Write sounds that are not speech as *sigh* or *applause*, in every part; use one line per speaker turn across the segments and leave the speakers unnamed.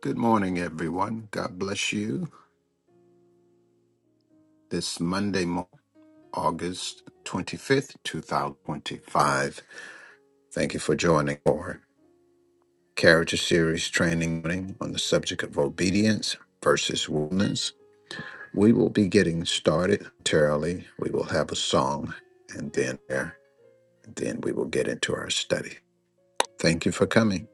Good morning, everyone. God bless you. This Monday, mo- August 25th, 2025. Thank you for joining our Character Series training morning on the subject of obedience versus willingness. We will be getting started momentarily. We will have a song and then there, then we will get into our study. Thank you for coming.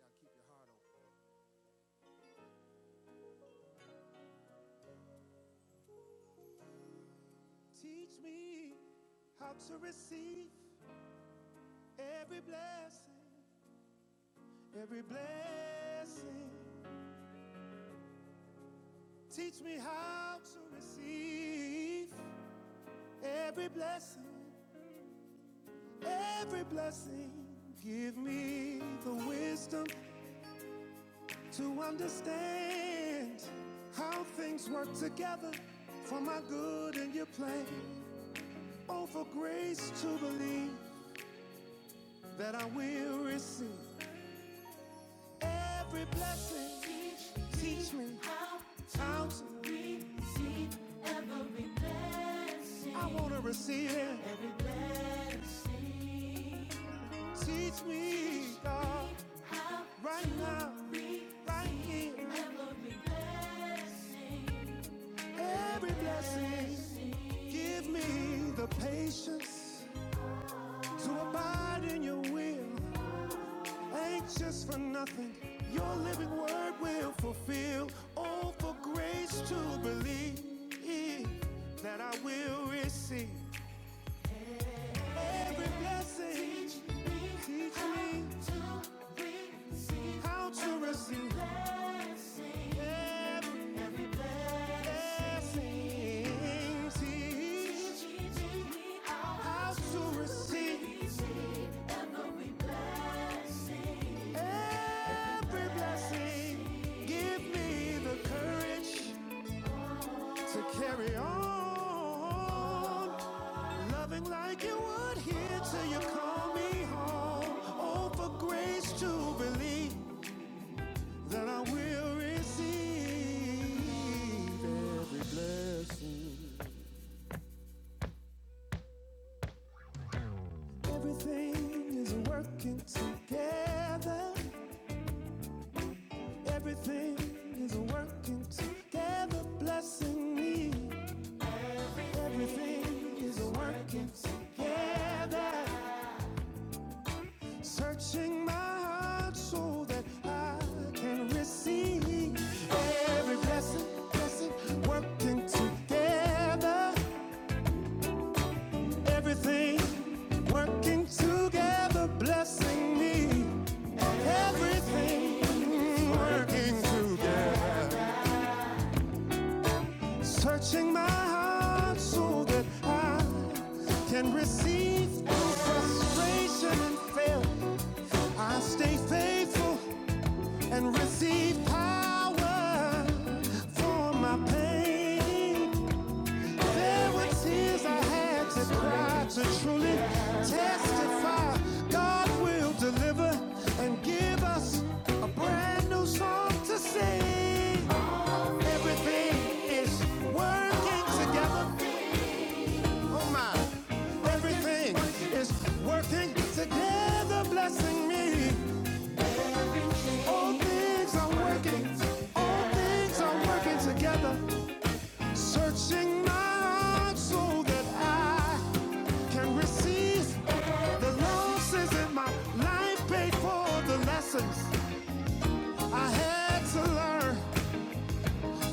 Y'all keep your heart open. Teach me how to receive every blessing, every blessing. Teach me how to receive every blessing, every blessing. Give me the wisdom to understand how things work together for my good and your plan. Oh, for grace to believe that I will receive every blessing. Teach me how to be. I want to receive it. Teach me, God, right now, right here, every blessing. Give me the patience to abide in your will. Anxious for nothing, your living word will fulfill. Oh, for grace to believe that I will receive every blessing. Teach me how to receive every blessing. Teach how to receive every blessing. Give me the courage to carry on. Loving like you would here till you call me home. Oh, for grace to believe that I will receive every blessing. Everything is working together. Everything is working together, blessing me. Everything is working together. Searching my heart so that I can receive every blessing, blessing, working together. Everything working together, blessing me. Everything's working together. Searching my heart so that I can receive through frustration and fail. I stay faithful and receive power for my pain. There were tears I had to cry to truly testify. God will deliver and give us a brand new song to sing. Everything is working together. Oh my. Everything is working together, blessing me. All things are working. All things are working together. Searching my heart so that I can receive the losses in my life pay for the lessons I had to learn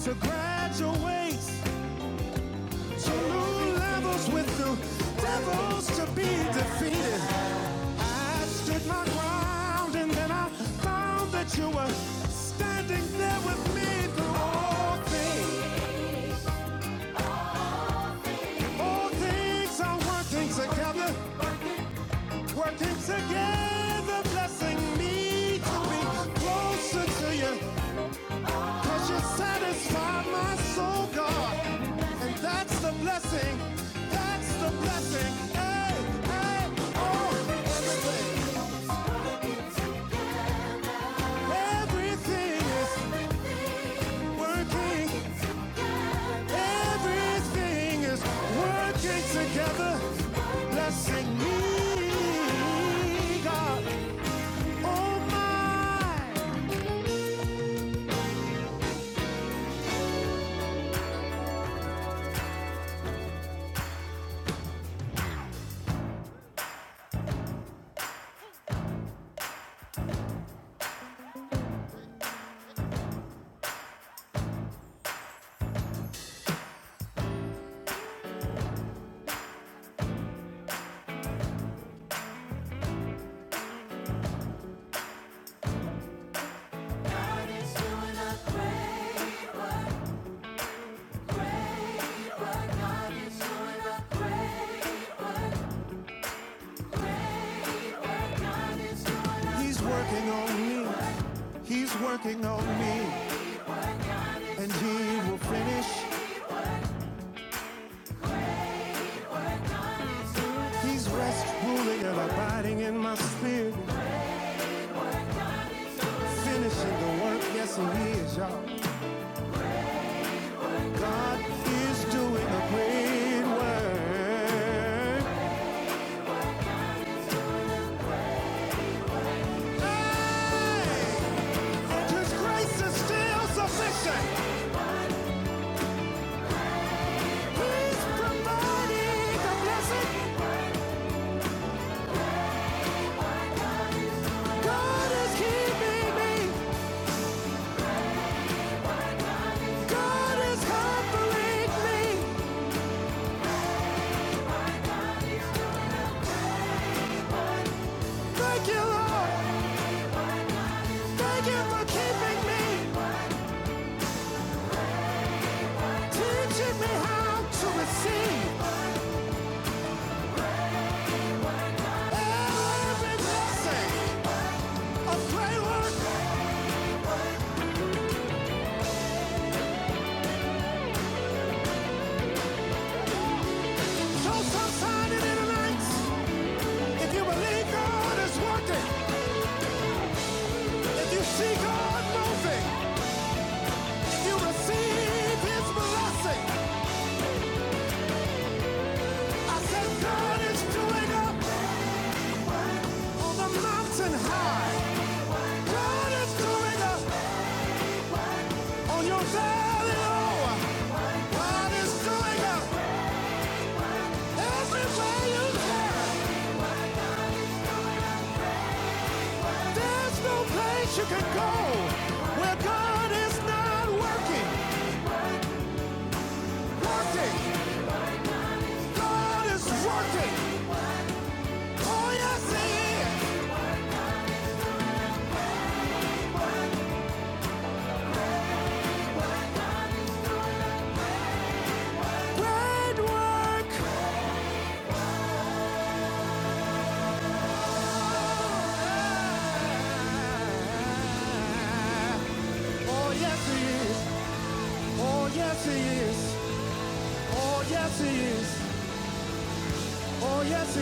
to graduate. So New levels with new devils to be defeated. I stood my ground and then I found that you were standing there with me through all things. All things are working together, working together, blessing me to be closer to you. Cause you satisfy my soul, God. And that's the blessing. That's the blessing. Hey, hey, oh, everything. Everything is working. Everything is working together. Blessing me, God. Oh, my. He's working on me. He's working on me, and he will finish. He's rest ruling and abiding in my spirit, finishing the work. Yes, He is, y'all. God is doing a great work. Hey, and His grace is still sufficient. He's providing the blessing. God is keeping me. God is comforting me. Thank you, Lord. Thank you for keeping me, teaching me how to receive. Every blessing, a great work, show some sign in the night. If you believe God is working, if you see God moving, you receive His blessing, I said God is doing up on the mountain high. God is doing up on your valley low. God is doing up everywhere you turn. There's no place you can go where God is not working. Oh, yes, Oh, yes, Oh, yes, Oh, yes, Oh, yes,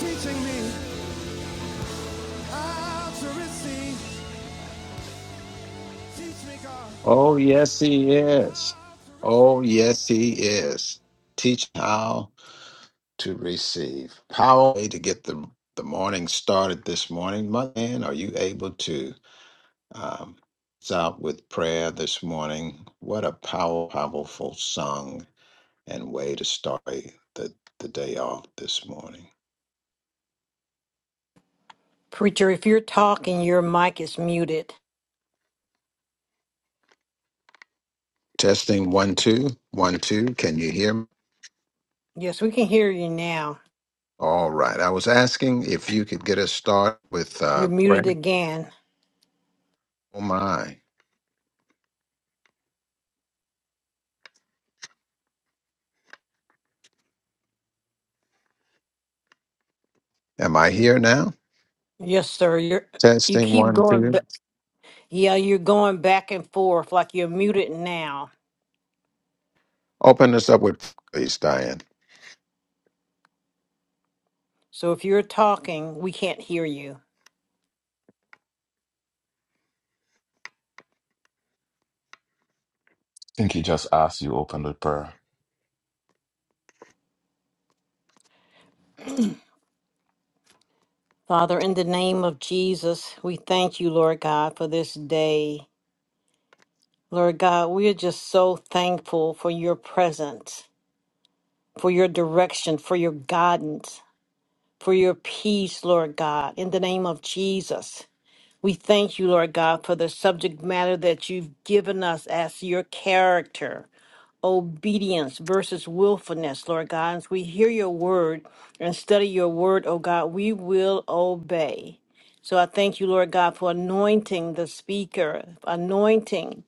Teaching me how to receive. Teach me, God,
Oh, yes, he is.
how to
Oh,
receive.
yes, he is. Teach how. to receive. Power to get the the morning started this morning. My man, are you able to um, start with prayer this morning? What a power, powerful song and way to start the the day off this morning.
Preacher, if you're talking, your mic is muted.
Testing one two one two. Can you hear me?
Yes, we can hear you now.
All right. I was asking if you could get us started with uh,
You're muted
prayer.
again.
Oh my, am I here now?
Yes, sir. You're you
Testing
keep
one
going
two.
ba- yeah, you're going back and forth like you're muted now.
Open us up with please, Diane.
So if you're talking, we can't hear you.
think he just asked you open with prayer.
Father, in the name of Jesus, we thank you, Lord God, for this day. Lord God, we are just so thankful for your presence, for your direction, for your guidance, for your peace, Lord God, in the name of Jesus. We thank you, Lord God, for the subject matter that you've given us as your character, obedience versus willfulness, Lord God. As we hear your word and study your word, oh God, we will obey. So I thank you, Lord God, for anointing the speaker, anointing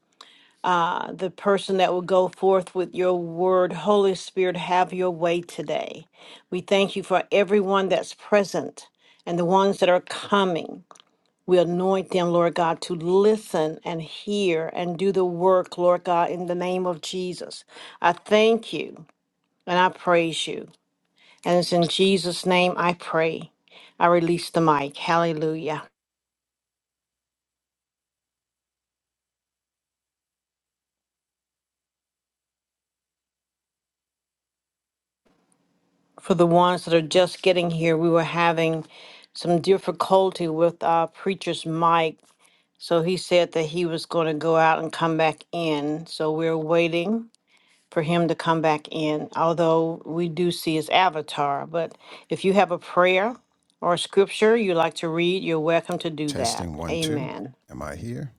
uh, the person that will go forth with your word. Holy Spirit, have your way today. We thank you for everyone that's present and the ones that are coming. We anoint them, Lord God, to listen and hear and do the work, Lord God, in the name of Jesus. I thank you and I praise you. And it's in Jesus' name I pray. I release the mic. Hallelujah. For the ones that are just getting here, we were having some difficulty with our preacher's mic. So he said that he was going to go out and come back in. So we're waiting. for him to come back in, although we do see his avatar. But if you have a prayer or a scripture you like to read, you're welcome to do that.
Testing one, two.
Amen.
Am I here?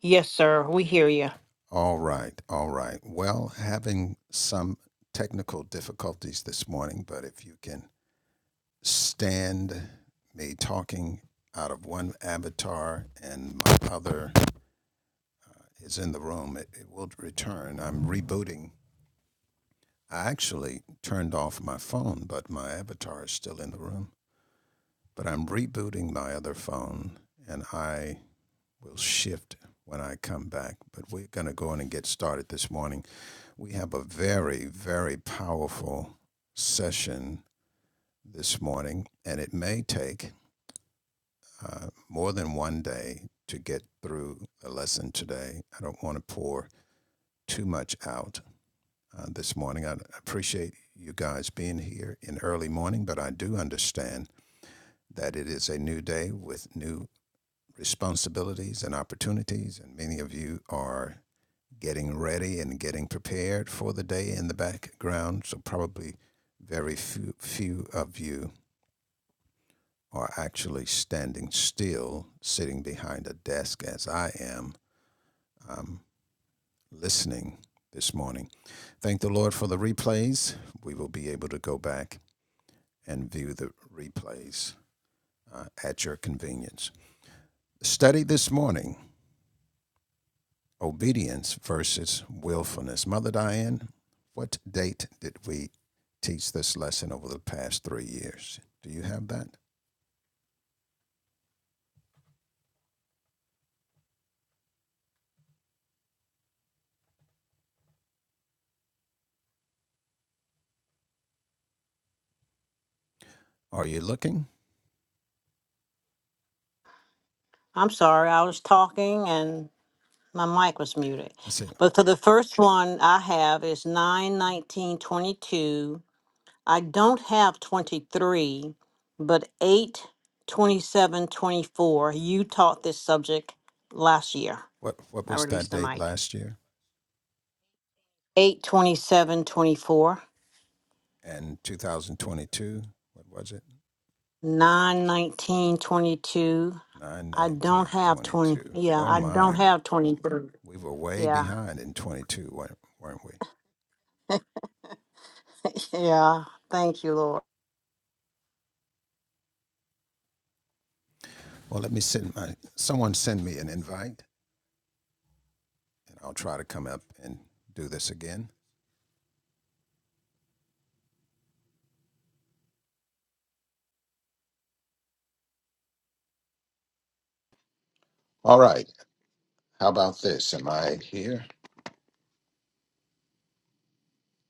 Yes, sir, we hear you.
All right, all right. Well, having some technical difficulties this morning, but if you can stand me talking out of one avatar and my other is in the room. It, it will return. I'm rebooting. I actually turned off my phone, but my avatar is still in the room. But I'm rebooting my other phone and I will shift when I come back. But we're going to go in and get started this morning. We have a very, very powerful session this morning, and it may take uh, more than one day to get through a lesson today. I don't want to pour too much out uh, this morning. I appreciate you guys being here in early morning, but I do understand that it is a new day with new responsibilities and opportunities, and many of you are getting ready and getting prepared for the day in the background. So probably very few, few of you are actually standing still, sitting behind a desk as I am, listening this morning. Thank the Lord for the replays. We will be able to go back and view the replays uh, at your convenience. Study this morning obedience versus willfulness. Mother Diane, what date did we teach this lesson over the past three years? Do you have that? Are you looking?
I'm sorry, I was talking and my mic was muted.
I see.
But for the first one I have is 9 19 22. I don't have 23, but 8 27 24. You taught this subject last year.
What, what
I
was that
released the
date
mic.
last year?
8 27 24
And 2022, what was it?
9 19 22.
9
i don't
19
have
22.
20 yeah
Oh
i don't
my.
have 23
We were way
yeah
behind in 22, weren't- we?
yeah thank you lord
Well, let me send my, someone send me an invite and I'll try to come up and do this again.
All right. How about this? Am I here?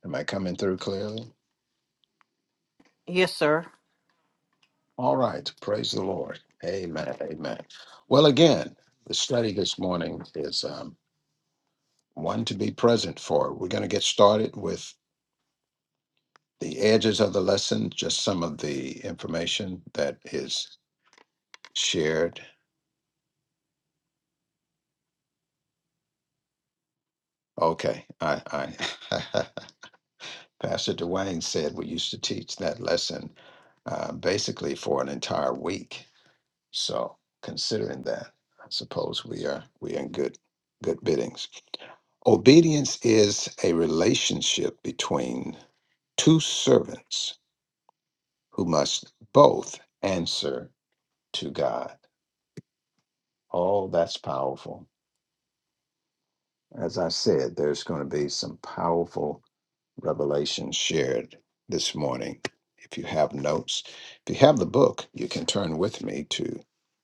Am I coming through clearly?
yes sir
All right. Praise the Lord. Amen. Amen. Well, again, the study this morning is um, one to be present for. We're going to get started with the edges of the lesson, just some of the information that is shared. Okay. I, I *laughs* Pastor Dwayne said we used to teach that lesson uh, basically for an entire week. So considering that, I suppose we are we are in good good biddings. Obedience is a relationship between two servants who must both answer to God. Oh, that's powerful. As I said, there's going to be some powerful revelation shared this morning. If you have notes, if you have the book, you can turn with me to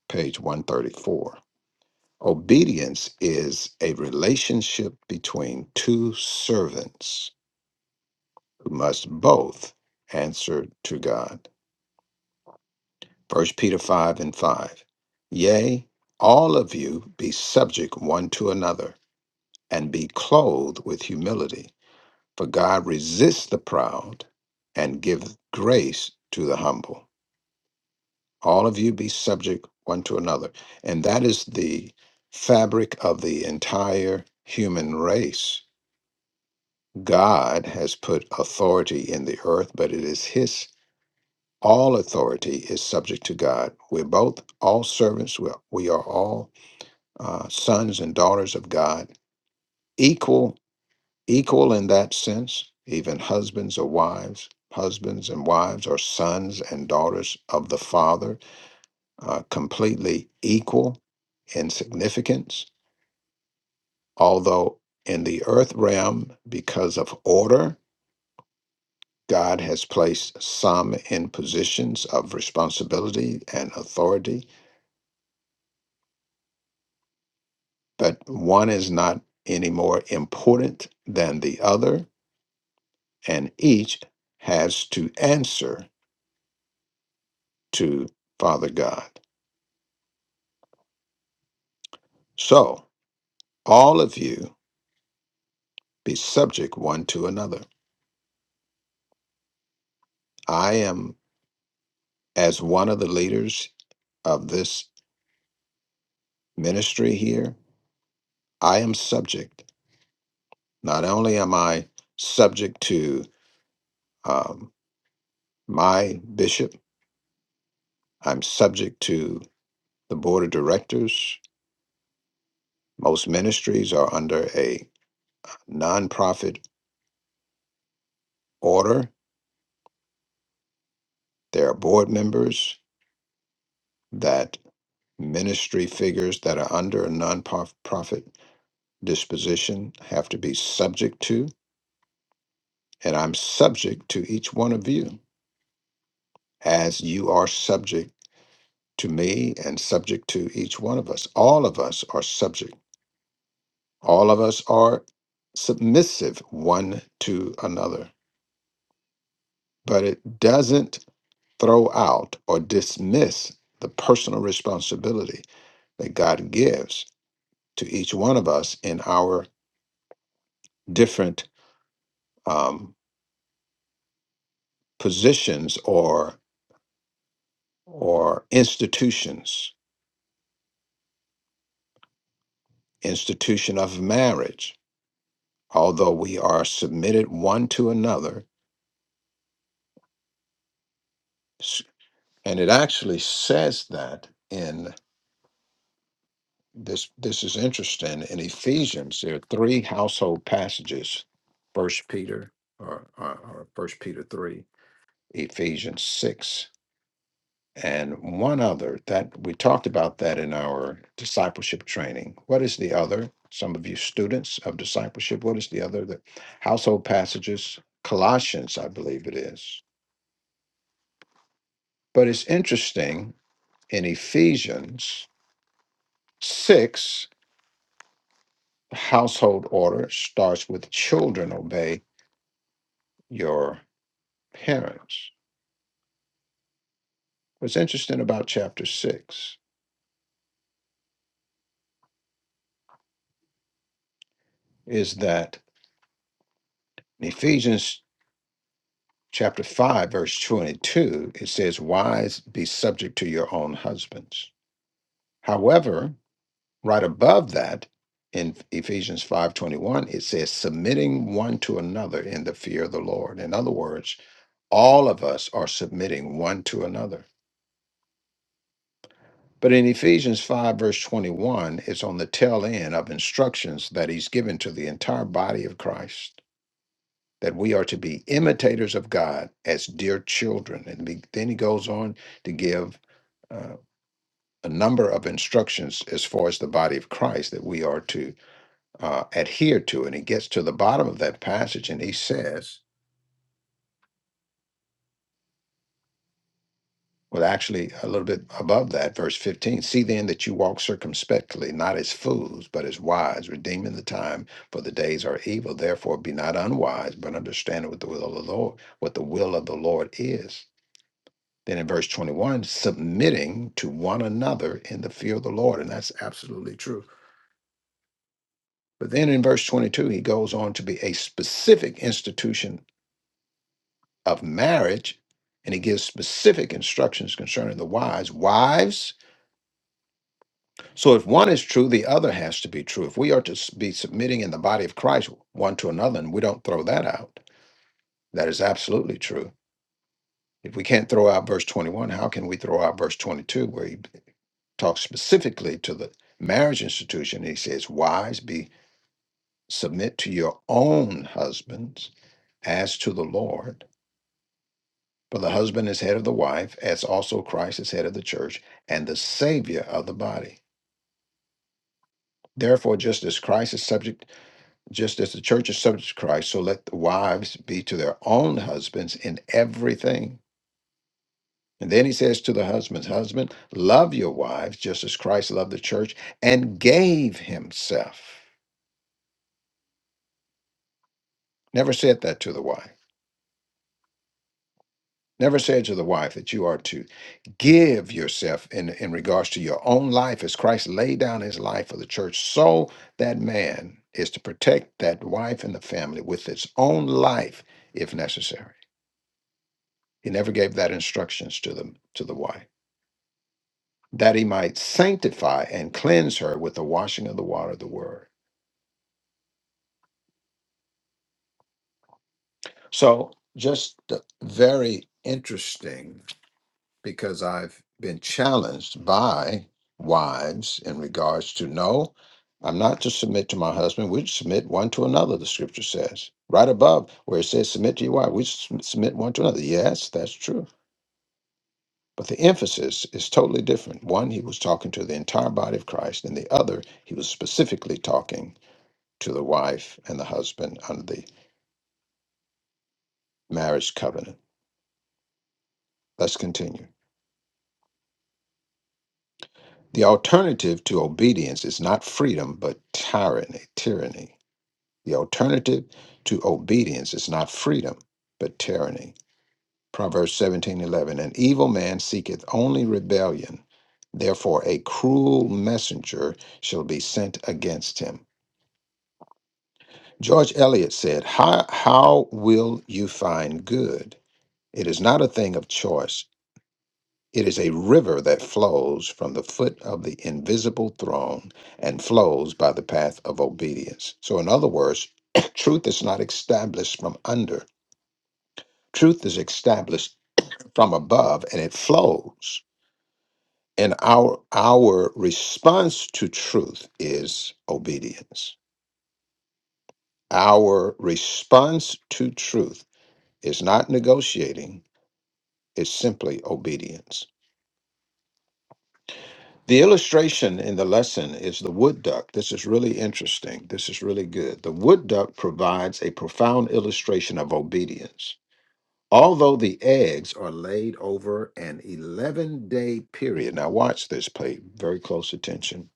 page 134. Obedience is a relationship between two servants who must both answer to God. First Peter 5 and 5. Yea, all of you be subject one to another, and be clothed with humility, for God resists the proud and giveth grace to the humble. All of you be subject one to another. And that is the fabric of the entire human race God has put authority in the earth, but it is His. All authority is subject to God. We're both all servants. We're, we are all uh, sons and daughters of God, equal, equal in that sense. Even husbands or wives, husbands and wives are sons and daughters of the Father, uh, completely equal in significance. Although in the earth realm, because of order, God has placed some in positions of responsibility and authority, but one is not any more important than the other, and each has to answer to Father God. So, all of you be subject one to another. I am, as one of the leaders of this ministry here, I am subject. Not only am I subject to um, my bishop, I'm subject to the board of directors. Most ministries are under a nonprofit order. There are board members that ministry figures that are under a nonprofit disposition have to be subject to. And I'm subject to each one of you as you are subject to me and subject to each one of us. All of us are subject. All of us are submissive one to another. But it doesn't throw out or dismiss the personal responsibility that God gives to each one of us in our different um, positions or or institutions, institution of marriage, although we are submitted one to another. S- And it actually says that in this this is interesting in Ephesians, there are three household passages, first Peter or, or, or first Peter three Ephesians 6, and one other that we talked about that in our discipleship training. What is the other? Some of you students of discipleship, what is the other? The household passages, Colossians, I believe it is. But it's interesting in Ephesians 6, the household order starts with children obey your parents. What's interesting about chapter 6 is that in Ephesians chapter 5, verse 22, it says, Wives, be subject to your own husbands. However, right above that, in Ephesians 5:21 it says submitting one to another in the fear of the Lord. In other words, all of us are submitting one to another. But in Ephesians 5 verse 21, it's on the tail end of instructions that he's given to the entire body of Christ that we are to be imitators of God as dear children. And be, then he goes on to give uh, a number of instructions as far as the body of Christ that we are to uh, adhere to. And he gets to the bottom of that passage and he says, well, actually, a little bit above that, verse 15 See then that you walk circumspectly, not as fools, but as wise, redeeming the time, for the days are evil. Therefore, be not unwise, but understand what the will of the Lord, what the will of the Lord is. Then in verse 21, submitting to one another in the fear of the Lord. And that's absolutely true. But then in verse 22, he goes on to be a specific institution of marriage. And he gives specific instructions concerning the wives. Wives, so if one is true, the other has to be true. If we are to s- be submitting in the body of Christ one to another, and we don't throw that out, that is absolutely true. If we can't throw out verse 21, how can we throw out verse 22, where he talks specifically to the marriage institution. He says, Wives, be submit to your own husbands as to the Lord. For the husband is head of the wife, as also Christ is head of the church and the Savior of the body. Therefore, just as Christ is subject, just as the church is subject to Christ, so let the wives be to their own husbands in everything. And then he says to the husbands, Husband, love your wives just as Christ loved the church and gave himself. Never said that to the wife. Never said to the wife that you are to give yourself in, in regards to your own life as Christ laid down his life for the church. So that man is to protect that wife and the family with his own life if necessary. He never gave that instructions to them to the wife. That he might sanctify and cleanse her with the washing of the water of the word. So just the very interesting because I've been challenged by wives in regards to no, I'm not to submit to my husband. We submit one to another, the scripture says. Right above where it says submit to your wife, we s- submit one to another. Yes, that's true. But the emphasis is totally different. One, he was talking to the entire body of Christ, and the other, he was specifically talking to the wife and the husband under the marriage covenant. Let's continue. The alternative to obedience is not freedom, but tyranny, tyranny The alternative to obedience is not freedom, but tyranny. Proverbs seventeen eleven. An evil man seeketh only rebellion. Therefore, a cruel messenger shall be sent against him. George Eliot said, How, how will you find good? It is not a thing of choice. It is a river that flows from the foot of the invisible throne and flows by the path of obedience. So, in other words, *coughs* *clears throat* truth is not established from under Truth is established from above and it flows. And our our response to truth is obedience. Our response to truth is not negotiating, it's simply obedience. The illustration in the lesson is the wood duck. This is really interesting. This is really good. The wood duck provides a profound illustration of obedience. Although the eggs are laid over an 11 day period. Now, watch this, pay very close attention.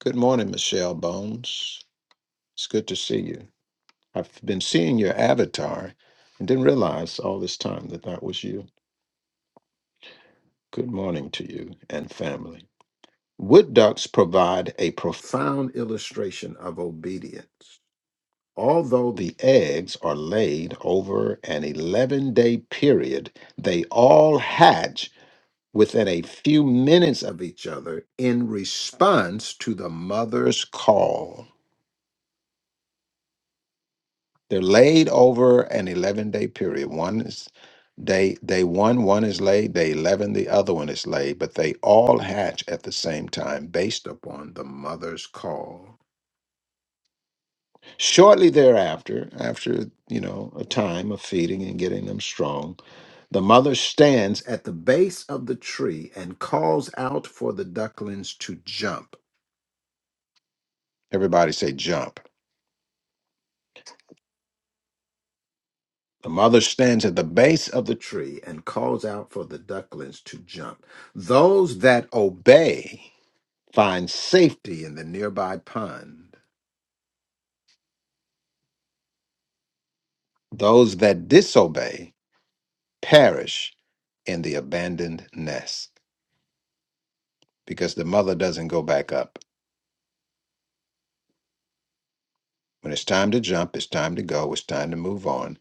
Good morning, Michelle Bones. It's good to see you. I've been seeing your avatar and didn't realize all this time that that was you. Good morning to you and family. Wood ducks provide a profound illustration of obedience. Although the eggs are laid over an 11 day period, they all hatch within a few minutes of each other in response to the mother's call. They're laid over an 11 day period. One is day day one, one is laid, day 11, the other one is laid, but they all hatch at the same time based upon the mother's call. Shortly thereafter, after you know a time of feeding and getting them strong, the mother stands at the base of the tree and calls out for the ducklings to jump. Everybody say jump. The mother stands at the base of the tree and calls out for the ducklings to jump. Those that obey find safety in the nearby pond. Those that disobey perish in the abandoned nest because the mother doesn't go back up. When it's time to jump, it's time to go, it's time to move on.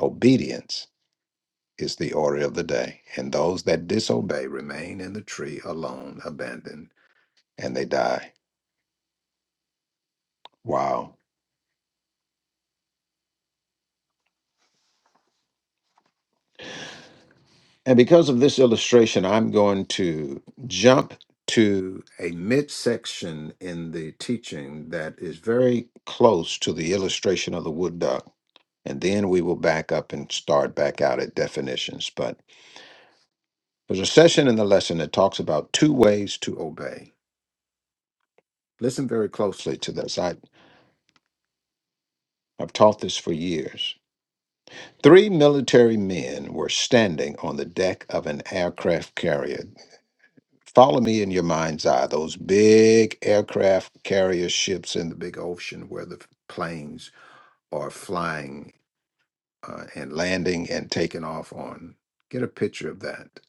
Obedience is the order of the day, and those that disobey remain in the tree alone, abandoned, and they die. Wow. And because of this illustration, I'm going to jump to a midsection in the teaching that is very close to the illustration of the wood duck. And then we will back up and start back out at definitions. But there's a session in the lesson that talks about two ways to obey. Listen very closely to this. I, I've taught this for years. Three military men were standing on the deck of an aircraft carrier. Follow me in your mind's eye, those big aircraft carrier ships in the big ocean where the planes are flying uh, and landing and taking off on. Get a picture of that.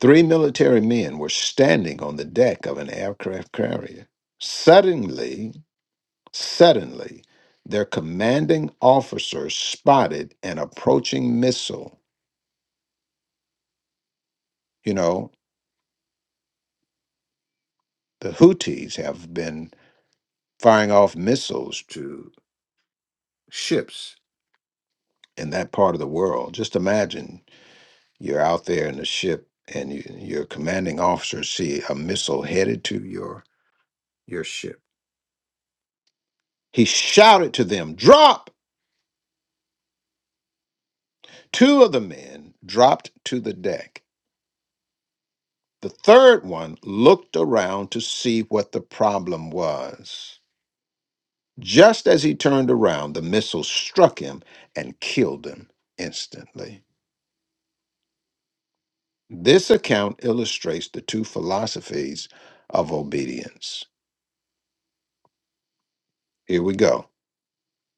Three military men were standing on the deck of an aircraft carrier. Suddenly, suddenly, their commanding officer spotted an approaching missile. You know, the Houthis have been firing off missiles to ships in that part of the world. Just imagine you're out there in a ship and you, your commanding officer see a missile headed to your your ship. He shouted to them, "Drop!" Two of the men dropped to the deck. The third one looked around to see what the problem was. Just as he turned around, the missile struck him and killed him instantly. This account illustrates the two philosophies of obedience. Here we go.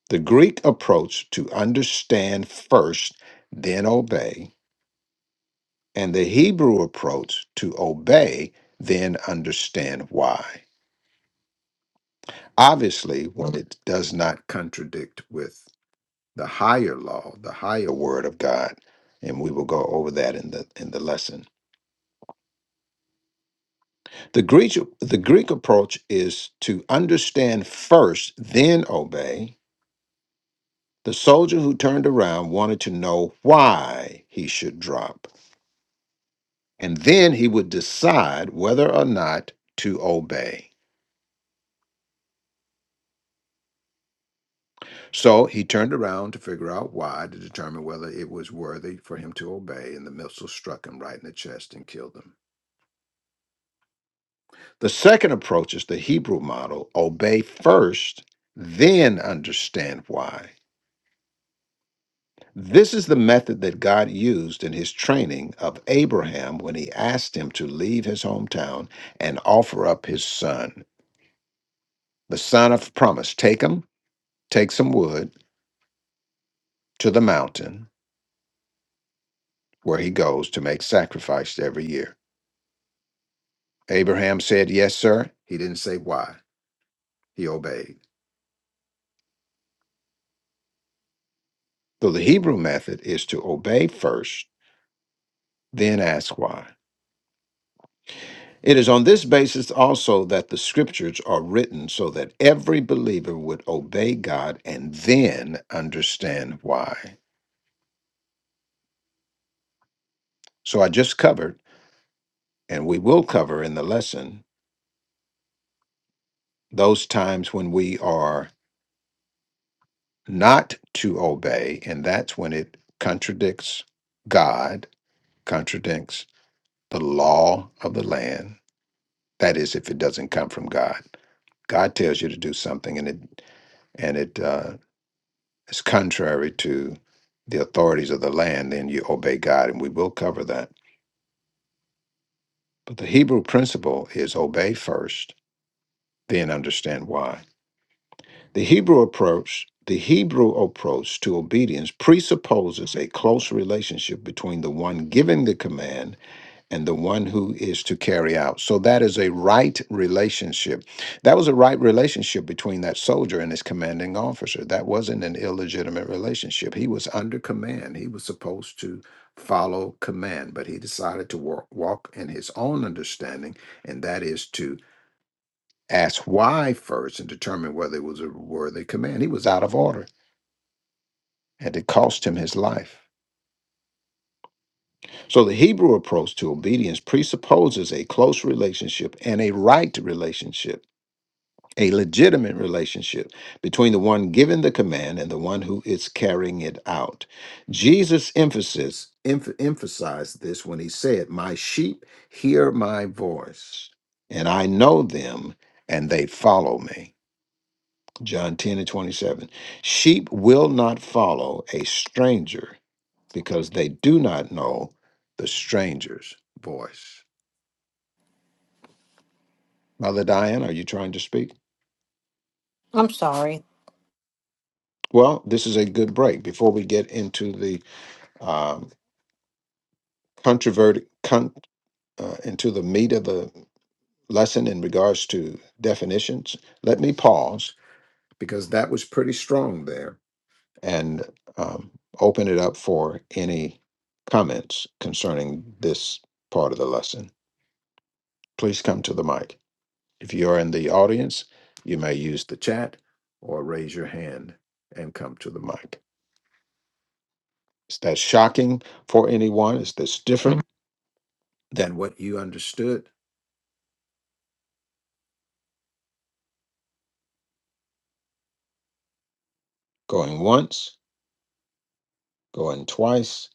The Greek approach to understand first, then obey, and the Hebrew approach to obey, then understand why. Obviously, when it does not contradict with the higher law, the higher word of God, and we will go over that in the in the lesson. The Greek the Greek approach is to understand first, then obey. The soldier who turned around wanted to know why he should drop. and then he would decide whether or not to obey. So he turned around to figure out why to determine whether it was worthy for him to obey, and the missile struck him right in the chest and killed him. The second approach is the Hebrew model obey first, then understand why. This is the method that God used in his training of Abraham when he asked him to leave his hometown and offer up his son, the son of promise. Take him, take some wood to the mountain where he goes to make sacrifice every year. Abraham said, Yes, sir. He didn't say why. He obeyed. So the Hebrew method is to obey first, then ask why. It is on this basis also that the scriptures are written so that every believer would obey God and then understand why. So I just covered, and we will cover in the lesson, those times when we are not to obey, and that's when it contradicts God, contradicts the law of the land. That is, if it doesn't come from God. God tells you to do something, and it and it uh, is contrary to the authorities of the land. Then you obey God, and we will cover that. But the Hebrew principle is obey first, then understand why. The Hebrew approach, the Hebrew approach to obedience presupposes a close relationship between the one giving the command and the one who is to carry out. So that is a right relationship. That was a right relationship between that soldier and his commanding officer. That wasn't an illegitimate relationship. He was under command. He was supposed to follow command, but he decided to walk, walk in his own understanding, and that is to asked why first and determined whether it was a worthy command. He was out of order and it cost him his life. So the Hebrew approach to obedience presupposes a close relationship and a right relationship, a legitimate relationship between the one giving the command and the one who is carrying it out. Jesus emphasis emph- emphasized this when he said, "My sheep hear my voice, and I know them, and they follow me." John 10 and 27. Sheep will not follow a stranger because they do not know the stranger's voice. Mother Diane, are you trying to speak?
i'm sorry
Well, this is a good break before we get into the um, controverted, con- uh, into the meat of the lesson in regards to definitions. Let me pause because that was pretty strong there and um, open it up for any comments concerning this part of the lesson. Please come to the mic. If you are in the audience, you may use the chat or raise your hand and come to the mic. Is that shocking for anyone? Is this different than what you understood? Going once, going twice,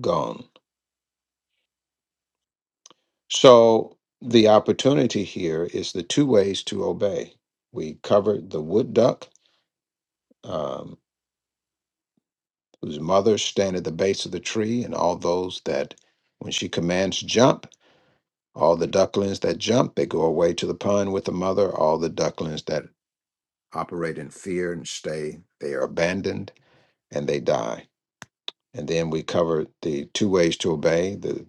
gone. So the opportunity here is the two ways to obey. We covered the wood duck um, whose mother stand at the base of the tree, and all those that, when she commands jump, all the ducklings that jump, they go away to the pond with the mother. All the ducklings that operate in fear and stay, they are abandoned and they die. And then we covered the two ways to obey the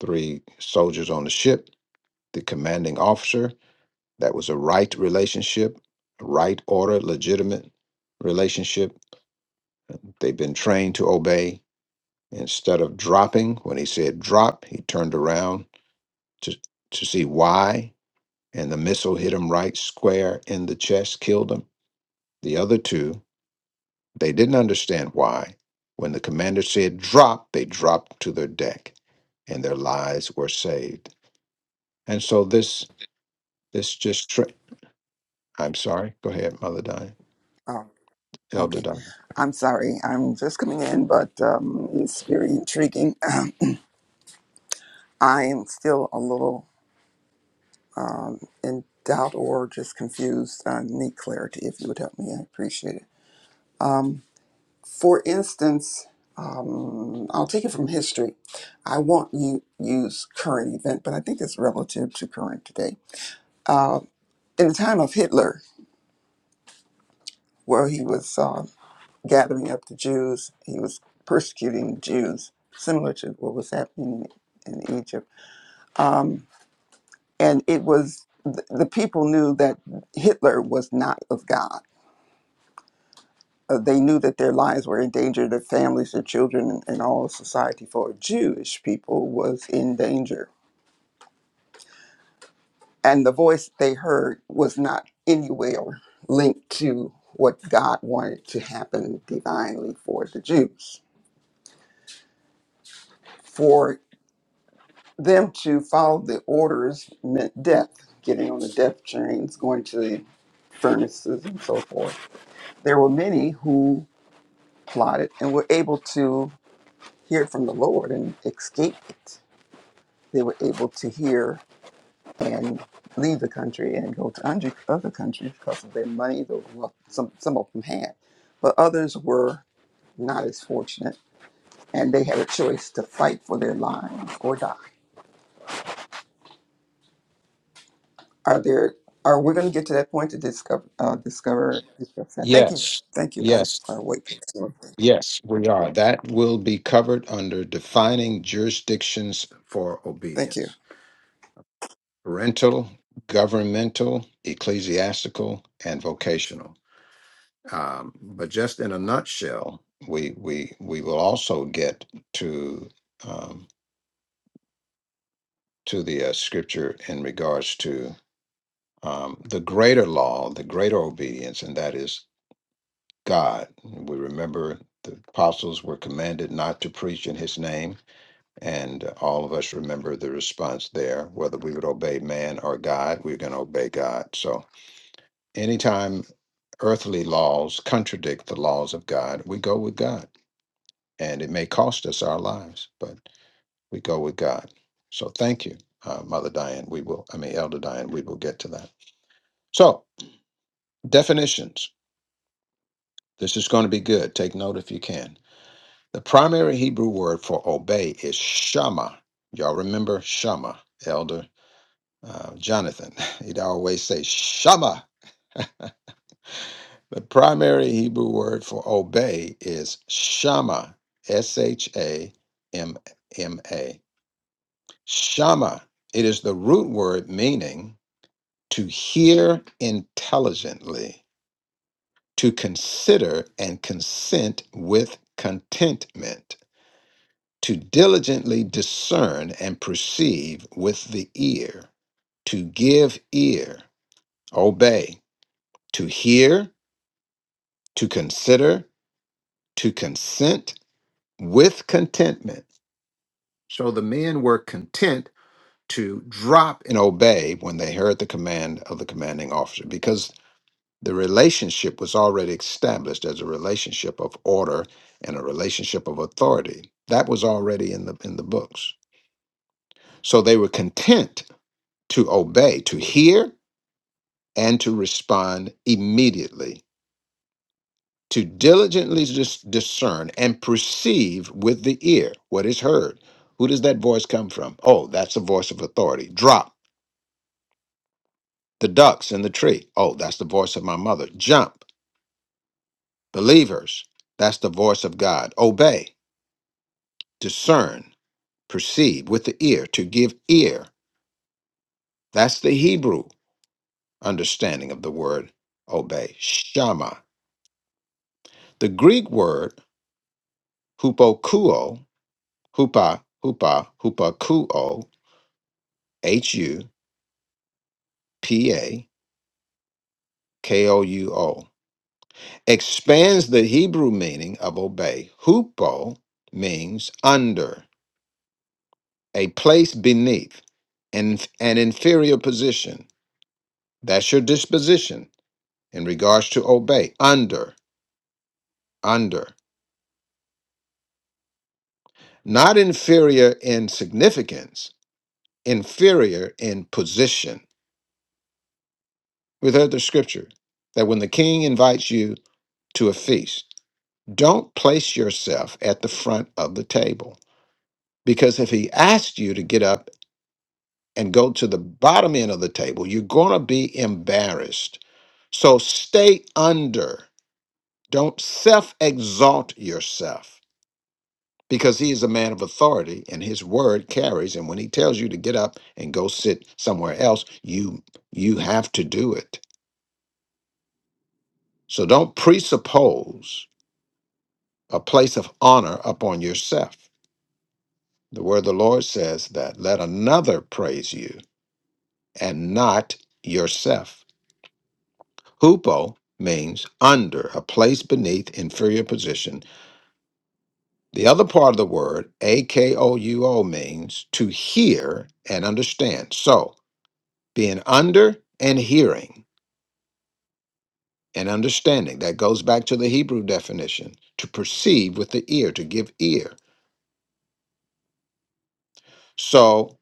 three soldiers on the ship, the commanding officer, that was a right relationship, right order, legitimate relationship. They've been trained to obey Instead of dropping, when he said drop, he turned around to, to see why, and the missile hit him right square in the chest, killed him. The other two, they didn't understand why. When the commander said drop, they dropped to their deck, and their lives were saved. And so this this just tra- I'm sorry. Go ahead, Mother Diane,
Oh,
Elder
okay.
Diane.
I'm sorry. I'm just coming in, but um, it's very intriguing. *clears throat* I am still a little um, in doubt or just confused. I need clarity. If you would help me, I appreciate it. Um, for instance, um, I'll take it from history. I won't u- use current event, but I think it's relative to current today. Uh, in the time of Hitler, where he was uh, gathering up the Jews. He was persecuting Jews, similar to what was happening in Egypt. Um, and it was the, the people knew that Hitler was not of God. Uh, they knew that their lives were in danger, their families, their children, and, and all of society for Jewish people was in danger. And the voice they heard was not anywhere linked to what God wanted to happen divinely for the Jews. For them to follow the orders meant death, getting on the death trains, going to the furnaces, and so forth. There were many who plotted and were able to hear from the Lord and escape it. They were able to hear and leave the country and go to under- other countries because of their money. Though well, some some of them had, but others were not as fortunate, and they had a choice to fight for their lives or die. Are there? Are we going to get to that point to discover? Uh, discover. discuss Thank you.
Yes,
Thank you.
yes,
I I wait. for
yes, we are. That will be covered under defining jurisdictions for
Thank you.
obedience. parental, governmental, ecclesiastical, and vocational. Um, but just in a nutshell, we we we will also get to um, to the uh, scripture in regards to um, the greater law, the greater obedience, and that is God. We remember the apostles were commanded not to preach in His name, and all of us remember the response there. Whether we would obey man or God, we're going to obey God. So Anytime earthly laws contradict the laws of God, we go with God. And it may cost us our lives, but we go with God. So thank you, uh, Mother Diane. We will, I mean, Elder Diane, we will get to that. So, definitions. This is going to be good. Take note if you can. The primary Hebrew word for obey is shama. Y'all remember shama, Elder uh, Jonathan. *laughs* He'd always say shama The primary Hebrew word for obey is shama, S H A M M A. Shama. It is the root word meaning to hear intelligently, to consider and consent with contentment, to diligently discern and perceive with the ear, to give ear, obey, to hear, to consider, to consent with contentment. So the men were content to drop and obey when they heard the command of the commanding officer because the relationship was already established as a relationship of order and a relationship of authority. That was already in the in the books. So they were content to obey, to hear and to respond immediately to diligently dis- discern and perceive with the ear what is heard. Who does that voice come from? Oh, that's the voice of authority. Drop the ducks in the tree. Oh, that's the voice of my mother. Jump, believers. That's the voice of God. Obey, discern, perceive with the ear, to give ear. That's the Hebrew understanding of the word obey. Shama. The Greek word hupokuo, hupa, hupa, hupakuo, H-U. P A K O U O, expands the Hebrew meaning of obey. Hupo means under, a place beneath, in an inferior position. That's your disposition in regards to obey. Under, under. Not inferior in significance, inferior in position. We've heard the scripture that when the king invites you to a feast, don't place yourself at the front of the table Because if he asks you to get up and go to the bottom end of the table, you're going to be embarrassed. So stay under. Don't self exalt yourself because he is a man of authority and his word carries. And when he tells you to get up and go sit somewhere else, you, you have to do it. So don't presuppose a place of honor upon yourself. The word of the Lord says that let another praise you and not yourself. Hupo means under, a place beneath, inferior position. The other part of the word, A K O U O, means to hear and understand. So, being under and hearing and understanding, that goes back to the Hebrew definition, to perceive with the ear, to give ear. So,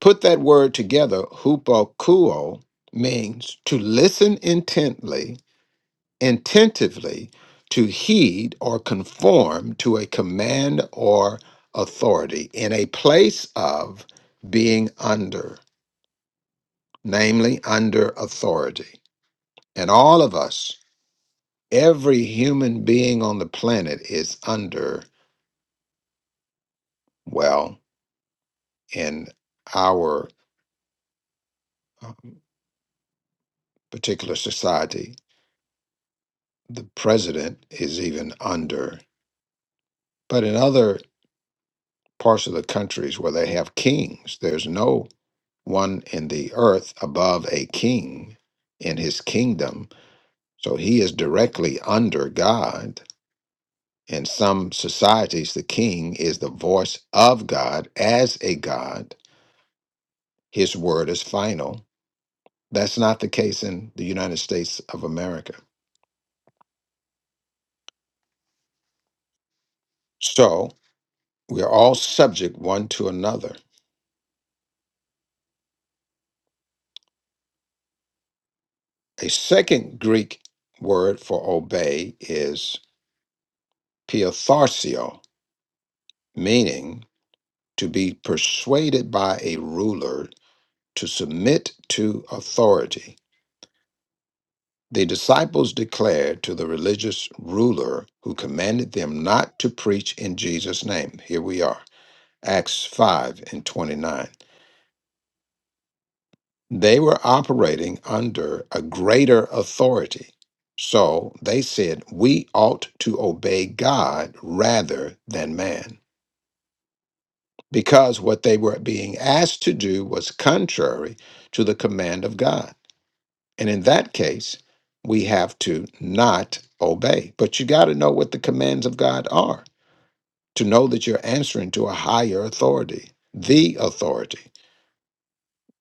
put that word together, hupo kuo, means to listen intently intentively to heed or conform to a command or authority in a place of being under, namely under authority. And all of us, every human being on the planet is under, well, in our um, particular society, the president is even under. But in other parts of the countries where they have kings, there's no one in the earth above a king in his kingdom. So he is directly under God. In some societies, the king is the voice of God as a God. His word is final. That's not the case in the United States of America. So we are all subject one to another. A second Greek word for obey is piotharcio, meaning to be persuaded by a ruler to submit to authority. The disciples declared to the religious ruler who commanded them not to preach in Jesus' name. Here we are, Acts 5 and 29. They were operating under a greater authority. So they said, We ought to obey God rather than man, because what they were being asked to do was contrary to the command of God. And in that case, we have to not obey. But you got to know what the commands of God are to know that you're answering to a higher authority, the authority.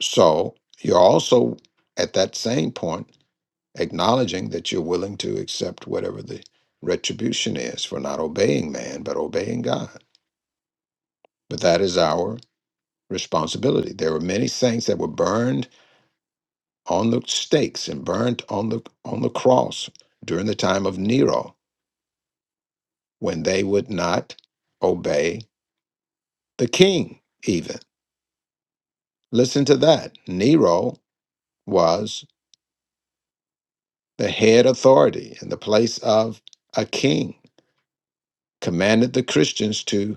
So you're also at that same point acknowledging that you're willing to accept whatever the retribution is for not obeying man, but obeying God. But that is our responsibility. There were many saints that were burned on the stakes and burned on the on the cross during the time of Nero when they would not obey the king, even. Listen to that. Nero was the head authority in the place of a king, commanded the Christians to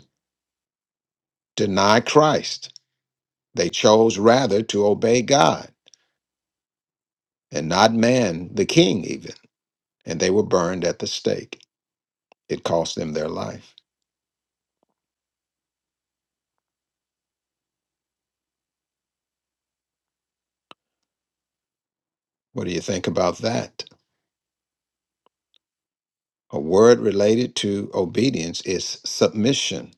deny Christ. They chose rather to obey God and not man, the king, even. And they were burned at the stake. It cost them their life. What do you think about that? A word related to obedience is submission.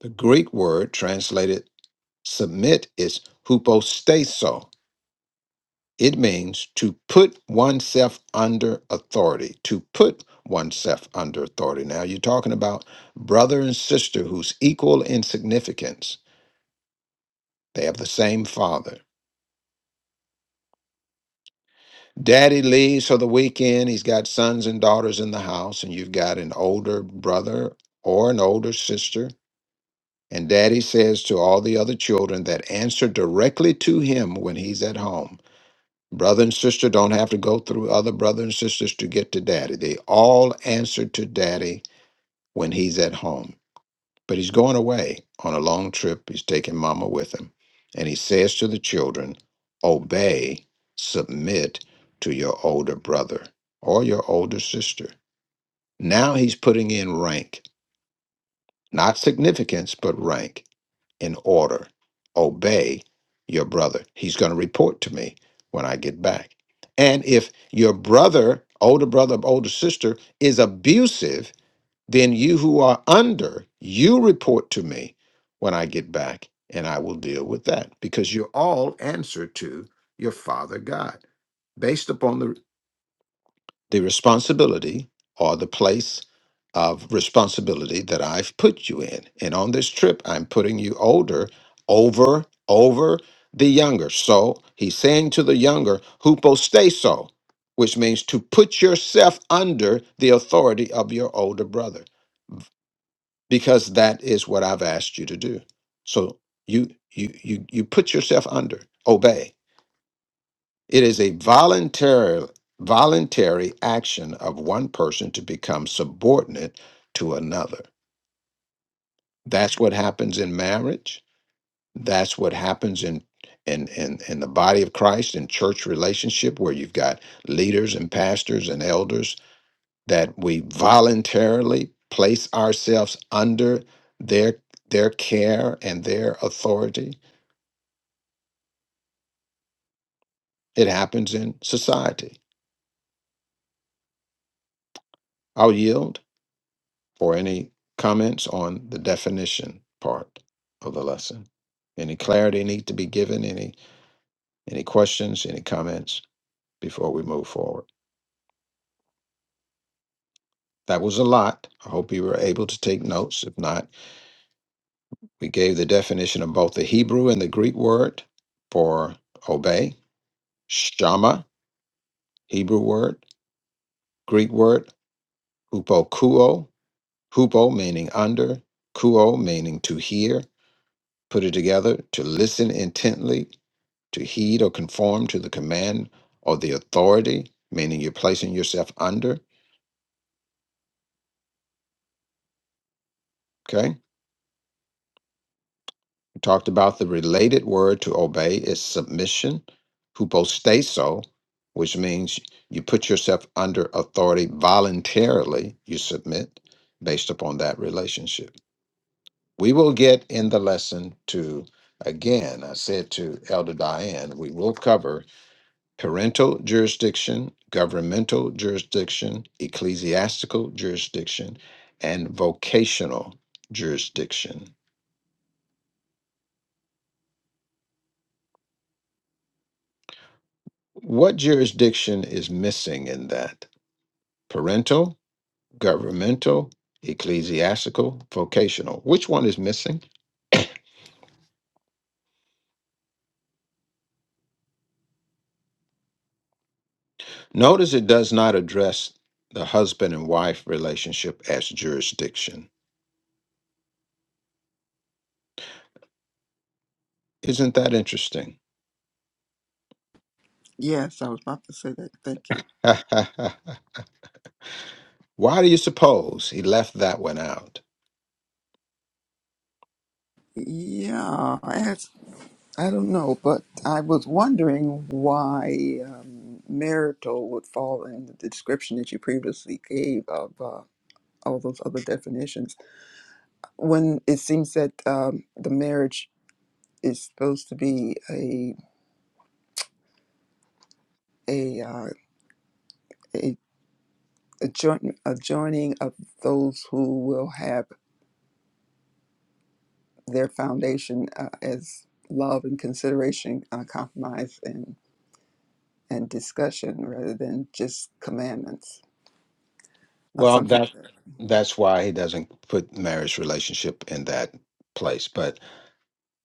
The Greek word translated Submit is hupostaso. It means to put oneself under authority, to put oneself under authority. Now you're talking about brother and sister who's equal in significance. They have the same father. Daddy leaves for the weekend. He's got sons and daughters in the house, and you've got an older brother or an older sister. And daddy says to all the other children that answer directly to him when he's at home Brother and sister don't have to go through other brother and sisters to get to daddy. They all answer to daddy when he's at home. But he's going away on a long trip. He's taking mama with him. And he says to the children, obey, submit to your older brother or your older sister. Now he's putting in rank, not significance, but rank in order. Obey your brother. He's going to report to me when I get back. And if your brother, older brother, or older sister is abusive, then you who are under, you report to me when I get back and I will deal with that because you are all answer to your father God based upon the the responsibility or the place of responsibility that I've put you in. And on this trip, I'm putting you older over over the younger. So he's saying to the younger, hupostaso, which means to put yourself under the authority of your older brother, because that is what I've asked you to do. So you you you you put yourself under, obey it is a voluntary voluntary action of one person to become subordinate to another. That's what happens in marriage. That's what happens in in in, in the body of Christ in church relationship where you've got leaders and pastors and elders that we voluntarily place ourselves under their their care and their authority. It happens in society. I'll yield. or any comments on the definition part of the lesson? Any clarity need to be given? Any any questions? Any comments before we move forward? That was a lot. I hope you were able to take notes. If not, we gave the definition of both the Hebrew and the Greek word for obey, shama, Hebrew word, Greek word, hupokuo, hupo meaning under, kuo meaning to hear, put it together, to listen intently, to heed or conform to the command or the authority, meaning you're placing yourself under. Okay. We talked about the related word to obey is submission, hupostaso, which means you put yourself under authority voluntarily, you submit based upon that relationship. We will get in the lesson to, again, I said to Elder Diane, we will cover parental jurisdiction, governmental jurisdiction, ecclesiastical jurisdiction, and vocational jurisdiction. What jurisdiction is missing in that? Parental, governmental, ecclesiastical, vocational. Which one is missing? Notice it does not address the husband and wife relationship as jurisdiction. Isn't that interesting?
Yes, I was about to say that. Thank you.
*laughs* Why do you suppose he left that one out?
Yeah, I, I don't know, but I was wondering why um, marital would fall in the description that you previously gave of uh, all those other definitions. When it seems that um, the marriage is supposed to be a a uh, a a join, a joining of those who will have their foundation uh, as love and consideration, uh, compromise and, and discussion rather than just commandments or
Well,
something.
that
like that.
that's why he doesn't put marriage relationship in that place. But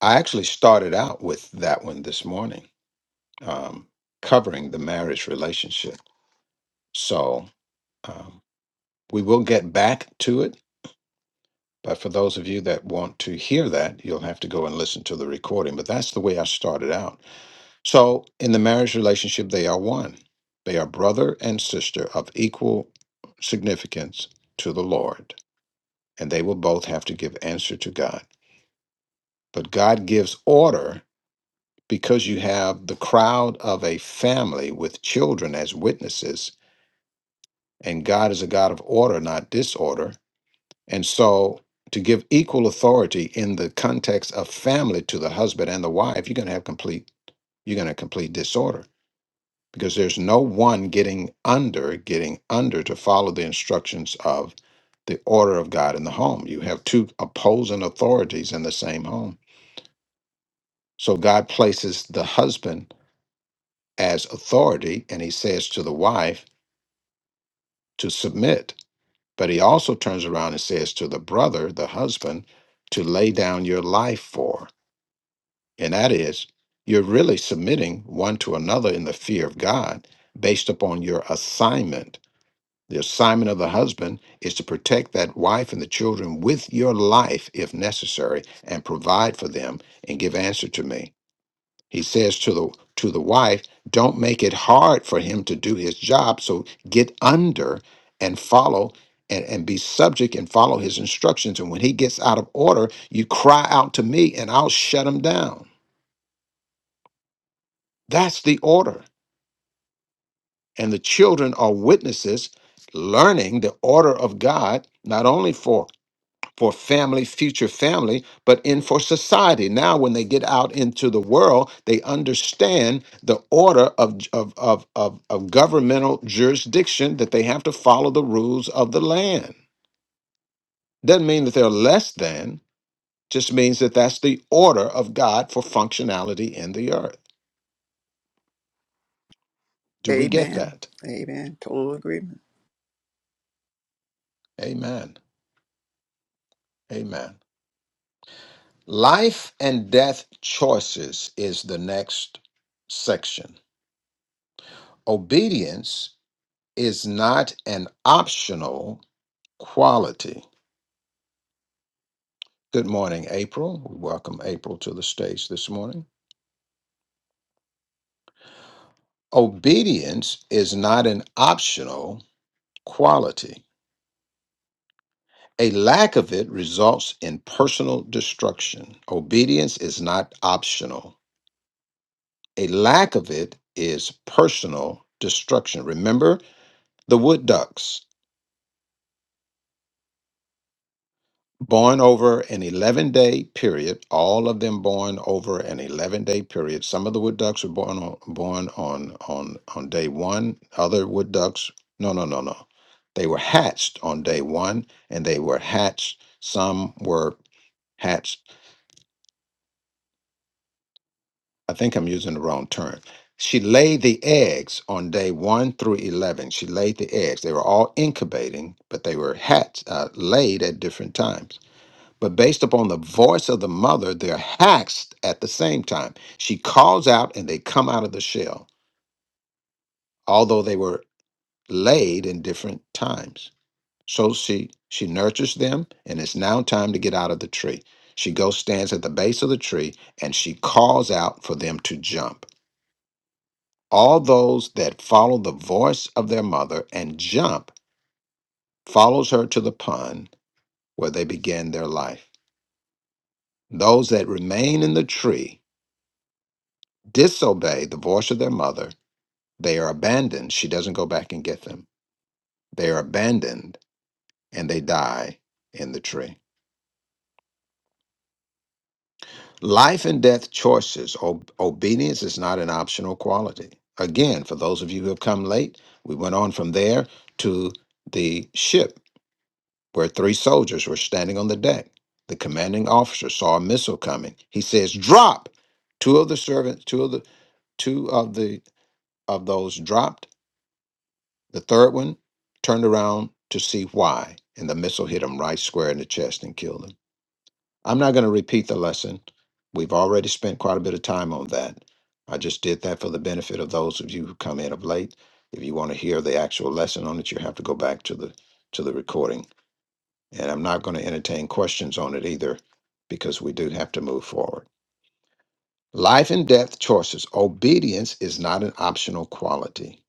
I actually started out with that one this morning, um, covering the marriage relationship. So um, we will get back to it. But for those of you that want to hear that, you'll have to go and listen to the recording. But that's the way I started out. So in the marriage relationship, they are one. They are brother and sister of equal significance to the Lord. and they will both have to give answer to God. But God gives order because you have the crowd of a family with children as witnesses, and God is a God of order, not disorder. And so, to give equal authority in the context of family to the husband and the wife, you're going to have complete you're going to complete disorder because there's no one getting under getting under to follow the instructions of the order of God in the home. You have two opposing authorities in the same home So God places the husband as authority and he says to the wife to submit. But he also turns around and says to the brother, the husband, to lay down your life for. And that is, you're really submitting one to another in the fear of God based upon your assignment. The assignment of the husband is to protect that wife and the children with your life if necessary and provide for them and give answer to me. He says to the to the wife, don't make it hard for him to do his job. So get under and follow and, and be subject and follow his instructions. And when he gets out of order, you cry out to me and I'll shut him down. That's the order. And the children are witnesses learning the order of God, not only for for family, future family, but in for society. Now, when they get out into the world, they understand the order of, of, of, of, of governmental jurisdiction that they have to follow the rules of the land. Doesn't mean that they're less than, just means that that's the order of God for functionality in the earth. Do we get
Amen.
that?
Amen. Total agreement.
Amen. Amen. Life and death choices is the next section. Obedience is not an optional quality. Good morning, April. We welcome April to the stage this morning. Obedience is not an optional quality. A lack of it results in personal destruction. Obedience is not optional. A lack of it is personal destruction. Remember the wood ducks. born over an 11 day period all of them born over an 11 day period some of the wood ducks were born on born on on on day one other wood ducks no no no no they were hatched on day one and they were hatched some were hatched i think i'm using the wrong term she laid the eggs on day one through 11 she laid the eggs they were all incubating but they were hatched uh, laid at different times But based upon the voice of the mother, they're hacked at the same time. She calls out and they come out of the shell, although they were laid in different times. So she she nurtures them, and it's now time to get out of the tree. She goes, stands at the base of the tree, and she calls out for them to jump. All those that follow the voice of their mother and jump follows her to the pond where they begin their life. Those that remain in the tree disobey the voice of their mother, they are abandoned. She doesn't go back and get them. They are abandoned and they die in the tree. Life and death choices. Ob- obedience is not an optional quality. Again, for those of you who have come late, we went on from there to the ship where three soldiers were standing on the deck. The commanding officer saw a missile coming. He says, "Drop." Two of the servants, two of the two of the of those dropped The third one turned around to see why, and the missile hit him right square in the chest and killed him. I'm not going to repeat the lesson. We've already spent quite a bit of time on that. I just did that for the benefit of those of you who come in of late. If you want to hear the actual lesson on it, you have to go back to the to the recording. And I'm not going to entertain questions on it either because we do have to move forward. Life and death choices. Obedience is not an optional quality.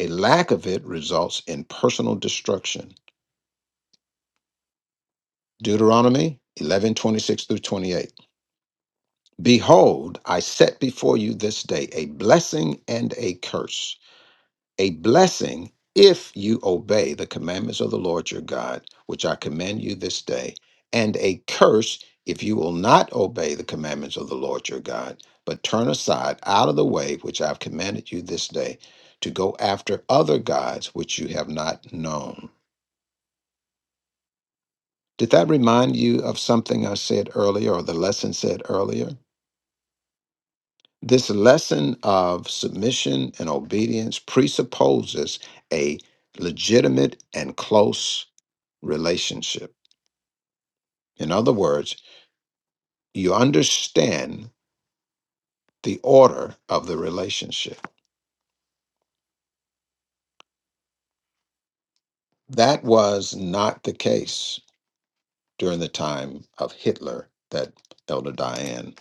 A lack of it results in personal destruction. Deuteronomy 11 26 through 28. Behold, I set before you this day a blessing and a curse. A blessing if you obey the commandments of the Lord your God, which I command you this day, and a curse if you will not obey the commandments of the Lord your God, but turn aside out of the way which I've commanded you this day to go after other gods which you have not known. Did that remind you of something I said earlier or the lesson said earlier? This lesson of submission and obedience presupposes a legitimate and close relationship. In other words, you understand the order of the relationship. That was not the case during the time of Hitler that Elder Diane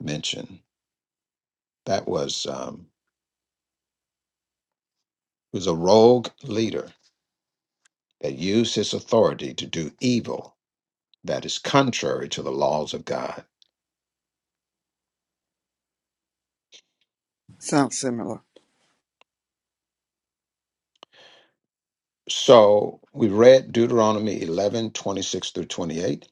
mentioned. That was um, he was a rogue leader that used his authority to do evil that is contrary to the laws of God.
Sounds similar.
So we read Deuteronomy 11 26 through 28.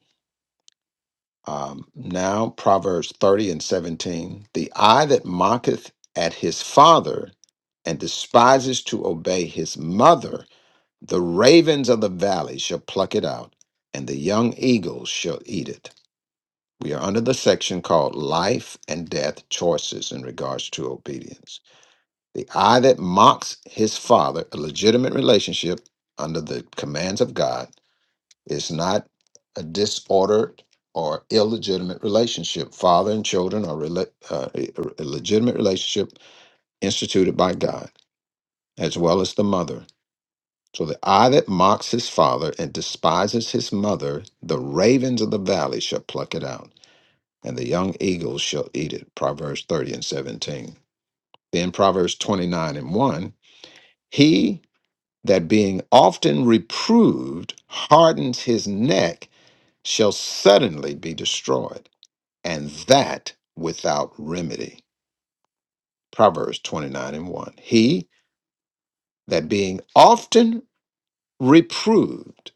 Um, now Proverbs 30 and 17. The eye that mocketh at his father and despises to obey his mother, the ravens of the valley shall pluck it out, and the young eagles shall eat it. We are under the section called Life and Death Choices in regards to obedience. The eye that mocks his father, a legitimate relationship under the commands of God It's not a disordered or illegitimate relationship. Father and children are rela- uh, a a legitimate relationship instituted by God, as well as the mother. So the eye that mocks his father and despises his mother, the ravens of the valley shall pluck it out, and the young eagles shall eat it. Proverbs 30 and 17. Then Proverbs 29 and 1 He that being often reproved hardens his neck shall suddenly be destroyed and that without remedy. Proverbs 29 and 1. He that being often reproved,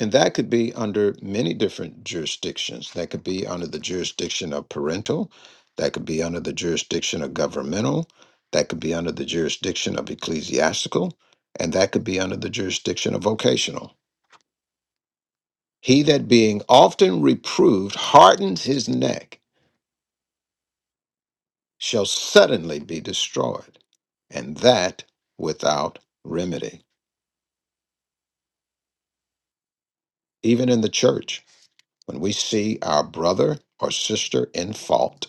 and that could be under many different jurisdictions. That could be under the jurisdiction of parental, that could be under the jurisdiction of governmental, that could be under the jurisdiction of ecclesiastical, and that could be under the jurisdiction of vocational. He that being often reproved hardens his neck shall suddenly be destroyed, and that without remedy. Even in the church, when we see our brother or sister in fault,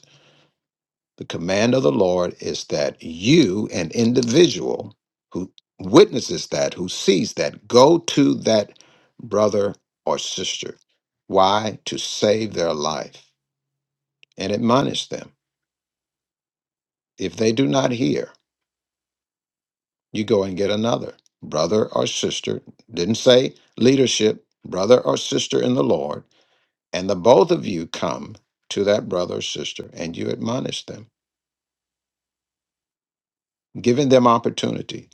the command of the Lord is that you, an individual who witnesses that, who sees that, go to that brother or sister. Why? To save their life and admonish them. If they do not hear, you go and get another brother or sister. Didn't say leadership, brother or sister in the Lord. And the both of you come to that brother or sister and you admonish them, giving them opportunity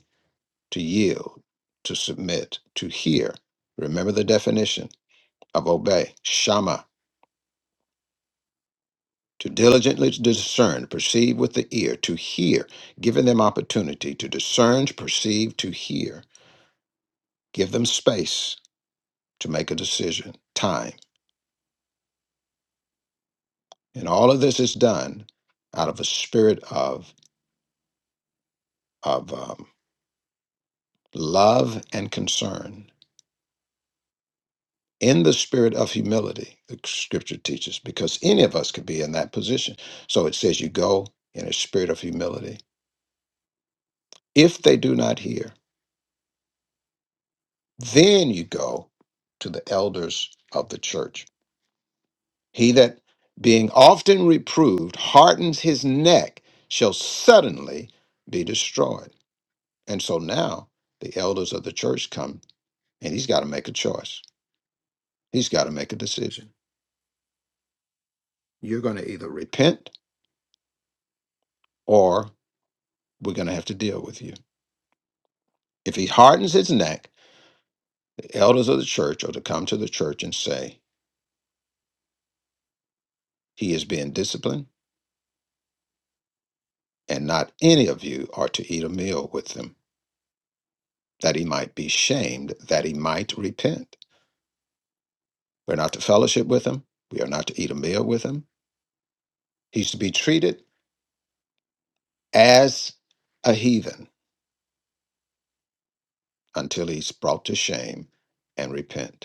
to yield, to submit, to hear. Remember the definition of obey, shama, to diligently discern, perceive with the ear, to hear, giving them opportunity to discern, perceive, to hear. Give them space to make a decision, time And all of this is done out of a spirit of, of um, love and concern in the spirit of humility, the scripture teaches, because any of us could be in that position. So it says you go in a spirit of humility. If they do not hear, then you go to the elders of the church. He that being often reproved hardens his neck shall suddenly be destroyed. And so now the elders of the church come And he's got to make a choice. He's got to make a decision. You're going to either repent or we're going to have to deal with you. If he hardens his neck, the elders of the church are to come to the church and say, He is being disciplined, and not any of you are to eat a meal with him, that he might be shamed, that he might repent. We're not to fellowship with him. We are not to eat a meal with him. He's to be treated as a heathen until he's brought to shame and repent.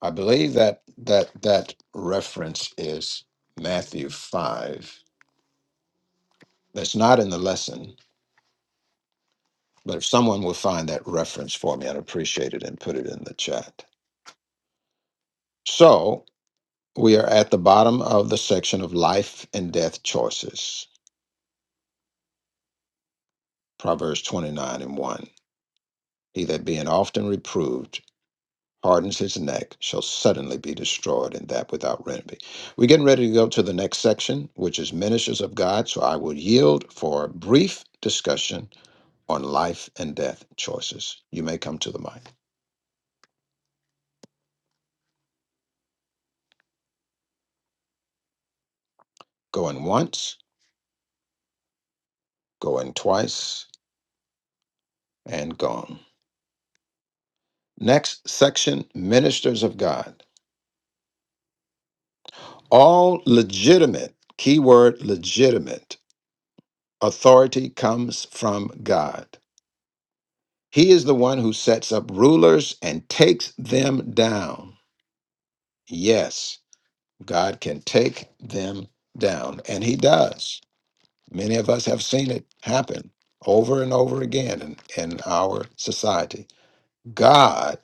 I believe that that that reference is Matthew five. That's not in the lesson, but if someone will find that reference for me, I'd appreciate it and put it in the chat. So we are at the bottom of the section of life and death choices. Proverbs twenty nine and one. He that being often reproved hardens his neck shall suddenly be destroyed, and that without remedy. We're getting ready to go to the next section, which is ministers of God. So I will yield for a brief discussion on life and death choices. You may come to the mic. Going once, going twice, and gone. Next section Ministers of God. All legitimate, keyword legitimate, authority comes from God. He is the one who sets up rulers and takes them down. Yes, God can take them down, and He does. Many of us have seen it happen over and over again in, in our society. God,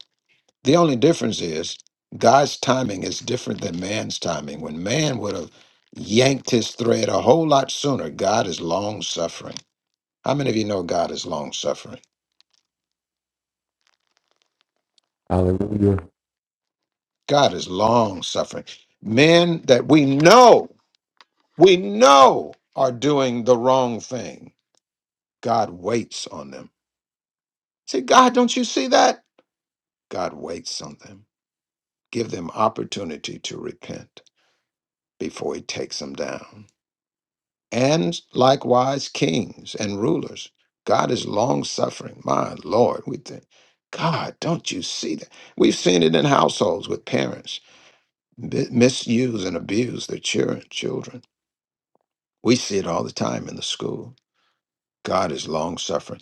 the only difference is God's timing is different than man's timing. When man would have yanked his thread a whole lot sooner, God is long suffering. How many of you know God is long suffering?
Hallelujah.
God is long suffering. Men that we know, we know are doing the wrong thing, God waits on them. Say, God, don't you see that? God waits on them. Give them opportunity to repent before he takes them down. and likewise kings and rulers. God is long suffering. My Lord, we think, God, don't you see that? We've seen it in households with parents mi- misuse and abuse their children. children. We see it all the time in the school. God is long suffering.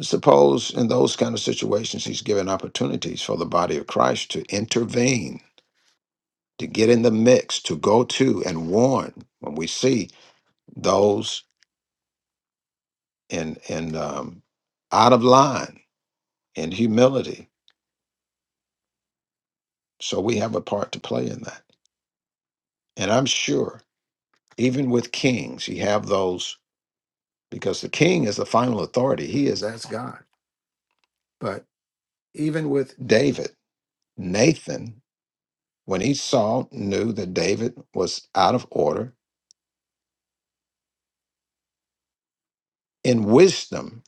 Suppose in those kind of situations, He's given opportunities for the body of Christ to intervene, to get in the mix, to go to and warn when we see those in in um, out of line and humility. So we have a part to play in that. And I'm sure even with kings, you have those because the king is the final authority. He is as God. But even with David, Nathan, when he saw, knew that David was out of order, in wisdom,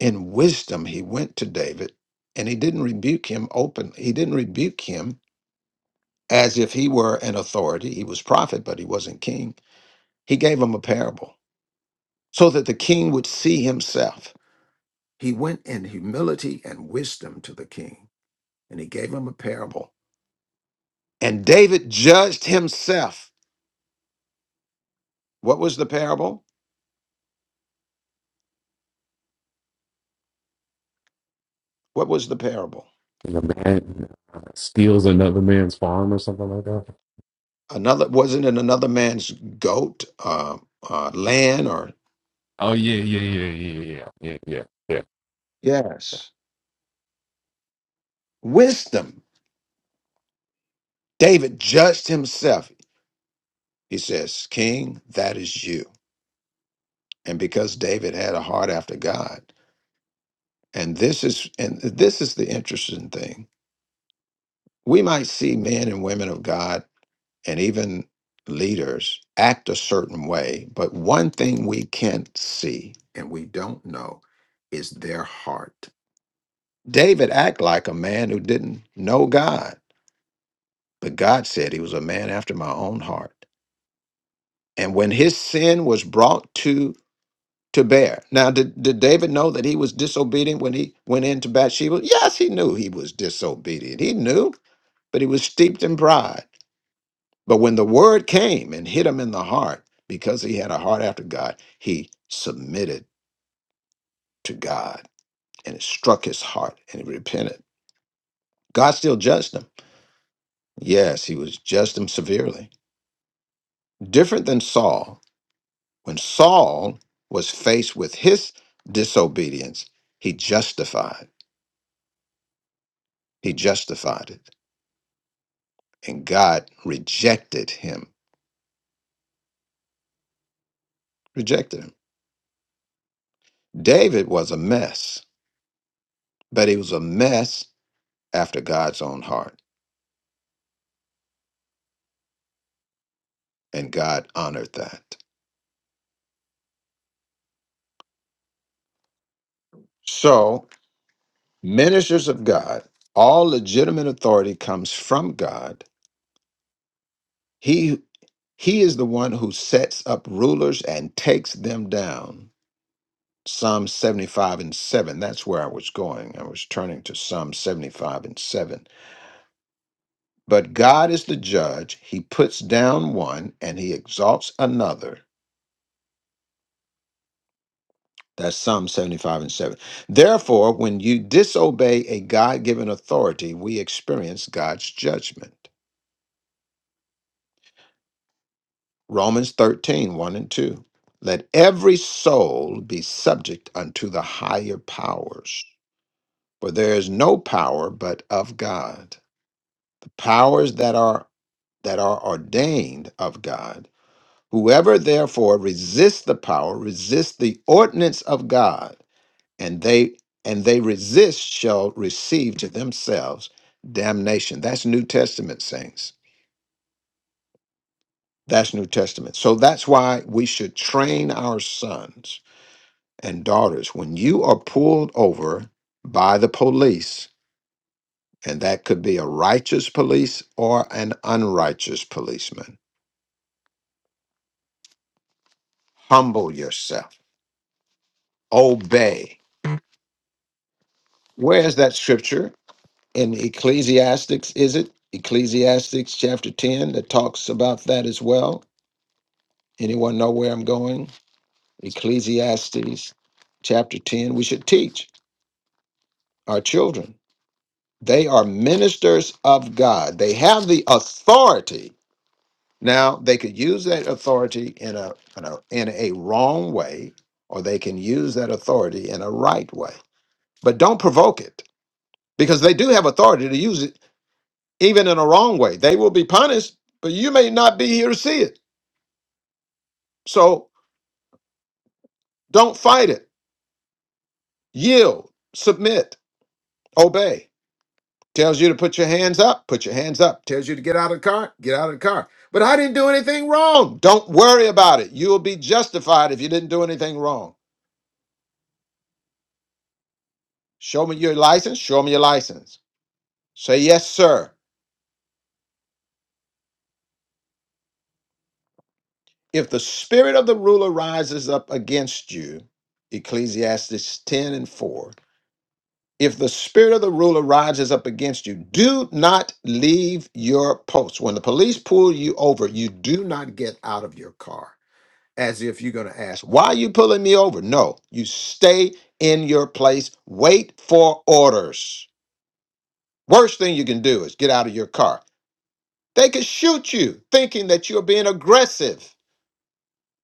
in wisdom, he went to David and he didn't rebuke him openly. He didn't rebuke him as if he were an authority. He was prophet, but he wasn't king. He gave him a parable so that the king would see himself. He went in humility and wisdom to the king, and he gave him a parable. And David judged himself. What was the parable? What was the parable?
And a man uh, steals another man's farm or something like that.
Another wasn't it another man's goat, uh, uh, land, or
Oh, yeah, yeah, yeah, yeah, yeah, yeah, yeah, yeah.
yes, wisdom. David judged himself. He says, "King, that is you." And because David had a heart after God, and this is and this is the interesting thing. we might see men and women of God and even leaders act a certain way, but one thing we can't see and we don't know is their heart. David acted like a man who didn't know God, but God said he was a man after my own heart. And when his sin was brought to to bear. Now, did, did David know that he was disobedient when he went into Bathsheba? Yes, he knew he was disobedient. He knew, but he was steeped in pride. But when the word came and hit him in the heart, because he had a heart after God, he submitted to God and it struck his heart and he repented. God still judged him. Yes, he was judged him severely. Different than Saul. When Saul was faced with his disobedience, he justified. He justified it. And God rejected him. Rejected him. David was a mess, but he was a mess after God's own heart. and God honored that. So, ministers of God, all legitimate authority comes from God. He he is the one who sets up rulers and takes them down. Psalm 75 and 7. That's where I was going. I was turning to Psalm 75 and 7. But God is the judge. He puts down one and he exalts another. That's Psalm 75 and 7. Therefore, when you disobey a God given authority, we experience God's judgment. Romans thirteen one and 2. Let every soul be subject unto the higher powers, for there is no power but of God. The powers that are that are ordained of God. Whoever therefore resists the power resists the ordinance of God and they and they resist shall receive to themselves damnation that's new testament saints that's new testament so that's why we should train our sons and daughters when you are pulled over by the police and that could be a righteous police or an unrighteous policeman humble yourself obey where is that scripture in ecclesiastics is it ecclesiastics chapter 10 that talks about that as well Anyone know where I'm going? Ecclesiastes chapter 10. We should teach our children. They are ministers of God. They have the authority. Now, they could use that authority in a, in a, in a wrong way, or they can use that authority in a right way. But don't provoke it because they do have authority to use it even in a wrong way. They will be punished, but you may not be here to see it. So don't fight it. Yield, submit, obey. Tells you to put your hands up, put your hands up. Tells you to get out of the car, get out of the car. But I didn't do anything wrong. Don't worry about it. You will be justified if you didn't do anything wrong. Show me your license, show me your license. Say, yes, sir. If the spirit of the ruler rises up against you, Ecclesiastes 10 and 4, if the spirit of the ruler rises up against you, do not leave your post. When the police pull you over, you do not get out of your car as if you're going to ask, Why are you pulling me over? No, you stay in your place, wait for orders. Worst thing you can do is get out of your car. They could shoot you thinking that you're being aggressive.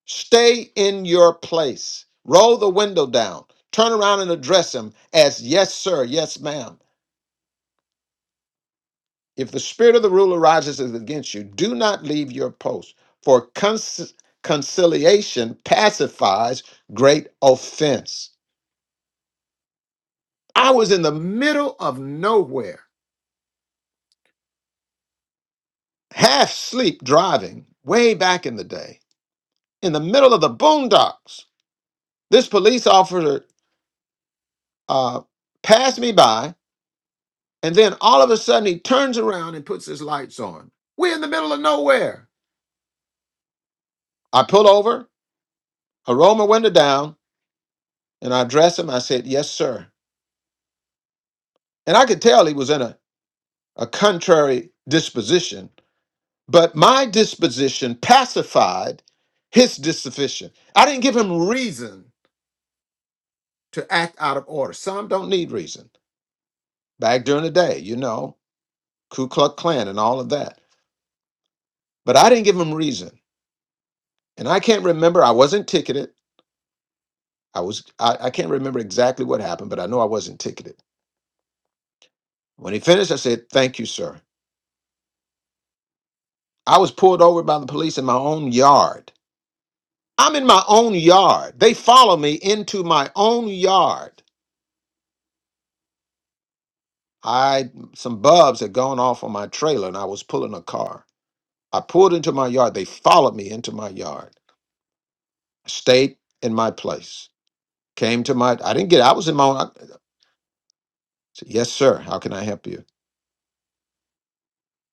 Stay in your place, roll the window down, turn around and address them as yes, sir, yes, ma'am. If the spirit of the ruler rises against you, do not leave your post, for con- conciliation pacifies great offense. I was in the middle of nowhere, half sleep driving way back in the day, in the middle of the boondocks. This police officer uh, passed me by, and then all of a sudden he turns around and puts his lights on. We're in the middle of nowhere. I pull over, I roll my window down, and I address him. I said, Yes, sir. And I could tell he was in a, a contrary disposition, but my disposition pacified his disposition. I didn't give him reason to act out of order. Some don't need reason. Back during the day, you know, Ku Klux Klan and all of that. But I didn't give them reason. And I can't remember, I wasn't ticketed. I was I, I can't remember exactly what happened, but I know I wasn't ticketed. When he finished, I said, Thank you, sir. I was pulled over by the police in my own yard. I'm in my own yard. They follow me into my own yard. I some bubs had gone off on my trailer and I was pulling a car. I pulled into my yard. They followed me into my yard. stayed in my place, came to my, I didn't get, I was in my own. I said, yes, sir. How can I help you?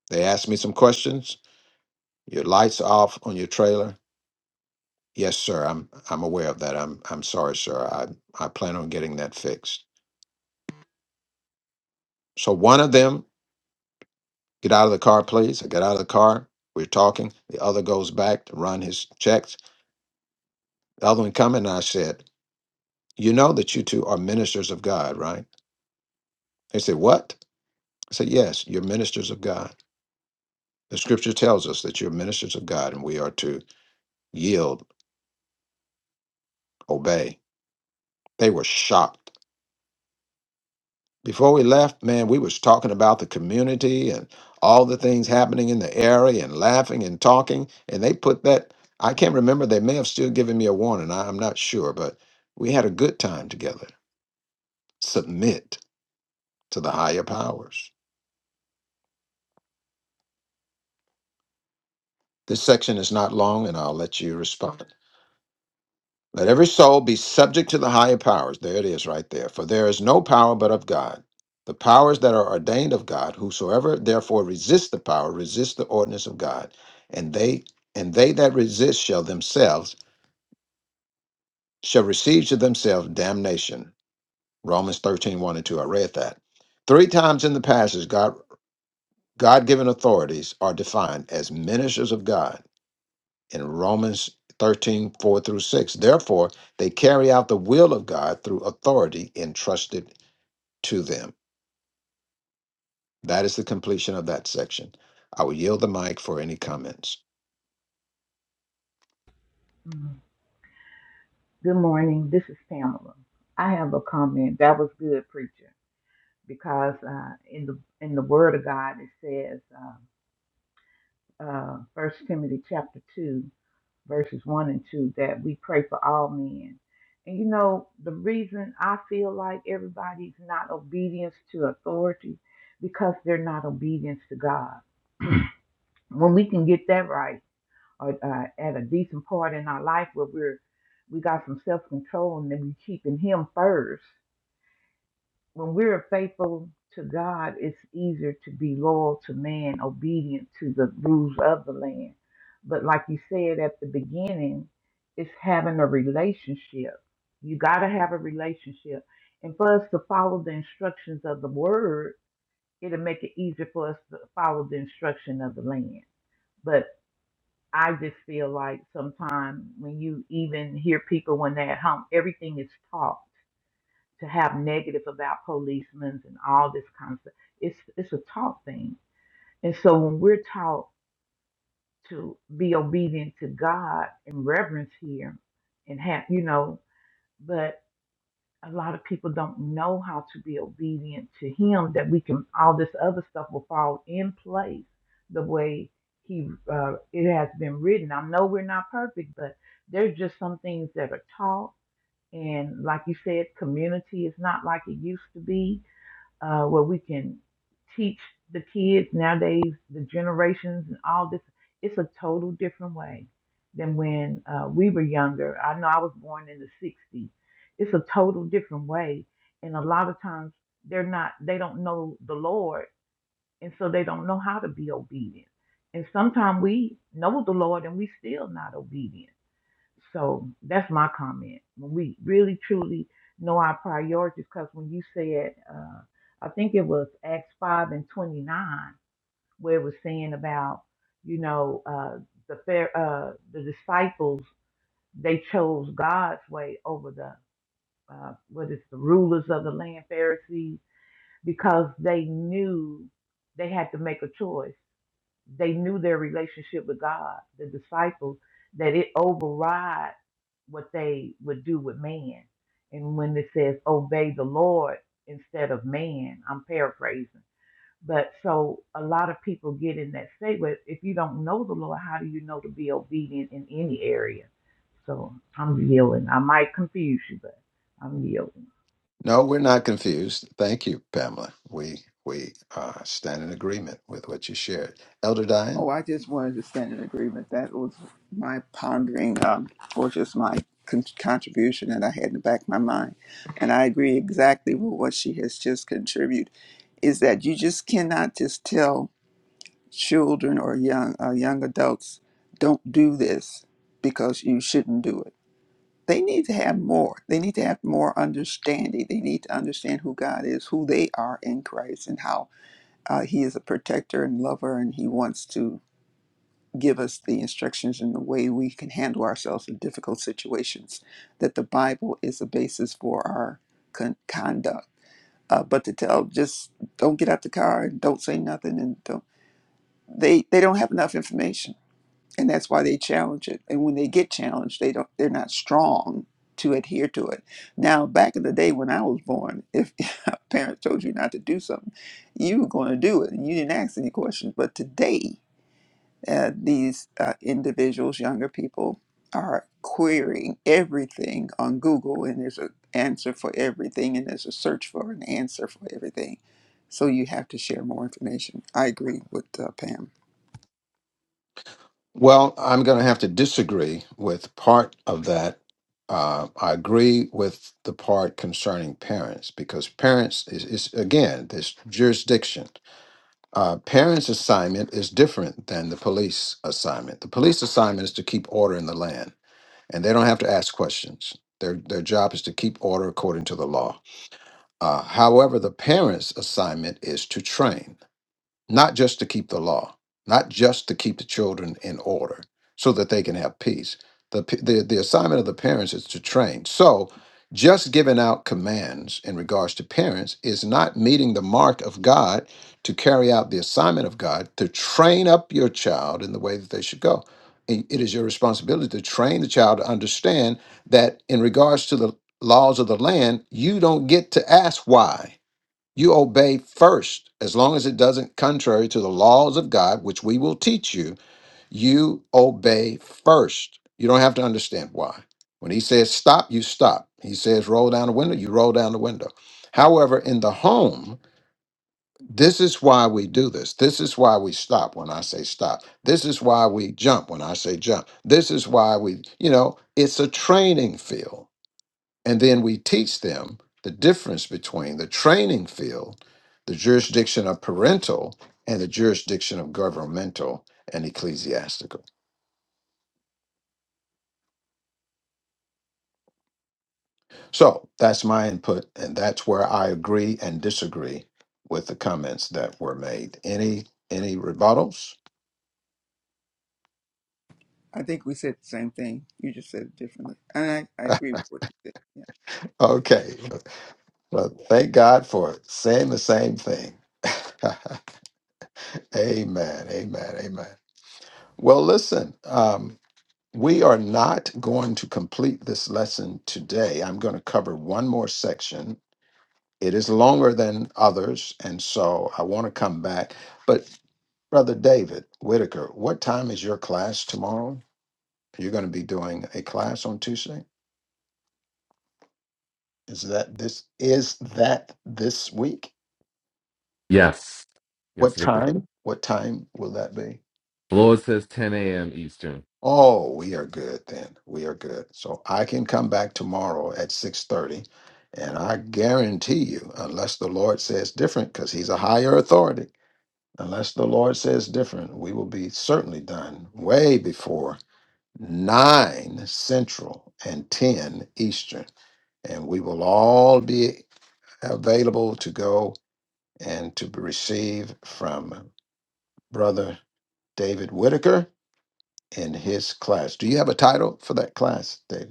They asked me some questions. Your lights off on your trailer. Yes, sir. I'm, I'm aware of that. I'm, I'm sorry, sir. I, I plan on getting that fixed. So one of them, get out of the car, please. I get out of the car. We're talking. The other goes back to run his checks. The other one coming, and I said, you know that you two are ministers of God, right? They said, what? I said, yes, you're ministers of God. The scripture tells us that you're ministers of God and we are to yield, obey. They were shocked. Before we left, man, we was talking about the community and all the things happening in the area and laughing and talking. And they put that, I can't remember, they may have still given me a warning. I, I'm not sure, but we had a good time together. Submit to the higher powers. This section is not long and I'll let you respond. Let every soul be subject to the higher powers. There it is right there. For there is no power but of God. The powers that are ordained of God, whosoever therefore resists the power, resists the ordinance of God, and they and they that resist shall themselves shall receive to themselves damnation. Romans thirteen one and 2. I read that. Three times in the passage, God God given authorities are defined as ministers of God. in Romans 13 4 through 6. Therefore, they carry out the will of God through authority entrusted to them. That is the completion of that section. I will yield the mic for any comments.
Mm. Good morning. This is Pamela. I have a comment. That was good, preacher, because uh, in the in the Word of God it says, uh, uh, First Timothy chapter two, verses one and two, that we pray for all men. And you know the reason I feel like everybody's not obedience to authority because they're not obedience to God. When we can get that right. or uh, at a decent part in our life where we're we got some self control and then we keeping Him first. When we're faithful to God, it's easier to be loyal to man, obedient to the rules of the land. But like you said at the beginning, it's having a relationship. You got to have a relationship, and for us to follow the instructions of the Word, it'll make it easier for us to follow the instruction of the land. But I just feel like sometimes when you even hear people when they're at home, everything is taught to have negative about policemen and all this kind of stuff. It's it's a taught thing. And so when we're taught to be obedient to God and reverence Him and have you know, but a lot of people don't know how to be obedient to him that we can all this other stuff will fall in place the way he uh, it has been written i know we're not perfect but there's just some things that are taught and like you said community is not like it used to be uh, where we can teach the kids nowadays, the generations and all this. It's a total different way than when uh, we were younger. I know I was born in the 60s. It's a total different way. And a lot of times they're not, they don't know the Lord. And so they don't know how to be obedient. And sometimes we know the Lord and we still not obedient. So that's my comment. When we really truly know our priorities, because when you said, uh, I think it was Acts 5 and 29, where it was saying about, you know, uh, the fair, uh, the disciples, they chose God's way over the, uh, what is the rulers of the land, Pharisees, because they knew they had to make a choice they knew their relationship with God, the disciples, that it override what they would do with man. And when it says obey the Lord instead of man, I'm paraphrasing. But so a lot of people get in that state where if you don't know the Lord, how do you know to be obedient in any area? So I'm yielding. I might confuse you, but I'm yielding.
No, we're not confused. Thank you, Pamela. We we uh, stand in agreement with what you shared, Elder Diane.
Oh, I just wanted to stand in agreement. That was my pondering, um, or just my con- contribution that I had in the back of my mind. And I agree exactly with what she has just contributed is that you just cannot just tell children or young uh, young adults don't do this because you shouldn't do it. They need to have more. They need to have more understanding. They need to understand who God is, who they are in Christ, and how uh, He is a protector and lover, and He wants to give us the instructions in the way we can handle ourselves in difficult situations. That the Bible is the basis for our con- conduct. Uh, but to tell, just don't get out the car and don't say nothing, and don't they they don't have enough information and that's why they challenge it. And when they get challenged, they don't they're not strong to adhere to it. Now, back in the day when I was born, if *laughs* our parents told you not to do something, you were going to do it, and you didn't ask any questions. But today, uh, these uh, individuals, younger people, are querying everything on Google, and there's an answer for everything, and there's a search for an answer for everything. So you have to share more information. I agree with uh, Pam.
Well, I'm going to have to disagree with part of that. Uh, I agree with the part concerning parents because parents is, is again this jurisdiction uh, parents' assignment is different than the police assignment. The police assignment is to keep order in the land, and they don't have to ask questions. Their their job is to keep order according to the law. Uh, however, the parents' assignment is to train not just to keep the law, not just to keep the children in order so that they can have peace. The, p- the, the assignment of the parents is to train. So, just giving out commands in regards to parents is not meeting the mark of God to carry out the assignment of God to train up your child in the way that they should go. I- It is your responsibility to train the child to understand that in regards to the laws of the land, you don't get to ask why you obey first, as long as it doesn't contrary to the laws of God, which we will teach you. You obey first. You don't have to understand why. When he says stop, you stop. He says roll down the window, you roll down the window. However, in the home, this is why we do this. This is why we stop when I say stop. This is why we jump when I say jump. This is why we, you know, it's a training field and then we teach them the difference between the training field, the jurisdiction of parental, and the jurisdiction of governmental and ecclesiastical. So that's my input, and that's where I agree and disagree with the comments that were made. Any any rebuttals?
I think we said the same thing. You just said it differently. And I, I agree with what you said. Yeah.
Okay. Well, thank God for saying the same thing. *laughs* amen. Amen. Amen. Well, listen. Um, We are not going to complete this lesson today. I'm going to cover one more section. It is longer than others, and so I want to come back. But, Brother David Whitaker, what time is your class tomorrow? You're going to be doing a class on Tuesday? Is that this is that this week?
Yes. Yes,
What
Victor.
time? What time will that be?
Lord says 10 a.m. Eastern.
Oh, we are good then. We are good. So I can come back tomorrow at 6:30 and I guarantee you unless the Lord says different cuz he's a higher authority, unless the Lord says different, we will be certainly done way before 9 central and 10 eastern and we will all be available to go and to receive from brother David Whitaker in his class. Do you have a title for that class, David?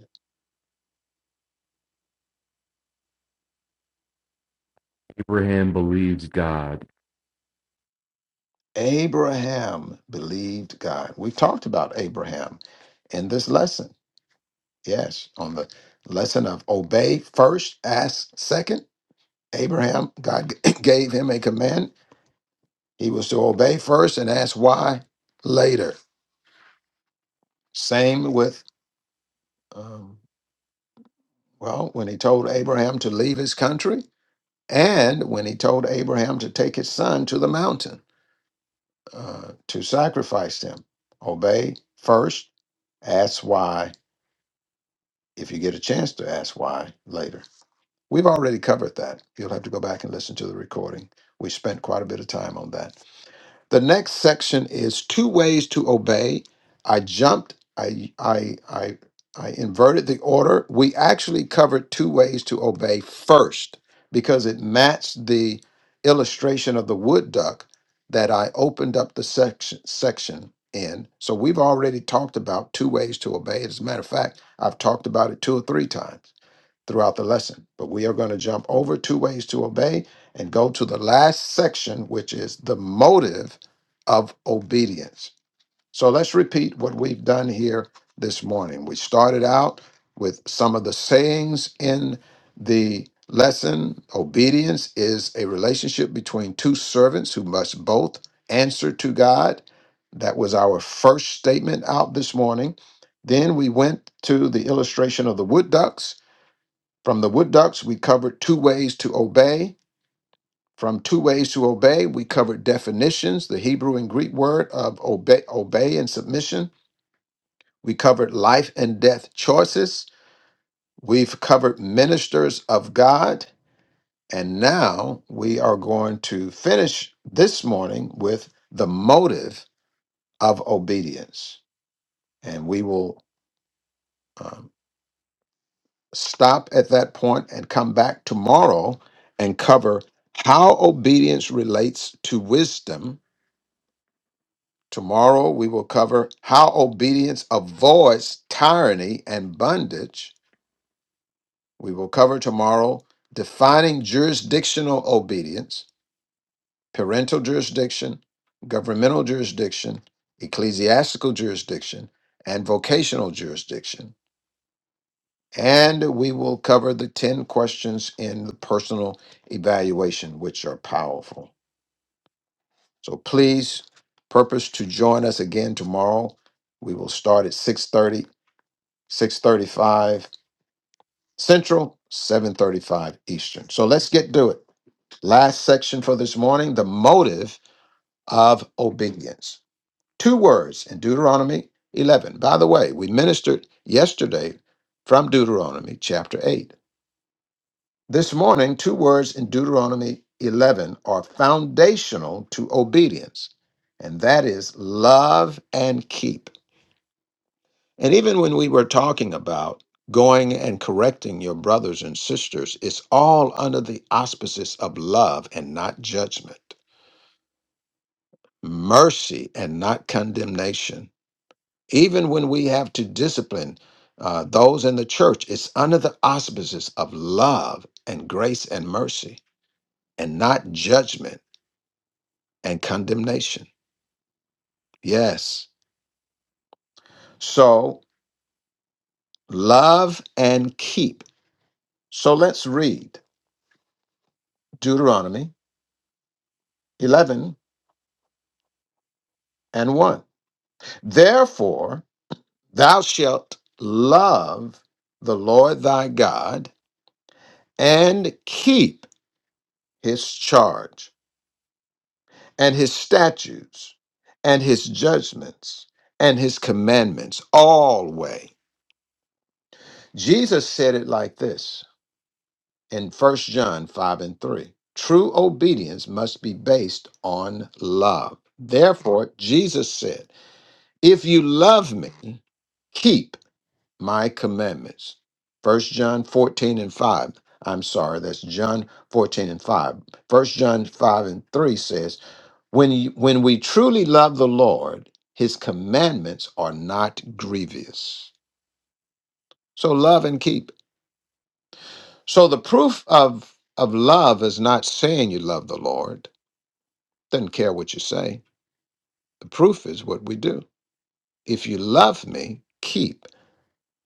Abraham believed God.
Abraham believed God. We've talked about Abraham in this lesson. Yes, on the lesson of obey first, ask second. Abraham, God *coughs* *clears throat* gave him a command. He was to obey first and ask why later. Same with, um, well, when he told Abraham to leave his country and when he told Abraham to take his son to the mountain uh, to sacrifice him. Obey first, ask why if you get a chance to ask why later. We've already covered that. You'll have to go back and listen to the recording. We spent quite a bit of time on that. The next section is two ways to obey. I jumped, I I I I inverted the order. We actually covered two ways to obey first because it matched the illustration of the wood duck that I opened up the section section in. So we've already talked about two ways to obey. As a matter of fact, I've talked about it two or three times throughout the lesson. But we are going to jump over two ways to obey and go to the last section, which is the motive of obedience. So let's repeat what we've done here this morning. We started out with some of the sayings in the lesson. Obedience is a relationship between two servants who must both answer to God. That was our first statement out this morning. Then we went to the illustration of the wood ducks from the wood ducks, we covered two ways to obey. From two ways to obey, we covered definitions, the Hebrew and Greek word of obey, obey and submission. We covered life and death choices. We've covered ministers of God. And now we are going to finish this morning with the motive of obedience. And we will. um, stop at that point and come back tomorrow and cover how obedience relates to wisdom. Tomorrow we will cover how obedience avoids tyranny and bondage. We will cover tomorrow defining jurisdictional obedience, parental jurisdiction, governmental jurisdiction, ecclesiastical jurisdiction, and vocational jurisdiction. And we will cover the 10 questions in the personal evaluation, which are powerful. So please purpose to join us again tomorrow. We will start at six thirty, six thirty-five Central, 7:35 Eastern. So let's get to it. Last section for this morning, the motive of obedience. Two words in Deuteronomy 11. By the way, we ministered yesterday from Deuteronomy chapter 8. This morning, two words in Deuteronomy 11 are foundational to obedience, and that is love and keep. And even when we were talking about going and correcting your brothers and sisters, it's all under the auspices of love and not judgment, mercy and not condemnation. Even when we have to discipline uh, those in the church, it's under the auspices of love and grace and mercy and not judgment and condemnation. Yes. So love and keep. So let's read Deuteronomy 11 and 1. Therefore, thou shalt love the Lord thy God and keep his charge and his statutes and his judgments and his commandments always. Jesus said it like this in First John 5 and 3. True obedience must be based on love. Therefore, Jesus said, If you love me, keep my commandments. First John 14 and 5. I'm sorry, that's John 14 and 5. First John 5 and 3 says, When, you, when we truly love the Lord, his commandments are not grievous. So love and keep. So the proof of of love is not saying you love the Lord. Doesn't care what you say. The proof is what we do. If you love me, keep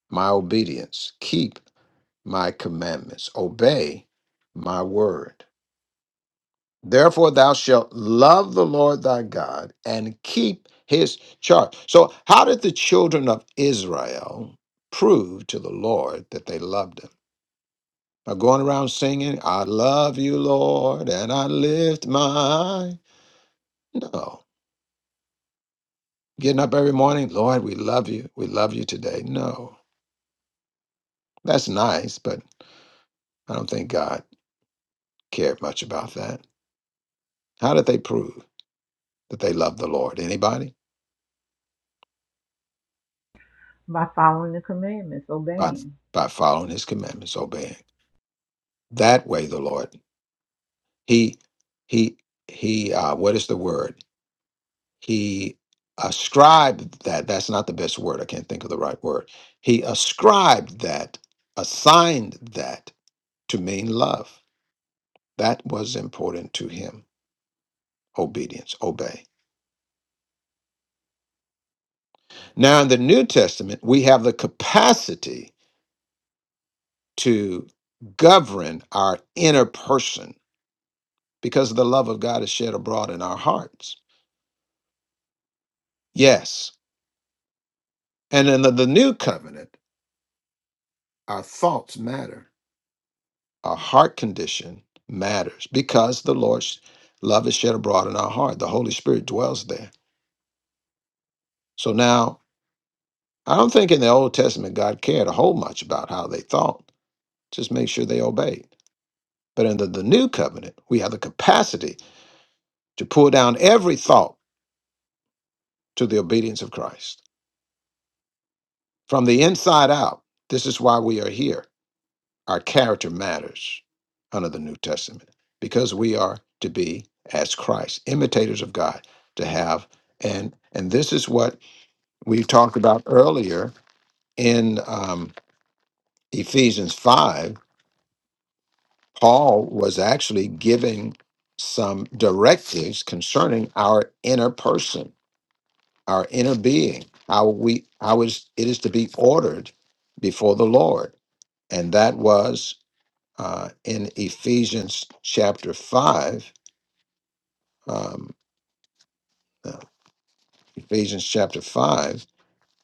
my obedience, keep my commandments, obey my word. Therefore thou shalt love the Lord thy God and keep his charge. So how did the children of Israel prove to the Lord that they loved him? by going around singing, I love you, Lord, and I lift my. No. Getting up every morning, Lord, we love you. We love you today. No. That's nice, but I don't think God cared much about that. How did they prove that they loved the Lord? Anybody?
By following the commandments,
By,
obeying.
by following his commandments, obeying. That way the Lord, he, he, he, uh, what is the word? He ascribed that, that's not the best word, I can't think of the right word. He ascribed that, assigned that to mean love. That was important to him obedience, obey. Now, in the New Testament, we have the capacity to govern our inner person because the love of God is shed abroad in our hearts. Yes. And in the, the new covenant, our thoughts matter Our heart condition matters because the Lord's love is shed abroad in our heart. The Holy Spirit dwells there. So now, I don't think in the Old Testament God cared a whole much about how they thought, just make sure they obeyed. But under the new covenant, we have the capacity to pull down every thought to the obedience of Christ from the inside out. This is why we are here Our character matters under the New Testament because we are to be as Christ, imitators of God, to have and and this is what we talked about earlier in um, Ephesians five. Paul was actually giving some directives concerning our inner person, our inner being, how we how is it is to be ordered before the Lord, and that was uh, in Ephesians chapter 5. Um, uh, Ephesians chapter 5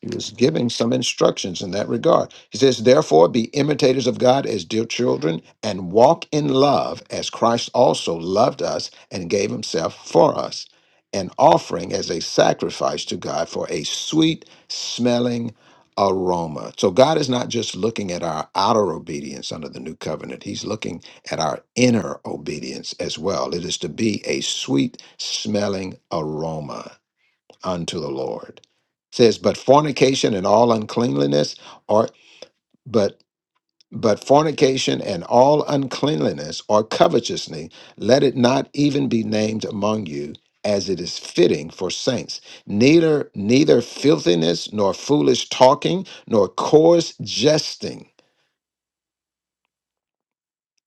He was giving some instructions in that regard. He says, Therefore, be imitators of God as dear children and walk in love as Christ also loved us and gave himself for us, an offering as a sacrifice to God for a sweet smelling aroma. So, God is not just looking at our outer obedience under the new covenant, He's looking at our inner obedience as well. It is to be a sweet smelling aroma unto the Lord. It says, but fornication and all uncleanliness or but but fornication and all uncleanliness or covetousness, let it not even be named among you, as it is fitting for saints. Neither neither filthiness nor foolish talking nor coarse jesting.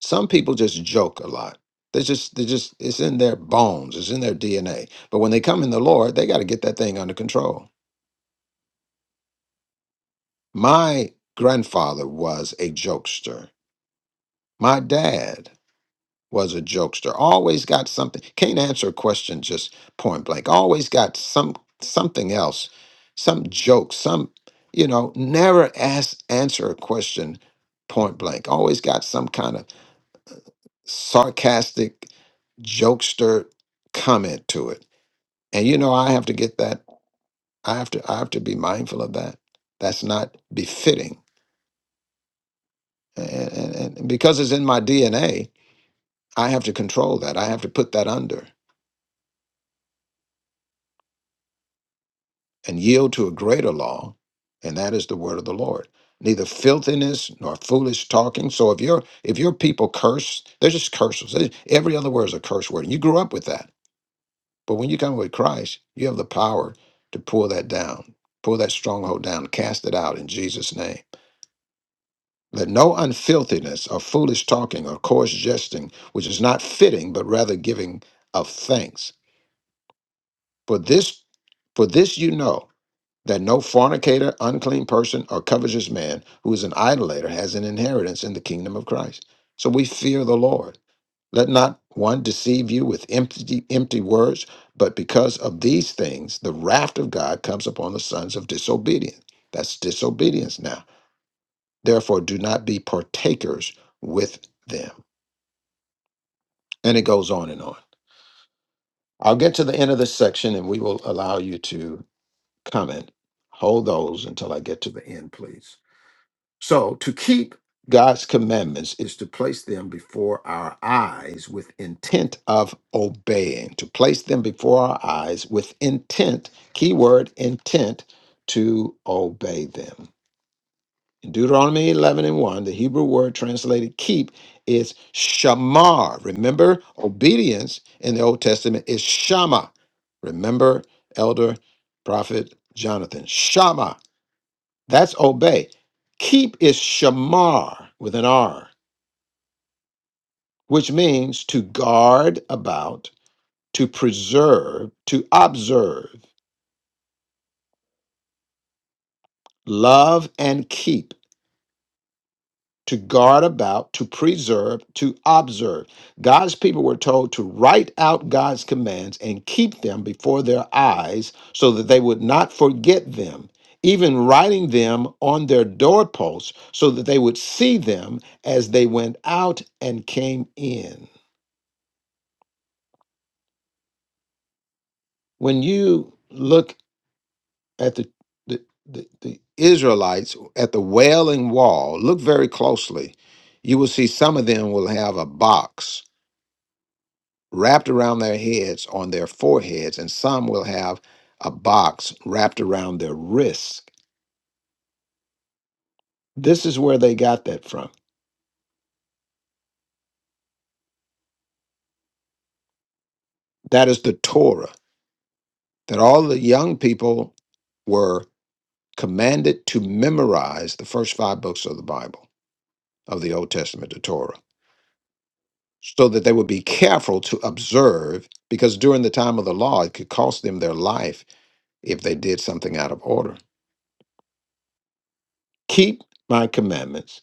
Some people just joke a lot. They just they just it's in their bones, it's in their DNA. But when they come in the Lord, they got to get that thing under control My grandfather was a jokester. My dad was a jokester. Always got something. Can't answer a question just point blank. Always got some something else, some joke, some you know. Never ask answer a question point blank. Always got some kind of sarcastic jokester comment to it. And you know, I have to get that. I have to. I have to be mindful of that. That's not befitting and, and and because it's in my DNA, I have to control that. I have to put that under and yield to a greater law, and that is the word of the Lord. Neither filthiness nor foolish talking. So if your if your people curse, they're just curses. They- Every other word is a curse word. And You grew up with that, but when you come with Christ, you have the power to pull that down, pull that stronghold down, cast it out in Jesus' name. Let no unfilthiness or foolish talking or coarse jesting, which is not fitting, but rather giving of thanks For this, for this you know that no fornicator, unclean person, or covetous man who is an idolater has an inheritance in the kingdom of Christ. So we fear the Lord. Let not one deceive you with empty, empty words, but because of these things, the wrath of God comes upon the sons of disobedience. That's disobedience now. Therefore, do not be partakers with them. And it goes on and on. I'll get to the end of this section and we will allow you to. comment. Hold those until I get to the end, please. So, to keep God's commandments is to place them before our eyes with intent of obeying, to place them before our eyes with intent, keyword intent, to obey them. In Deuteronomy 11 and 1, the Hebrew word translated keep is shamar. Remember, obedience in the Old Testament is shama. Remember, elder, prophet Jonathan, shama that's obey. Keep is shamar with an R, which means to guard about, to preserve, to observe, love and keep, to guard about, to preserve, to observe. God's people were told to write out God's commands and keep them before their eyes so that they would not forget them. Even writing them on their doorposts so that they would see them as they went out and came in. when you look at the the, the the Israelites at the Wailing Wall, look very closely. You will see some of them will have a box wrapped around their heads on their foreheads, and some will have a box wrapped around their wrists. This is where they got that from. That is the Torah that all the young people were commanded to memorize the first five books of the Bible, of the Old Testament, the Torah so that they would be careful to observe, because during the time of the law, it could cost them their life if they did something out of order. Keep my commandments,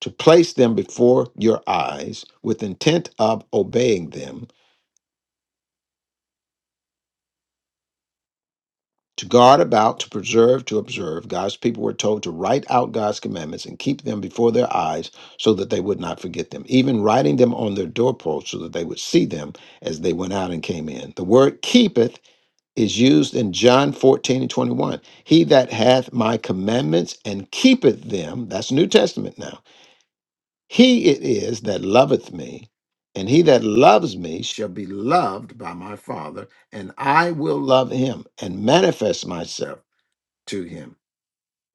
to place them before your eyes with intent of obeying them, to guard about, to preserve, to observe. God's people were told to write out God's commandments and keep them before their eyes so that they would not forget them, even writing them on their doorposts so that they would see them as they went out and came in. The word keepeth is used in John 14 and 21. He that hath my commandments and keepeth them, that's New Testament now, he it is that loveth me, and he that loves me shall be loved by my Father, and I will love him and manifest myself to him.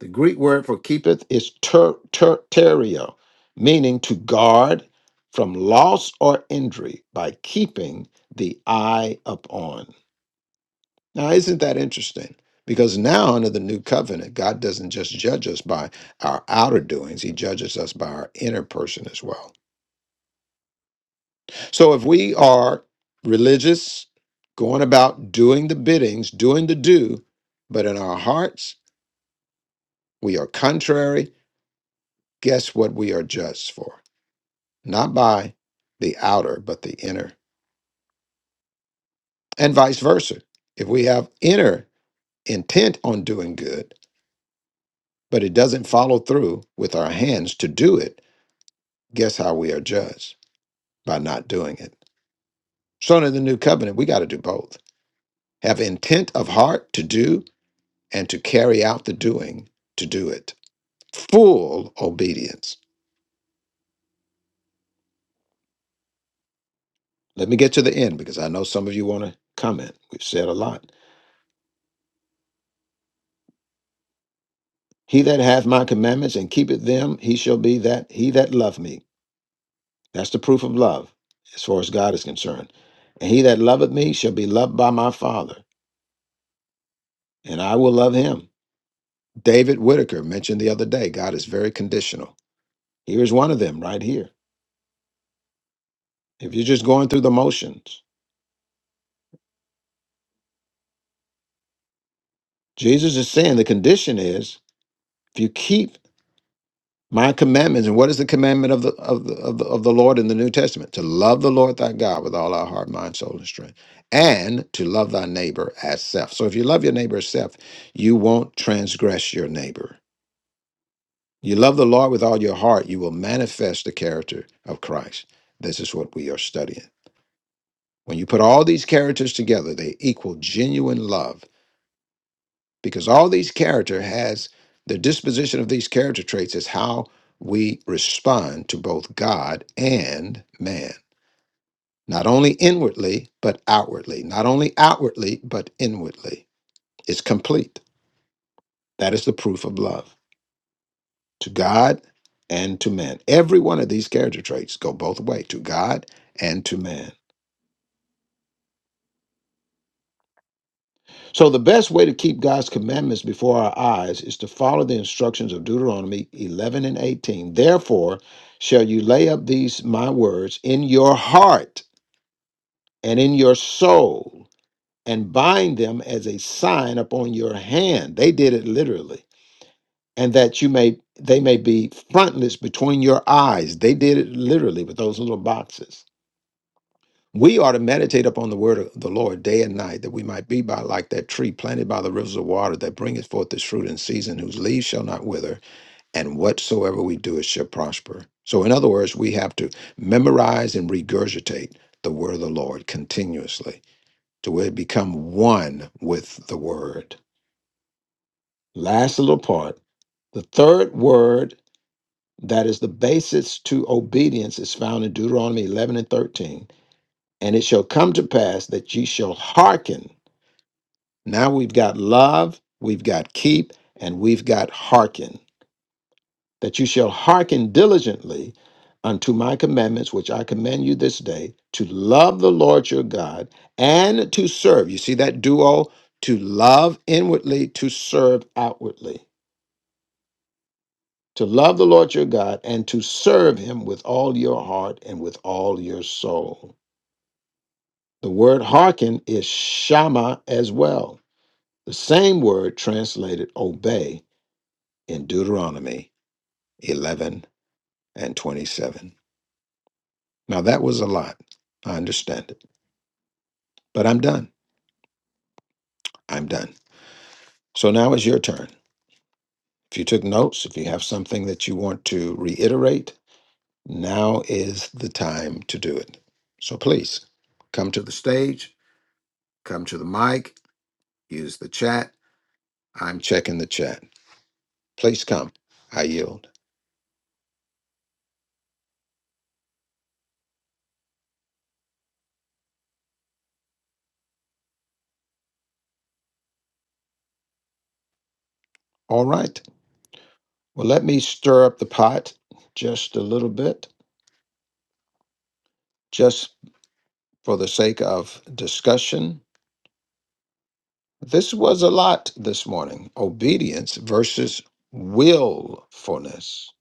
The Greek word for keepeth is ter, ter, terio, meaning to guard from loss or injury by keeping the eye upon. Now, isn't that interesting? Because now, under the new covenant, God doesn't just judge us by our outer doings, He judges us by our inner person as well. So, if we are religious, going about doing the biddings, doing the do, but in our hearts, we are contrary, guess what we are judged for? Not by the outer, but the inner, and vice versa. If we have inner intent on doing good, but it doesn't follow through with our hands to do it, Guess how we are judged? By not doing it. So, in the new covenant, we got to do both have intent of heart to do and to carry out the doing to do it. Full obedience. Let me get to the end because I know some of you want to comment. We've said a lot. He that hath my commandments and keepeth them, he shall be that he that loveth me. That's the proof of love as far as God is concerned. And he that loveth me shall be loved by my Father, and I will love him. David Whitaker mentioned the other day God is very conditional. Here's one of them right here. If you're just going through the motions, Jesus is saying the condition is if you keep my commandments. And what is the commandment of the of the, of the of the Lord in the New Testament? To love the Lord thy God with all our heart, mind, soul, and strength, and to love thy neighbor as self. So if you love your neighbor as self, you won't transgress your neighbor. You love the Lord with all your heart, you will manifest the character of Christ. This is what we are studying. When you put all these characters together, they equal genuine love because all these character has the disposition of these character traits is how we respond to both God and man, not only inwardly, but outwardly, not only outwardly, but inwardly. It's complete. That is the proof of love to God and to man. Every one of these character traits go both way to God and to man. So, the best way to keep God's commandments before our eyes is to follow the instructions of Deuteronomy 11 and 18. Therefore, shall you lay up these my words in your heart and in your soul, and bind them as a sign upon your hand. They did it literally. And that you may they may be frontlets between your eyes. They did it literally with those little boxes We are to meditate upon the word of the Lord day and night, that we might be by like that tree planted by the rivers of water that bringeth forth its fruit in season, whose leaves shall not wither, and whatsoever we do, it shall prosper. So, in other words, we have to memorize and regurgitate the word of the Lord continuously to where it become one with the word. Last little part. The third word that is the basis to obedience is found in Deuteronomy 11 and 13. And it shall come to pass that ye shall hearken Now we've got love, we've got keep, and we've got hearken. That you shall hearken diligently unto my commandments, which I command you this day, to love the Lord your God and to serve. You see that duo? To love inwardly, to serve outwardly. To love the Lord your God and to serve him with all your heart and with all your soul. The word hearken is shama as well, the same word translated obey in Deuteronomy 11 and 27. Now, that was a lot. I understand it, but I'm done. I'm done. So now is your turn. If you took notes, if you have something that you want to reiterate, now is the time to do it. So please come to the stage, come to the mic, use the chat. I'm checking the chat. Please come. I yield. All right. Well, let me stir up the pot just a little bit. Just. for the sake of discussion. This was a lot this morning obedience versus willfulness.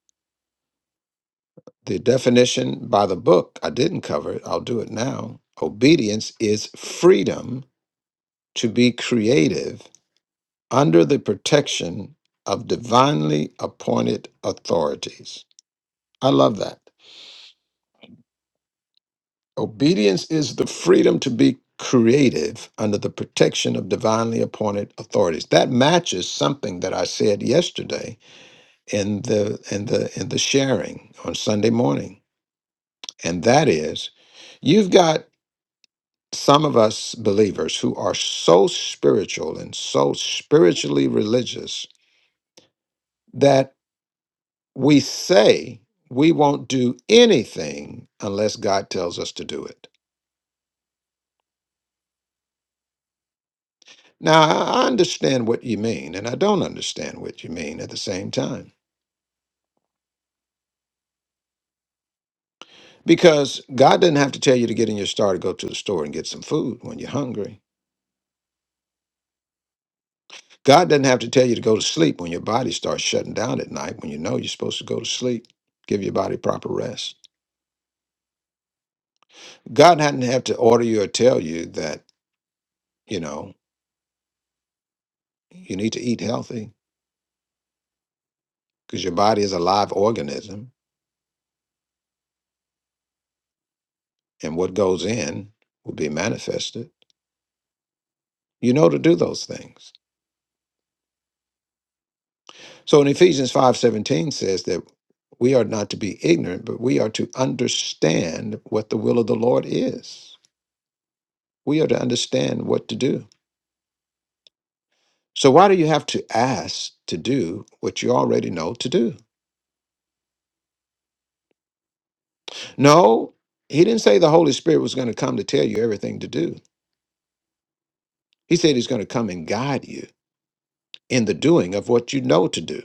The definition by the book, I didn't cover it, I'll do it now. Obedience is freedom to be creative under the protection of divinely appointed authorities. I love that. Obedience is the freedom to be creative under the protection of divinely appointed authorities. That matches something that I said yesterday in the in the in the sharing on Sunday morning. And that is you've got some of us believers who are so spiritual and so spiritually religious that we say we won't do anything unless God tells us to do it. Now, I I understand what you mean, and I don't understand what you mean at the same time. Because God doesn't have to tell you to get in your star to go to the store and get some food when you're hungry. God doesn't have to tell you to go to sleep when your body starts shutting down at night when you know you're supposed to go to sleep. Give your body proper rest. God hadn't have to order you or tell you that, you know, you need to eat healthy because your body is a live organism and what goes in will be manifested. You know to do those things. So in Ephesians 5:17 says that we are not to be ignorant, but we are to understand what the will of the Lord is. We are to understand what to do. So why do you have to ask to do what you already know to do? No, he didn't say the Holy Spirit was going to come to tell you everything to do. He said he's going to come and guide you in the doing of what you know to do.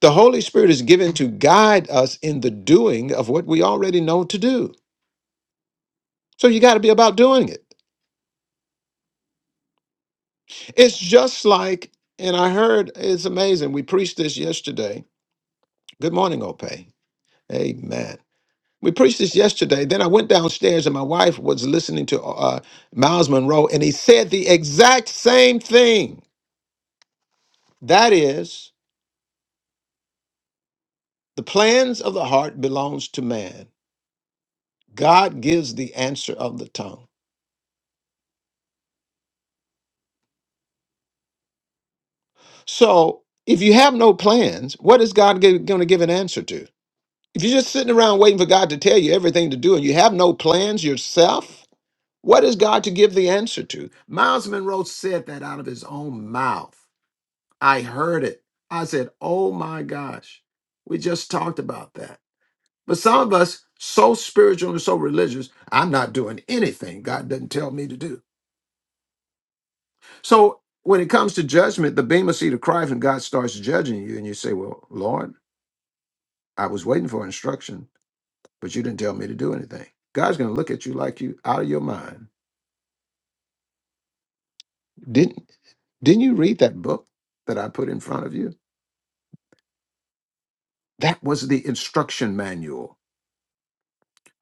The Holy Spirit is given to guide us in the doing of what we already know to do. So you got to be about doing it. It's just like, and I heard it's amazing. We preached this yesterday. Good morning, Ope. Amen. We preached this yesterday. Then I went downstairs and my wife was listening to uh, Miles Monroe, and he said the exact same thing. That is, the plans of the heart belongs to man. God gives the answer of the tongue. So if you have no plans, what is God going to give an answer to? If you're just sitting around waiting for God to tell you everything to do and you have no plans yourself, What is God to give the answer to? Miles Monroe said that out of his own mouth. I heard it. I said, Oh my gosh, we just talked about that. But some of us, so spiritual and so religious, I'm not doing anything God doesn't tell me to do. So when it comes to judgment, the beam of seat of Christ, when God starts judging you, and you say, Well, Lord, I was waiting for instruction, but you didn't tell me to do anything. God's going to look at you like you out of your mind. Didn't didn't you read that book that I put in front of you? That was the instruction manual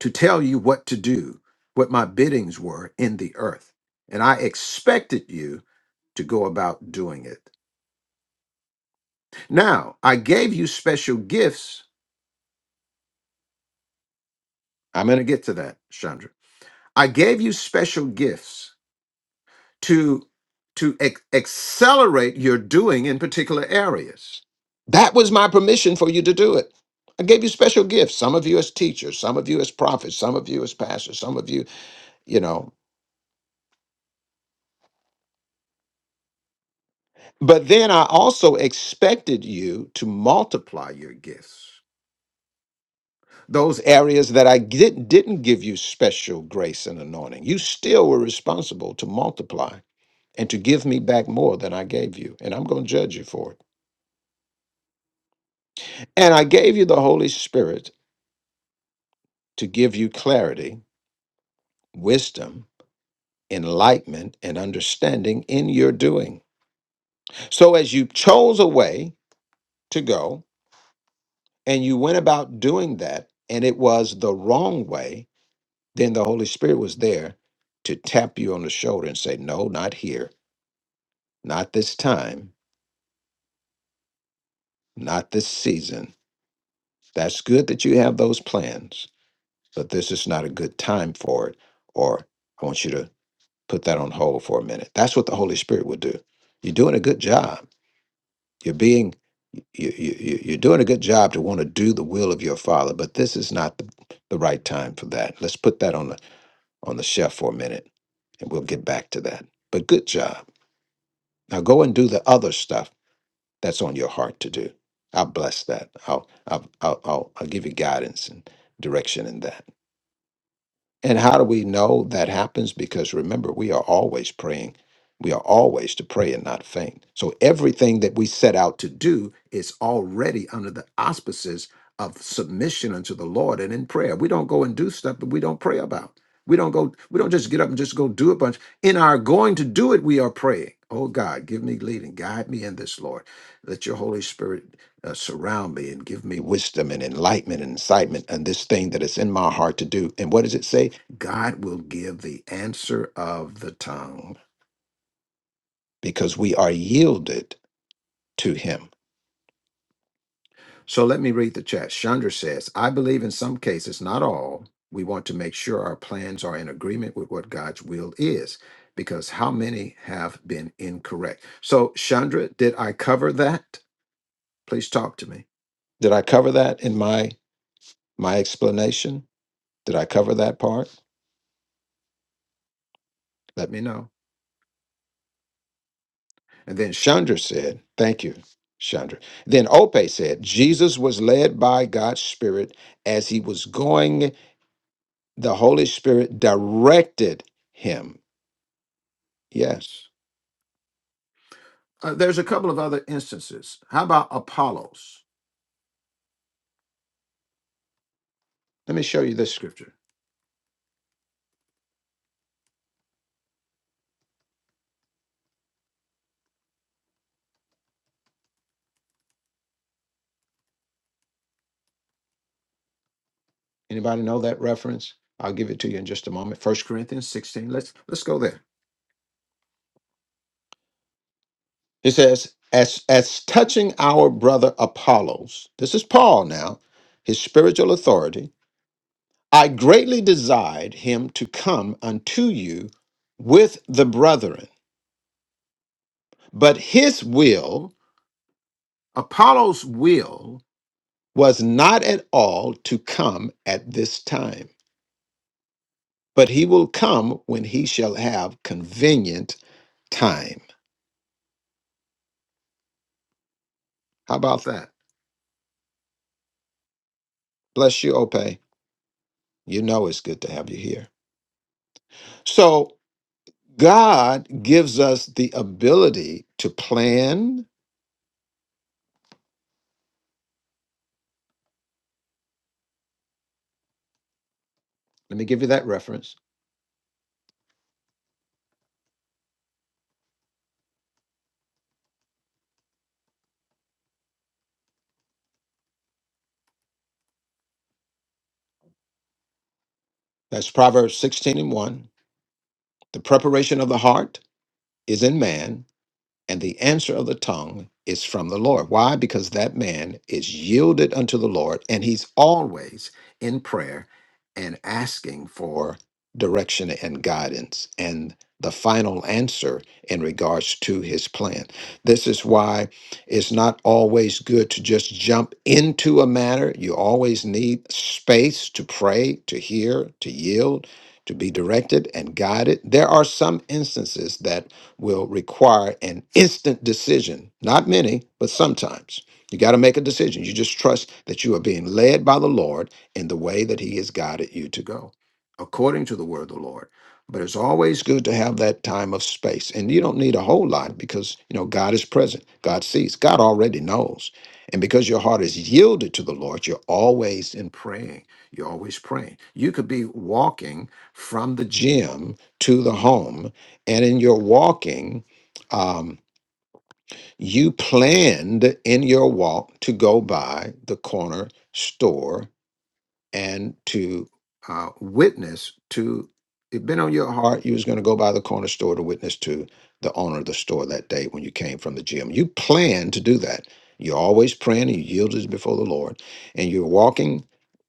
to tell you what to do, what my biddings were in the earth. And I expected you to go about doing it. Now, I gave you special gifts. I'm going to get to that, Chandra. I gave you special gifts to to ac- accelerate your doing in particular areas. That was my permission for you to do it. I gave you special gifts. Some of you as teachers, some of you as prophets, some of you as pastors, some of you, you know, But then I also expected you to multiply your gifts. Those areas that I didn't, didn't give you special grace and anointing, you still were responsible to multiply and to give me back more than I gave you. And I'm going to judge you for it. And I gave you the Holy Spirit to give you clarity, wisdom, enlightenment, and understanding in your doing. So as you chose a way to go and you went about doing that, and it was the wrong way, then the Holy Spirit was there to tap you on the shoulder and say, No, not here, not this time, not this season. That's good that you have those plans, but this is not a good time for it. Or I want you to put that on hold for a minute. That's what the Holy Spirit would do. You're doing a good job. You're being you, you, you- you're doing a good job to want to do the will of your father, but this is not the, the right time for that. Let's put that on the on the shelf for a minute, and we'll get back to that. But good job Now go and do the other stuff that's on your heart to do. I'll bless that. I'll I'll I'll, I'll, I'll give you guidance and direction in that. And how do we know that happens? Because remember, we are always praying. We are always to pray and not faint. So everything that we set out to do is already under the auspices of submission unto the Lord and in prayer. We don't go and do stuff that we don't pray about. We don't go, we don't just get up and just go do a bunch. In our going to do it, we are praying. Oh God, give me leading, guide me in this, Lord. Let your Holy Spirit uh, surround me and give me wisdom and enlightenment and incitement and this thing that is in my heart to do. And what does it say? God will give the answer of the tongue because we are yielded to Him. So let me read the chat. Chandra says, I believe in some cases, not all, we want to make sure our plans are in agreement with what God's will is because how many have been incorrect? So, Chandra, did I cover that? Please talk to me. Did I cover that in my my explanation? Did I cover that part? Let me know. And then Chandra said, Thank you, Chandra. Then Ope said, Jesus was led by God's Spirit as he was going, the Holy Spirit directed him. Yes. Uh, there's a couple of other instances. How about Apollos? Let me show you this scripture. Anybody know that reference? I'll give it to you in just a moment. First Corinthians 16. Let's let's go there. It says, as as touching our brother Apollos, this is Paul now, his spiritual authority I greatly desired him to come unto you with the brethren, but his will, Apollo's will, was not at all to come at this time, but he will come when he shall have convenient time. How about that? Bless you, Ope. You know it's good to have you here. So, God gives us the ability to plan. Let me give you that reference. That's Proverbs 16 and 1. The preparation of the heart is in man, and the answer of the tongue is from the Lord. Why? Because that man is yielded unto the Lord and he's always in prayer and asking for direction and guidance and the final answer in regards to his plan. This is why it's not always good to just jump into a matter. You always need space to pray, to hear, to yield, to be directed and guided. There are some instances that will require an instant decision. Not many, but sometimes. You got to make a decision. You just trust that you are being led by the Lord in the way that He has guided you to go, according to the word of the Lord. But it's always good to have that time of space. And you don't need a whole lot because, you know, God is present. God sees. God already knows. And because your heart is yielded to the Lord, you're always in praying. You're always praying. You could be walking from the gym to the home and in your walking, um, you planned in your walk to go by the corner store and to uh, witness to. It been on your heart you was going to go by the corner store to witness to the owner of the store that day when you came from the gym. You planned to do that. You're always praying and you yielded before the Lord, and you're walking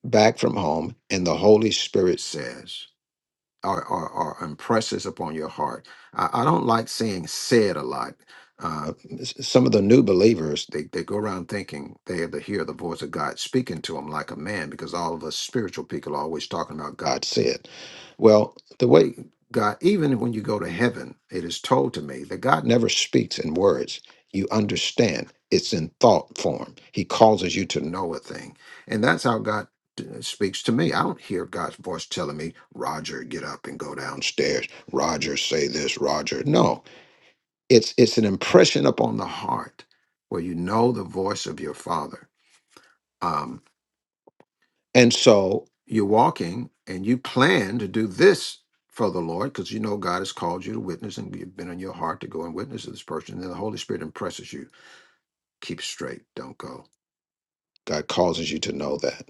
back from home, and the Holy Spirit says or, or, or impresses upon your heart. I, I don't like saying said a lot. Uh, s- some of the new believers, they, they go around thinking they have to hear the voice of God speaking to them like a man because all of us spiritual people are always talking about God said. Well, the way God, even when you go to heaven, it is told to me that God never speaks in words. You understand it's in thought form. He causes you to know a thing. And that's how God uh, speaks to me. I don't hear God's voice telling me, Roger, get up and go downstairs. Roger, say this, Roger. No, it's it's an impression upon the heart where you know the voice of your father. Um, and so you're walking and you plan to do this for the Lord because you know God has called you to witness and you've been in your heart to go and witness to this person. And then the Holy Spirit impresses you, keep straight, don't go. God causes you to know that.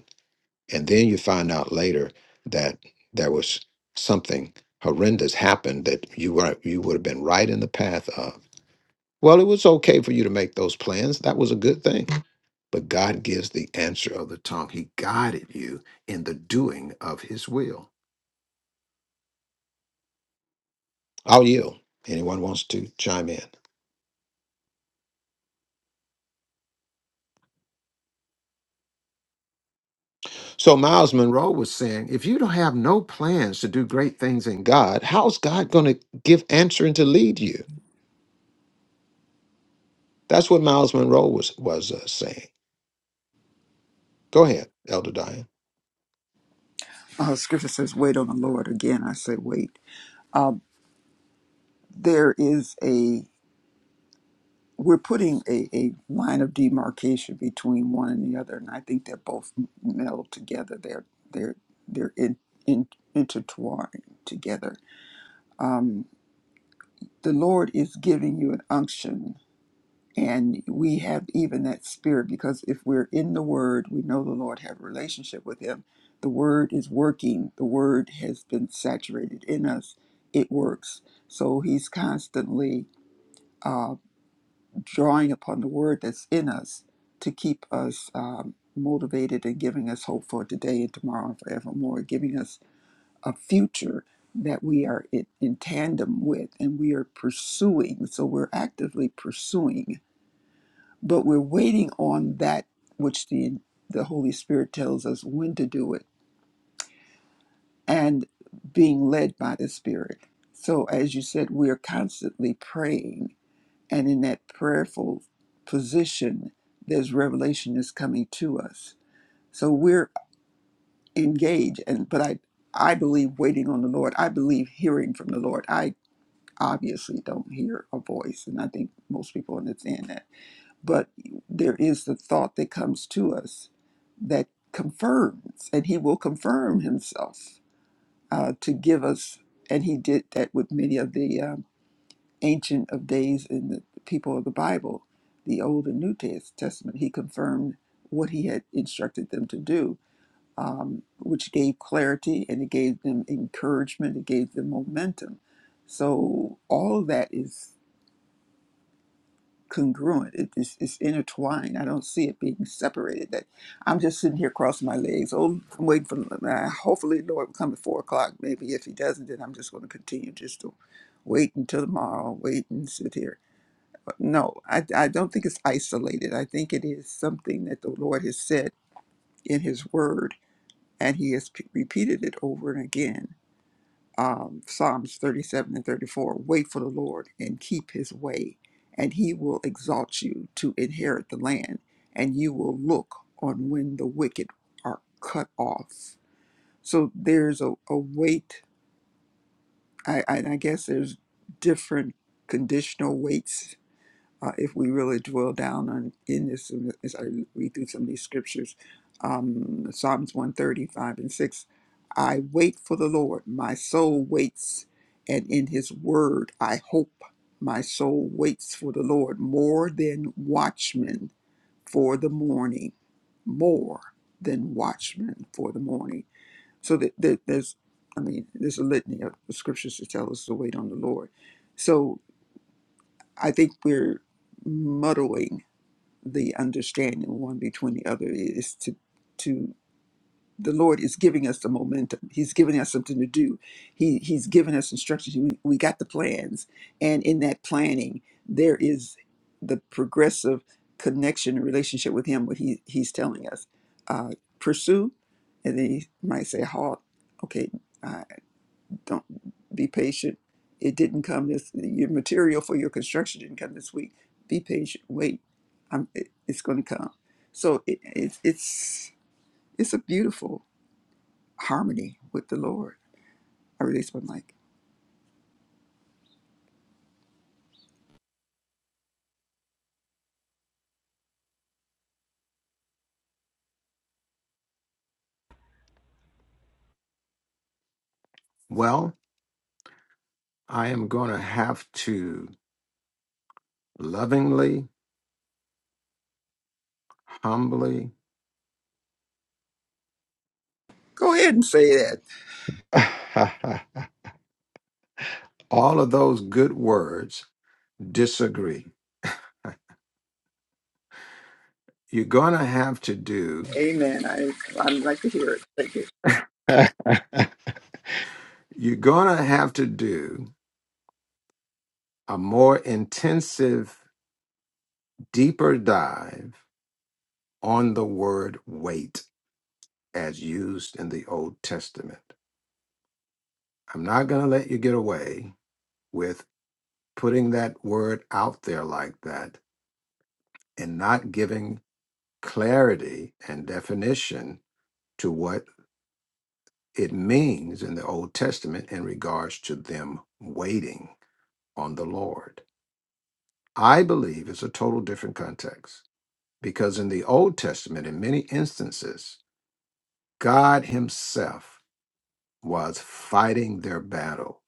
And then you find out later that there was something horrendous happened that you were you would have been right in the path of. Well, it was okay for you to make those plans. That was a good thing. But God gives the answer of the tongue. He guided you in the doing of his will. I'll yield. Anyone wants to chime in? So Miles Monroe was saying, if you don't have no plans to do great things in God, how's God going to give answer and to lead you? That's what Miles Monroe was was uh, saying. Go ahead, Elder Diane.
Uh, scripture says, wait on the Lord. Again, I say, wait. Uh, there is a, we're putting a, a line of demarcation between one and the other. And I think they're both melded together. They're, they're, they're in, in, intertwined together. Um, the Lord is giving you an unction and we have even that spirit because if we're in the word we know the lord have a relationship with him the word is working the word has been saturated in us it works so he's constantly uh, drawing upon the word that's in us to keep us um, motivated and giving us hope for today and tomorrow and forevermore giving us a future that we are in, in tandem with and we are pursuing so we're actively pursuing but we're waiting on that which the the Holy Spirit tells us when to do it and being led by the Spirit. So as you said, we are constantly praying and in that prayerful position there's revelation is coming to us. So we're engaged and but I I believe waiting on the Lord. I believe hearing from the Lord. I obviously don't hear a voice and I think most people understand that but there is the thought that comes to us that confirms, and He will confirm Himself uh, to give us, and He did that with many of the um, Ancient of Days and the people of the Bible, the Old and New Tes- Testament. He confirmed what He had instructed them to do, um, which gave clarity and it gave them encouragement, it gave them momentum. So all of that is. congruent. It is it's intertwined. I don't see it being separated. That I'm just sitting here crossing my legs. Oh, I'm waiting for. Uh, hopefully, Lord will come at four o'clock. Maybe if He doesn't, then I'm just going to continue just to wait until tomorrow. Wait and sit here. But no, I I don't think it's isolated. I think it is something that the Lord has said in His Word, and He has p- repeated it over and again um, Psalms 37 and 34 wait for the Lord and keep his way, and he will exalt you to inherit the land, and you will look on when the wicked are cut off. So there's a, a weight, I, I, I guess there's different conditional weights uh, if we really dwell down on in this as I read through some of these scriptures, um, Psalms one thirty five and six. I wait for the Lord, my soul waits, and in His word I hope. My soul waits for the Lord more than watchmen for the morning, more than watchmen for the morning. So that, that there's, I mean, there's a litany of scriptures to tell us to wait on the Lord. So I think we're muddling the understanding one between the other is to to the lord is giving us the momentum he's giving us something to do he he's giving us instructions we, we got the plans and in that planning there is the progressive connection and relationship with him what he he's telling us uh pursue and then he might say halt okay don't be patient. It didn't come this. Your material for your construction didn't come this week. Be patient. Wait, I'm, it, it's going to come. So it, it's it's it's a beautiful harmony with the Lord. I release my mic.
Well, I am going to have to lovingly, humbly,
Go ahead and say that.
*laughs* all of those good words disagree. You're going to have to do,
Amen. I I'd like to hear it. Thank you.
you're going to have to do a more intensive, deeper dive on the word wait as used in the Old Testament. I'm not going to let you get away with putting that word out there like that and not giving clarity and definition to what it means in the Old Testament in regards to them waiting on the Lord. I believe it's a total different context because in the Old Testament, in many instances, God Himself was fighting their battle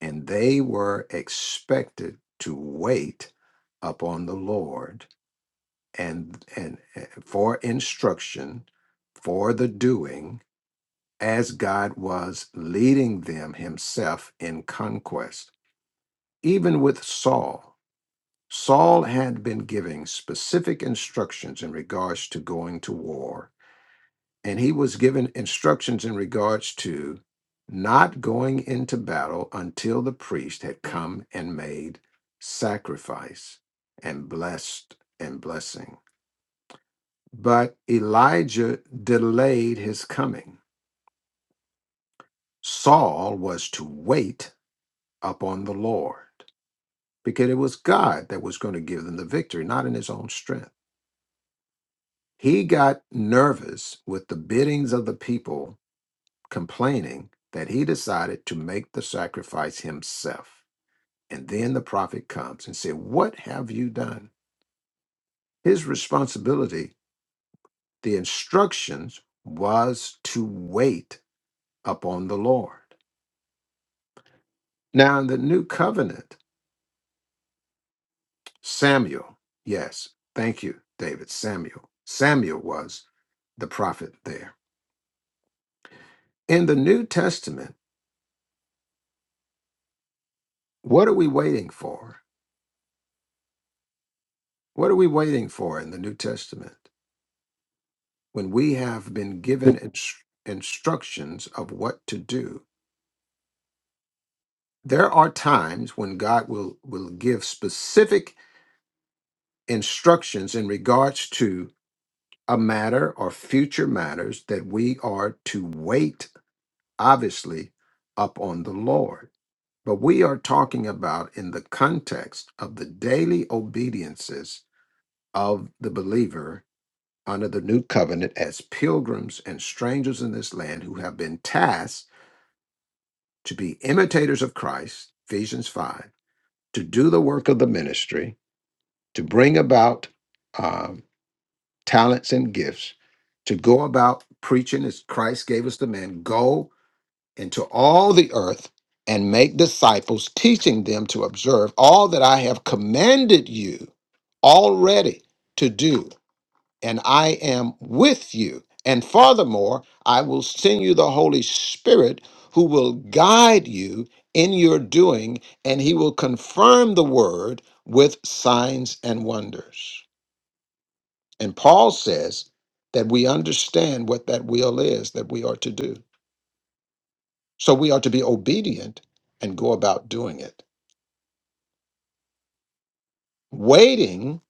and they were expected to wait upon the Lord and, and and for instruction for the doing as God was leading them himself in conquest. Even with Saul, Saul had been giving specific instructions in regards to going to war, and he was given instructions in regards to not going into battle until the priest had come and made sacrifice and blessed and blessing. But Elijah delayed his coming. Saul was to wait upon the Lord because it was God that was going to give them the victory, not in his own strength. He got nervous with the biddings of the people complaining that he decided to make the sacrifice himself. And then the prophet comes and said, What have you done? His responsibility, the instructions was to wait upon the Lord. Now, in the new covenant, Samuel. Yes. Thank you, David. Samuel. Samuel was the prophet there. In the New Testament, what are we waiting for? What are we waiting for in the New Testament when we have been given inst- instructions of what to do? There are times when God will, will give specific instructions in regards to a matter or future matters that we are to wait, obviously, upon the Lord But we are talking about in the context of the daily obediences of the believer under the new covenant as pilgrims and strangers in this land who have been tasked to be imitators of Christ, Ephesians 5, to do the work of the ministry, to bring about um, talents and gifts, to go about preaching as Christ gave us the man, go into all the earth and make disciples, teaching them to observe all that I have commanded you already to do. And I am with you. And furthermore, I will send you the Holy Spirit who will guide you in your doing, and he will confirm the word with signs and wonders. And Paul says that we understand what that will is that we are to do. So we are to be obedient and go about doing it. Waiting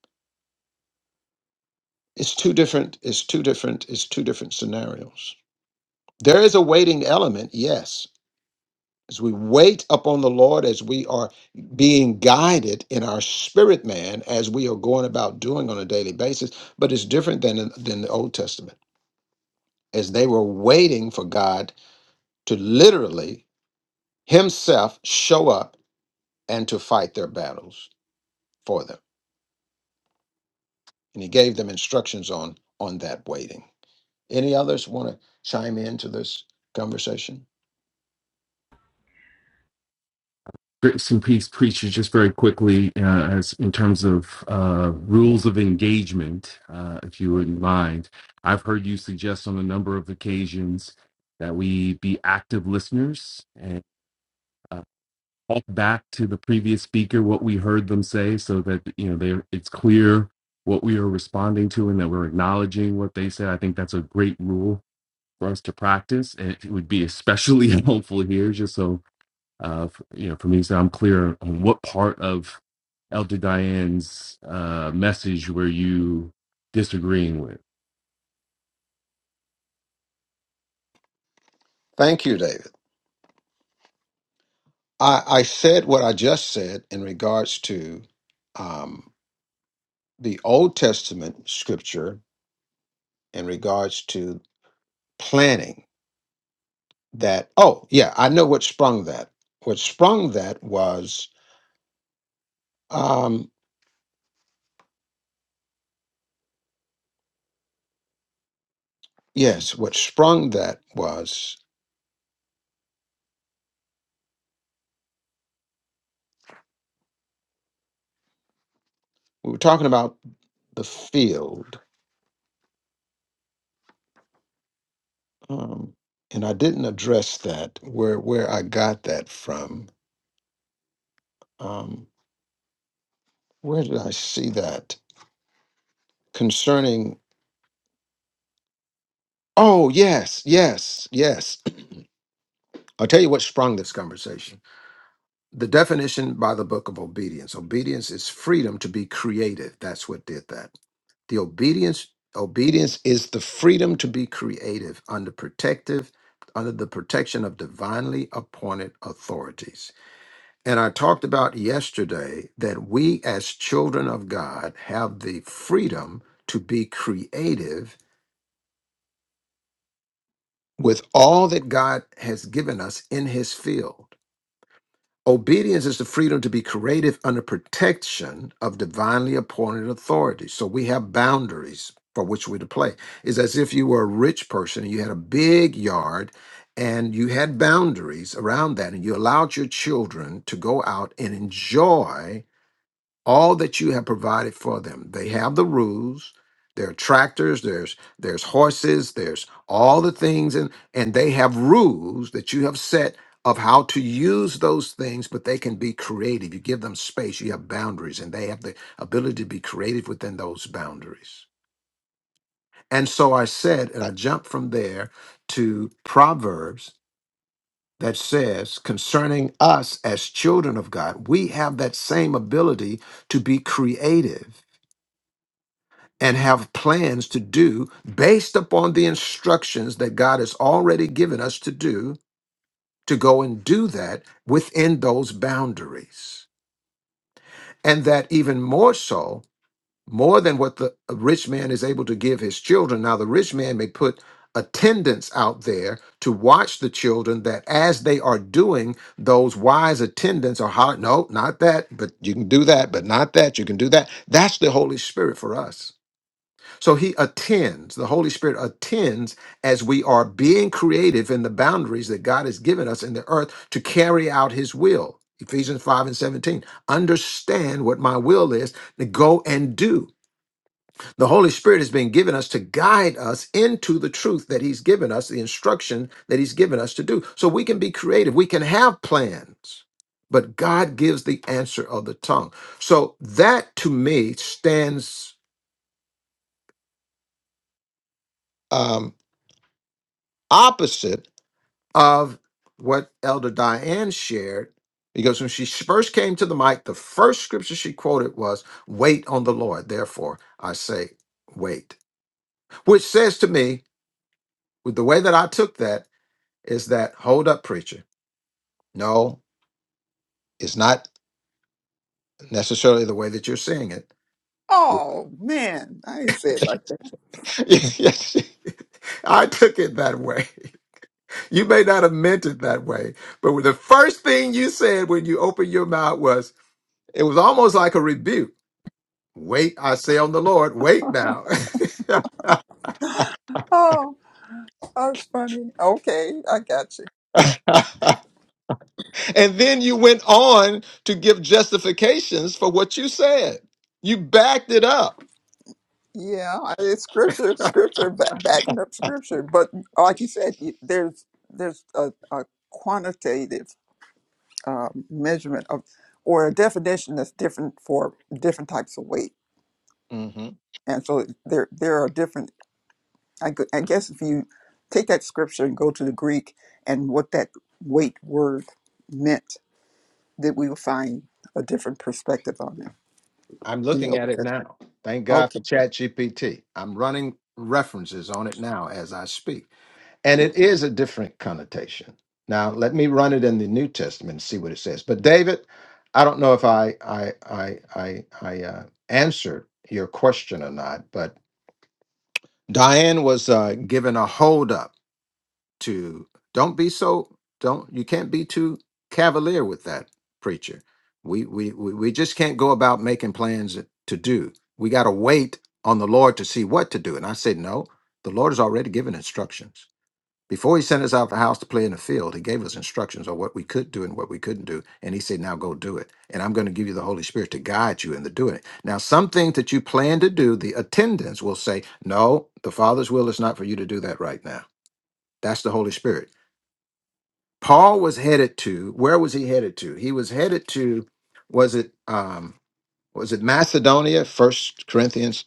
is two different is two different is two different scenarios. There is a waiting element, yes. As we wait upon the Lord, as we are being guided in our spirit man, as we are going about doing on a daily basis, but it's different than than the Old Testament, as they were waiting for God to literally Himself show up and to fight their battles for them. and he gave them instructions on on that waiting. Any others want to chime into this conversation?
Grace and peace preacher, just very quickly, uh, as in terms of uh, rules of engagement, uh, if you wouldn't mind. I've heard you suggest on a number of occasions that we be active listeners and uh, talk back to the previous speaker what we heard them say so that you know they it's clear what we are responding to and that we're acknowledging what they said i think that's a great rule for us to practice and it would be especially *laughs* helpful here just so uh f- you know for me so i'm clear on what part of elder diane's uh message were you disagreeing with
Thank you, David. I, I said what I just said in regards to um, the Old Testament scripture in regards to planning. That oh yeah, I know what sprung that. What sprung that was um, yes, what sprung that was we were talking about the field um, and I didn't address that where where I got that from. Um, where did I see that concerning? Oh yes, yes, yes. *clears throat* I'll tell you what sprung this conversation. The definition by the book of obedience. Obedience is freedom to be creative. That's what did that. The obedience obedience is the freedom to be creative under protective under the protection of divinely appointed authorities And I talked about yesterday that we as children of God have the freedom to be creative with all that God has given us in his field. Obedience is the freedom to be creative under protection of divinely appointed authority. So we have boundaries for which we're to play. It's as if you were a rich person and you had a big yard and you had boundaries around that and you allowed your children to go out and enjoy all that you have provided for them. They have the rules. There are tractors, there's there's horses, there's all the things, and and they have rules that you have set of how to use those things, but they can be creative. You give them space, you have boundaries, and they have the ability to be creative within those boundaries. And so I said, and I jumped from there to Proverbs that says, concerning us as children of God, we have that same ability to be creative and have plans to do based upon the instructions that God has already given us to do, to go and do that within those boundaries. And that even more so, more than what the rich man is able to give his children. Now, the rich man may put attendants out there to watch the children that as they are doing those wise attendants are hollering no not that but you can do that but not that you can do that that's the holy spirit for us so he attends, the Holy Spirit attends as we are being creative in the boundaries that God has given us in the earth to carry out his will. Ephesians 5 and 17. Understand what my will is to go and do. The Holy Spirit has been given us to guide us into the truth that he's given us, the instruction that he's given us to do. So we can be creative, we can have plans. But God gives the answer of the tongue. So that to me stands um, opposite of what Elder Diane shared, because when she first came to the mic, the first scripture she quoted was, Wait on the Lord, therefore I say, Wait, which says to me, with the way that I took that, is that, Hold up, preacher. No, it's not necessarily the way that you're seeing it.
Oh man, I didn't say it
*laughs*
like that.
Yes, I took it that way. You may not have meant it that way, but the first thing you said when you opened your mouth was, it was almost like a rebuke Wait, I say on the Lord, wait now. *laughs*
Oh, that's funny. Okay, I got you.
*laughs* and then you went on to give justifications for what you said. You backed it up.
Yeah, it's scripture, scripture, ba- backing up scripture. But like you said, you- there's there's a, a quantitative um, measurement of or a definition that's different for different types of weight,
hmm
and so there there are different. I, gu- I guess if you take that scripture and go to the Greek and what that weight word meant, that we will find a different perspective on it.
I'm
in
looking
the
at it
You
now. Thank
know,
God for ChatGPT. I'm running references on it now as I speak. And it is a different connotation. Now, let me run it in the New Testament and see what it says. But David, I don't know if I I I I, I uh, answered your question or not, but Diane was uh, given a hold up to don't be so don't you can't be too cavalier with that preacher. We we we, we just can't go about making plans to do. We got to wait on the Lord to see what to do. And I said, no, the Lord has already given instructions before he sent us out of the house to play in the field, he gave us instructions on what we could do and what we couldn't do. And he said, Now go do it. And I'm going to give you the Holy Spirit to guide you in the doing it. Now, some things that you plan to do, the attendants will say, No, the Father's will is not for you to do that right now. That's the Holy Spirit. Paul was headed to, where was he headed to? He was headed to, was it um was it Macedonia, First Corinthians?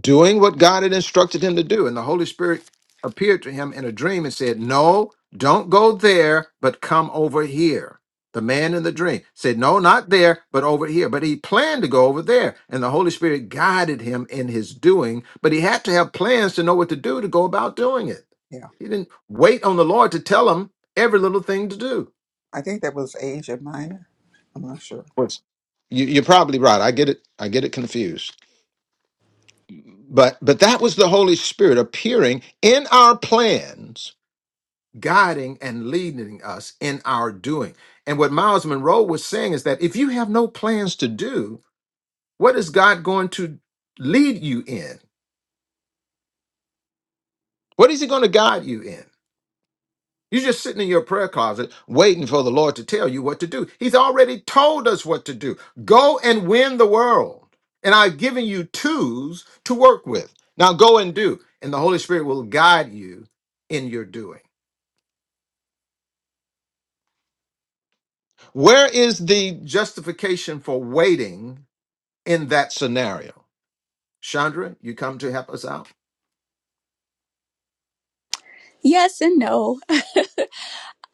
doing what God had instructed him to do. And the Holy Spirit appeared to him in a dream and said, No, don't go there, but come over here. The man in the dream said, No, not there, but over here. But he planned to go over there. And the Holy Spirit guided him in his doing, but he had to have plans to know what to do to go about doing it.
Yeah,
He didn't wait on the Lord to tell him every little thing to do.
I think that was Asia Minor. I'm not sure.
Yes. You, you're probably right. I get it. I get it confused. But but that was the Holy Spirit appearing in our plans, guiding and leading us in our doing. And what Miles Monroe was saying is that if you have no plans to do, what is God going to lead you in? What is he going to guide you in? You're just sitting in your prayer closet waiting for the Lord to tell you what to do. He's already told us what to do. Go and win the world. And I've given you tools to work with. Now go and do. And the Holy Spirit will guide you in your doing. Where is the justification for waiting in that scenario? Chandra, you come to help us out?
Yes and no. *laughs*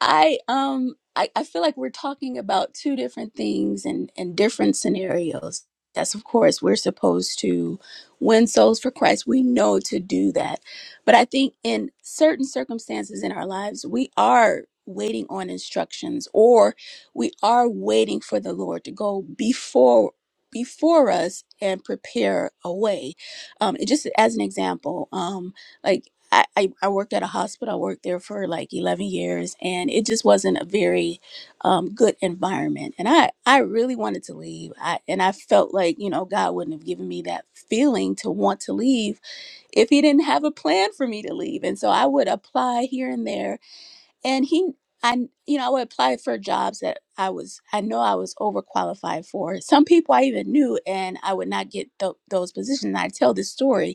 I um I, I feel like we're talking about two different things and and different scenarios. Yes, of course, we're supposed to win souls for Christ. We know to do that. But I think in certain circumstances in our lives, we are waiting on instructions or we are waiting for the Lord to go before before us and prepare a way. Um, it just as an example, um like I, I I worked at a hospital. I worked there for like 11 years and it just wasn't a very um, good environment. And I, I really wanted to leave. I, and I felt like, you know, God wouldn't have given me that feeling to want to leave if he didn't have a plan for me to leave. And so I would apply here and there and he, I, you know, I would apply for jobs that I was, I know I was overqualified for. Some people I even knew, and I would not get tho- those positions. And I tell this story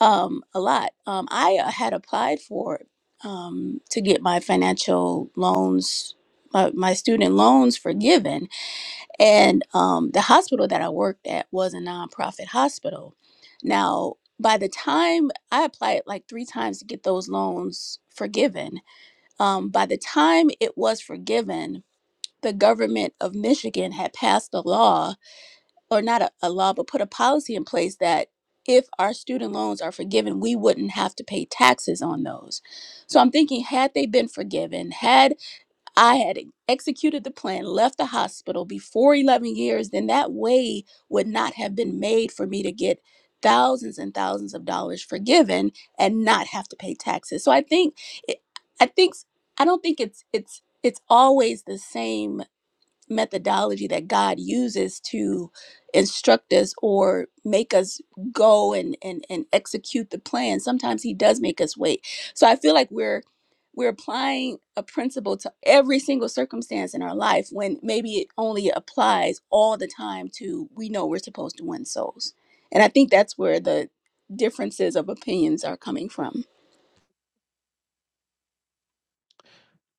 um, a lot. Um, I uh, had applied for it um, to get my financial loans, my, my student loans forgiven. And um, the hospital that I worked at was a nonprofit hospital. Now, by the time I applied like three times to get those loans forgiven, um, by the time it was forgiven, the government of Michigan had passed a law or not a, a law, but put a policy in place that if our student loans are forgiven, we wouldn't have to pay taxes on those. So I'm thinking, had they been forgiven, had I had e, executed the plan, left the hospital before 11 years, then that way would not have been made for me to get thousands and thousands of dollars forgiven and not have to pay taxes. So I think, it, I think, I don't think it's it's it's always the same methodology that God uses to instruct us or make us go and and and execute the plan. Sometimes he does make us wait. So I feel like we're we're applying a principle to every single circumstance in our life when maybe it only applies all the time to we know we're supposed to win souls. And I think that's where the differences of opinions are coming from.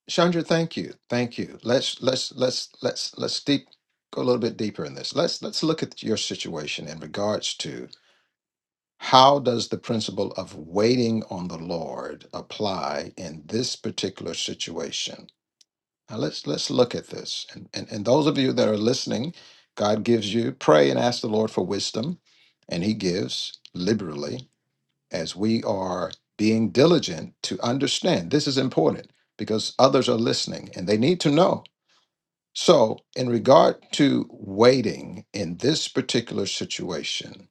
Chandra, thank you. Thank you. Let's let's let's let's let's deep go a little bit deeper in this. Let's let's look at your situation in regards to How does the principle of waiting on the Lord apply in this particular situation? Now let's let's look at this. And, and and those of you that are listening, God gives you pray and ask the Lord for wisdom, and He gives liberally as we are being diligent to understand. This is important because others are listening and they need to know. So, in regard to waiting in this particular situation,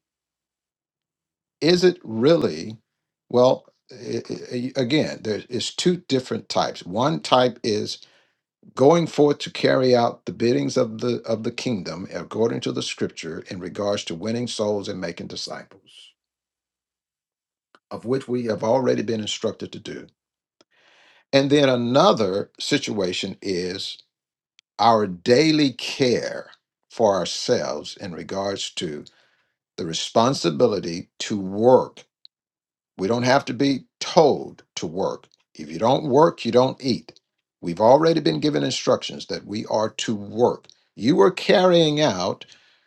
is it really well i- i- again there is two different types one type is going forth to carry out the biddings of the of the kingdom according to the scripture in regards to winning souls and making disciples of which we have already been instructed to do and then another situation is our daily care for ourselves in regards to the responsibility to work We don't have to be told to work. If you don't work, you don't eat. We've already been given instructions that we are to work. You are carrying out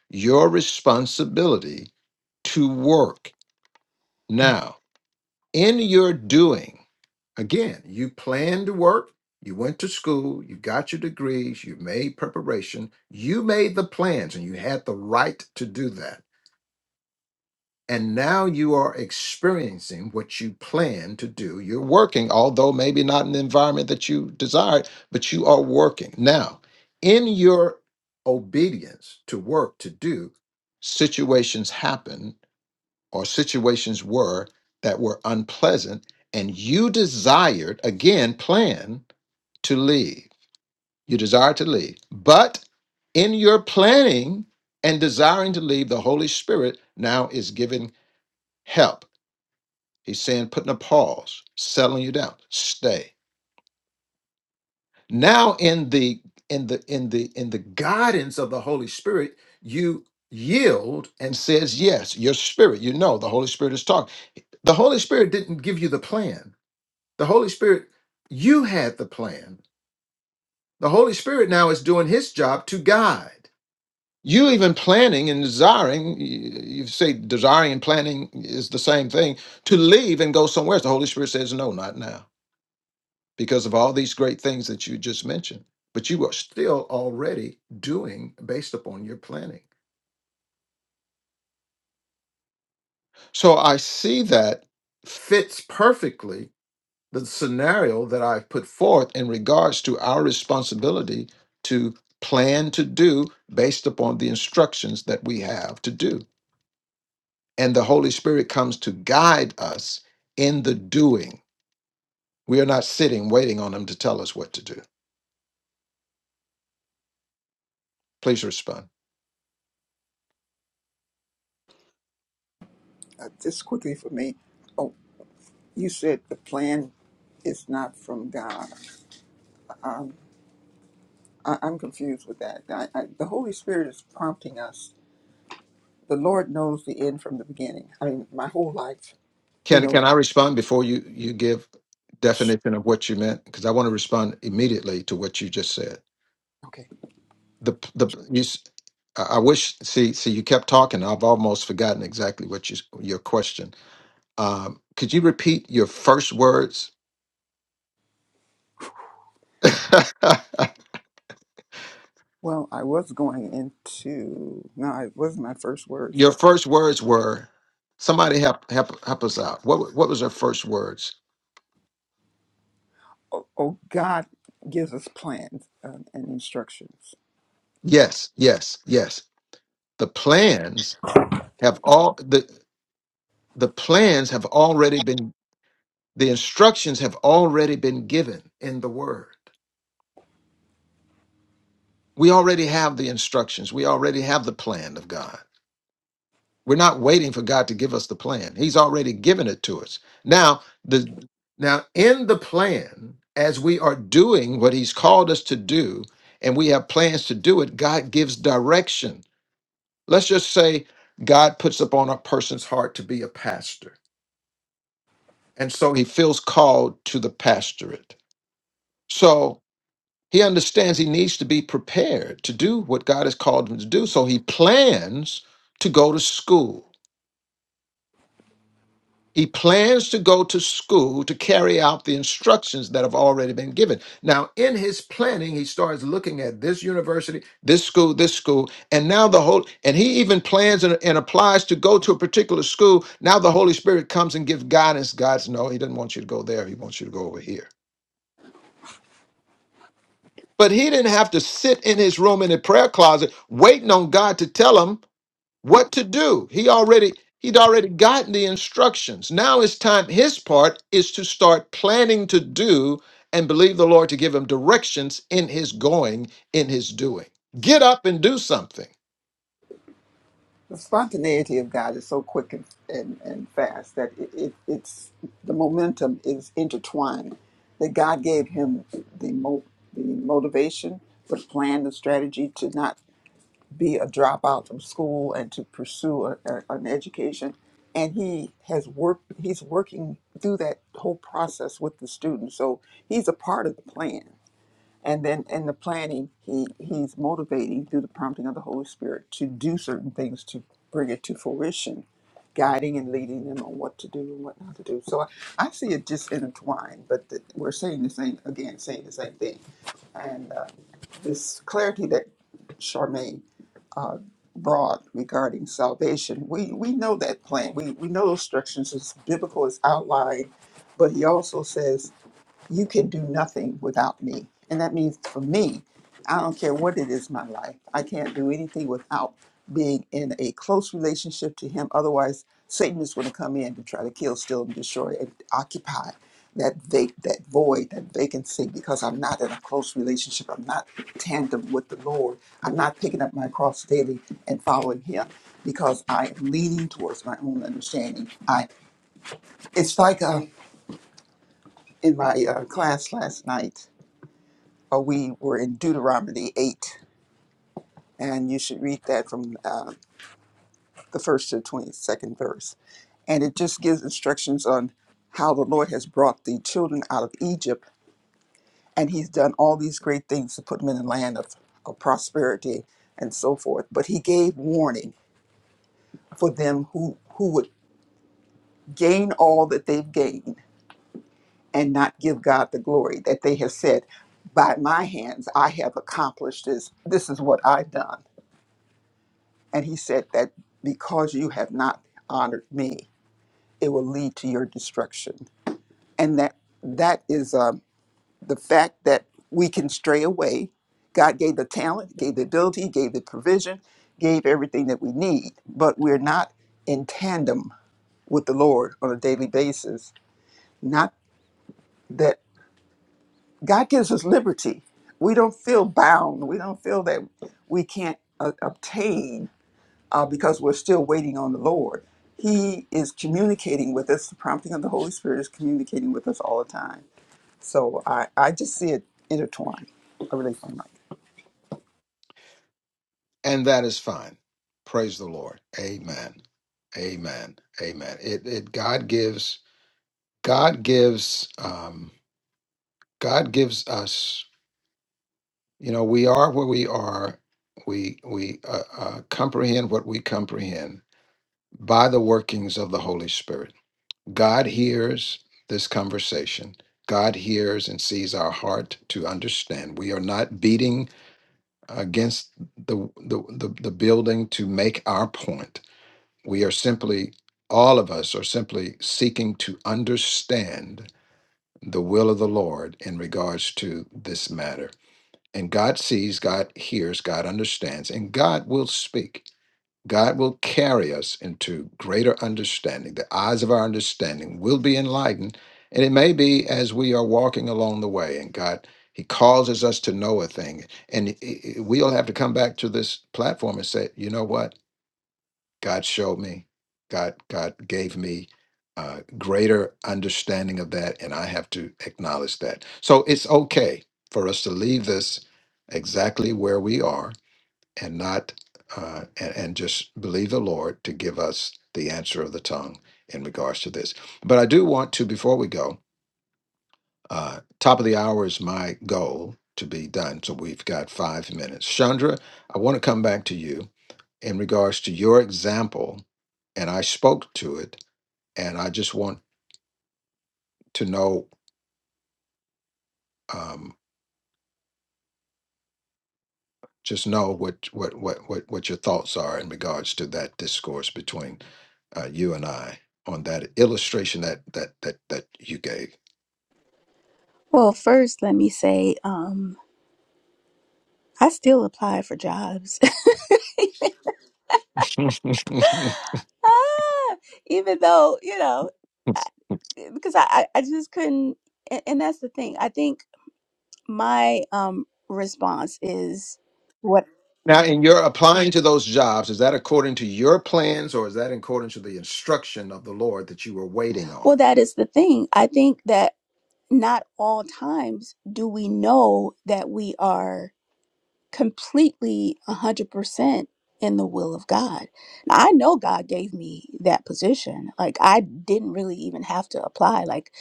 your responsibility to work. Now, in your doing, again, you planned to work, you went to school, you got your degrees, you made preparation, you made the plans, and you had the right to do that. And now you are experiencing what you plan to do. You're working, although maybe not in the environment that you desired, but you are working. Now, in your obedience to work to do, situations happen or situations were that were unpleasant, and you desired, again, plan to leave. You desired to leave. But in your planning and desiring to leave, the Holy Spirit now is giving help He's saying putting a pause, settling you down. Stay. Now in the in the in the in the guidance of the Holy Spirit, you yield and says yes. Your spirit, you know, the Holy Spirit is talking. The Holy Spirit didn't give you the plan. The Holy Spirit, you had the plan. The Holy Spirit now is doing his job to guide. You even planning and desiring, y- you say desiring and planning is the same thing, to leave and go somewhere. else. The Holy Spirit says, no, not now because of all these great things that you just mentioned. But you are still already doing based upon your planning. So I see that fits perfectly the scenario that I've put forth in regards to our responsibility to plan to do based upon the instructions that we have to do. And the Holy Spirit comes to guide us in the doing. We are not sitting waiting on Him to tell us what to do. Please respond.
Uh, just quickly for me. Oh, you said the plan is not from God. I, I'm confused with that. I, I, the Holy Spirit is prompting us. The Lord knows the end from the beginning. I mean, my whole life, He
Can
knows.
can I respond before you you give
Shh,
definition of what you meant? Because I want to respond immediately to what you just said.
Okay.
The the you. s- I I wish. See, see, you kept talking. I've almost forgotten exactly what you your question. Um, could you repeat your first words? *laughs*
Well, I was going into, no, it wasn't my first words,
your
but
first words were, "Somebody help, help, help us out." What wa- what was her first words?
oh, oh God gives us plans um, and instructions.
Yes, yes, yes. The plans have all the the plans have already been The instructions have already been given in the Word. We already have the instructions. We already have the plan of God. We're not waiting for God to give us the plan. He's already given it to us. Now, the now in the plan, as we are doing what He's called us to do, and we have plans to do it, God gives direction. Let's just say God puts upon a person's heart to be a pastor. And so he feels called to the pastorate. So He understands he needs to be prepared to do what God has called him to do. So he plans to go to school. He plans to go to school to carry out the instructions that have already been given. Now, in his planning, he starts looking at this university, this school, this school, and now the whole, and he even plans and, and applies to go to a particular school. Now the Holy Spirit comes and gives guidance. God says, No, he doesn't want you to go there. He wants you to go over here. But he didn't have to sit in his room in a prayer closet waiting on God to tell him what to do. He already he'd already gotten the instructions. Now it's time his part is to start planning to do and believe the Lord to give him directions in his going, in his doing. Get up and do something,
The spontaneity of God is so quick and, and, and fast that it, it, it's the momentum is intertwined. That God gave him the, mo- the motivation, the plan, the strategy to not be a dropout from school and to pursue a, a, an education. And he has worked, he's working through that whole process with the students. So he's a part of the plan. And then in the planning, he, he's motivating through the prompting of the Holy Spirit to do certain things to bring it to fruition, guiding and leading them on what to do and what not to do. So I, I see it just intertwined, but th- we're saying the same, again, saying the same thing. And uh, this clarity that Charmaine uh, broad regarding salvation. We we know that plan. We we know those instructions. It's biblical. It's outlined. But he also says you can do nothing without me. And that means for me, I don't care what it is in my life, I can't do anything without being in a close relationship to Him. Otherwise, Satan is going to come in to try to kill, steal, and destroy and occupy that vac- that void, that vacancy, because I'm not in a close relationship. I'm not tandem with the Lord. I'm not picking up my cross daily and following Him because I am leaning towards my own understanding. I it's like uh, in my uh, class last night or we were in Deuteronomy 8, and you should read that from uh, the first to the 22nd verse. And it just gives instructions on how the Lord has brought the children out of Egypt, and He's done all these great things to put them in the land of, of prosperity and so forth. But He gave warning for them who, who would gain all that they've gained and not give God the glory that they have said, By my hands I have accomplished this. This is what I've done And he said that because you have not honored me, it will lead to your destruction. And that that is um, the fact that we can stray away. God gave the talent, gave the ability, gave the provision, gave everything that we need, but we're not in tandem with the Lord on a daily basis. Not that God gives us liberty. We don't feel bound. We don't feel that we can't uh, obtain. uh, because we're still waiting on the Lord. He is communicating with us. The prompting of the Holy Spirit is communicating with us all the time. So I, I just see it intertwined. I really feel like.
and that is fine. Praise the Lord. Amen. Amen. Amen. It it God gives God gives um God gives us You know, we are where we are. We we uh, uh, comprehend what we comprehend by the workings of the Holy Spirit. God hears this conversation. God hears and sees our heart to understand. We are not beating against the the, the, the building to make our point. We are simply all of us are simply seeking to understand the will of the Lord in regards to this matter and God sees, God hears, God understands, and God will speak. God will carry us into greater understanding. The eyes of our understanding will be enlightened. And it may be as we are walking along the way, and God, He causes us to know a thing. And i- i- we'll have to come back to this platform and say, you know what? God showed me, God God gave me uh, greater understanding of that, and I have to acknowledge that. So it's okay for us to leave this exactly where we are and not uh, and, and just believe the Lord to give us the answer of the tongue in regards to this. But I do want to before we go. Uh, top of the hour is my goal to be done, so we've got five minutes. Chandra, I want to come back to you in regards to your example, and I spoke to it, and I just want to know, um, just know what what what what what your thoughts are in regards to that discourse between uh, you and I on that illustration that that that that you gave.
Well, first let me say um I still apply for jobs Ah, even though, you know, I,
*laughs*
because I, I I just couldn't, and, and that's the thing. I think my um response is what?
now, in your applying to those jobs, is that according to your plans, or is that according to the instruction of the Lord that you were waiting on?
Well, that is the thing. I think that not all times do we know that we are completely 100% in the will of God. Now, I know God gave me that position. Like I didn't really even have to apply. Like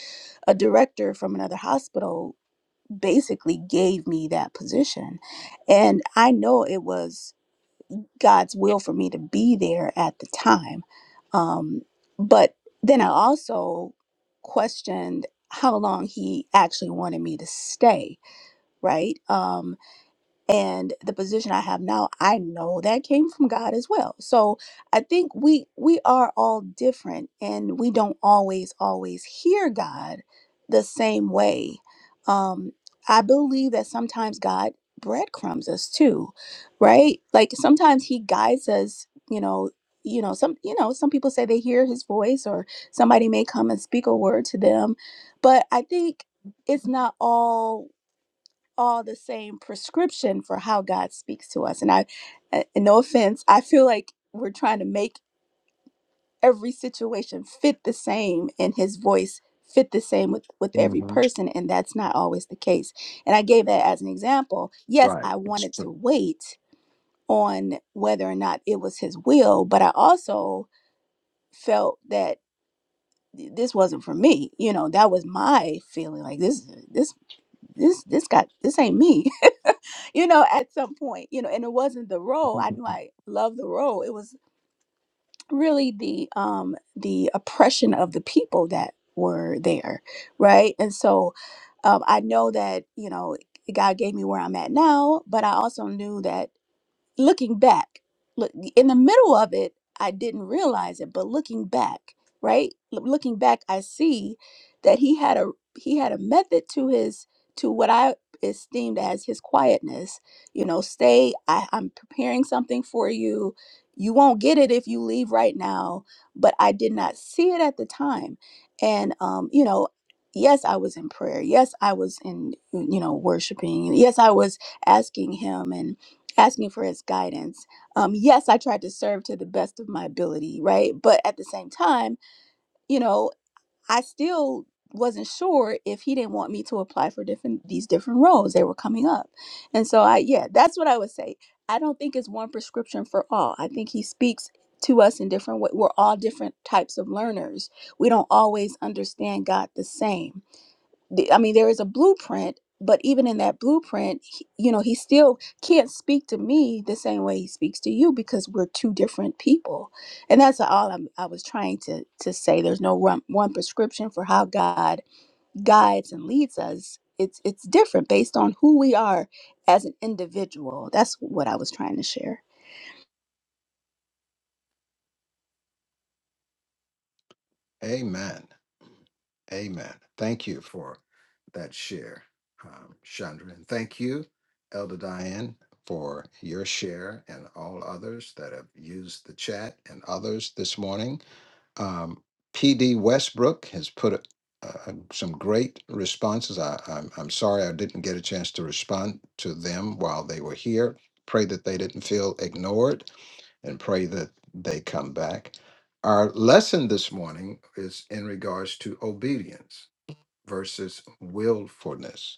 a director from another hospital basically gave me that position. And I know it was God's will for me to be there at the time. Um, but then I also questioned how long He actually wanted me to stay, right? Um, and the position i have now i know that came from god as well so i think we we are all different and we don't always always hear god the same way um i believe that sometimes god breadcrumbs us too right like sometimes he guides us you know you know some you know some people say they hear his voice or somebody may come and speak a word to them but i think it's not all all the same prescription for how God speaks to us. And I, and no offense, I feel like we're trying to make every situation fit the same and his voice fit the same with, with every
hmm
person. And that's not always the case. And I gave that as an example. Yes,
Right.
I
*laughs* It's
wanted to
true.
wait on whether or not it was his will, but I also felt that this wasn't for me you know that was my feeling like this this this this got this ain't me you know, at some point, you know, and it wasn't the role. I knew I loved the role. It was really the um the oppression of the people that were there, right? And so um I know that, you know, God gave me where I'm at now, but I also knew that looking back, look in the middle of it, I didn't realize it, but looking back, right? L- looking back, I see that he had a he had a method to his to what I esteemed as his quietness. You know, stay. I, I'm preparing something for you. You won't get it if you leave right now. But I did not see it at the time, and um, you know. Yes, I was in prayer. Yes, I was in, you know, worshiping. Yes, I was asking him and asking for his guidance. Um, yes, I tried to serve to the best of my ability, right? But at the same time, you know, I still wasn't sure if he didn't want me to apply for different these different roles they were coming up. And so I yeah, that's what I would say. I don't think it's one prescription for all. I think he speaks to us in different ways. We're all different types of learners. We don't always understand God the same the- I mean, there is a blueprint, but even in that blueprint, he- you know, he still can't speak to me the same way he speaks to you because we're two different people, and that's all I'm, I was trying to to say. There's no one, one prescription for how God guides and leads us. It's it's different based on who we are as an individual. That's what I was trying to share.
Amen. Amen. Thank you for that share, um, Chandra. And thank you, Elder Diane, for your share and all others that have used the chat and others this morning. Um, P.D. Westbrook has put a, uh, some great responses. I, I'm, I'm sorry I didn't get a chance to respond to them while they were here. Pray that they didn't feel ignored and pray that they come back. Our lesson this morning is in regards to obedience versus willfulness.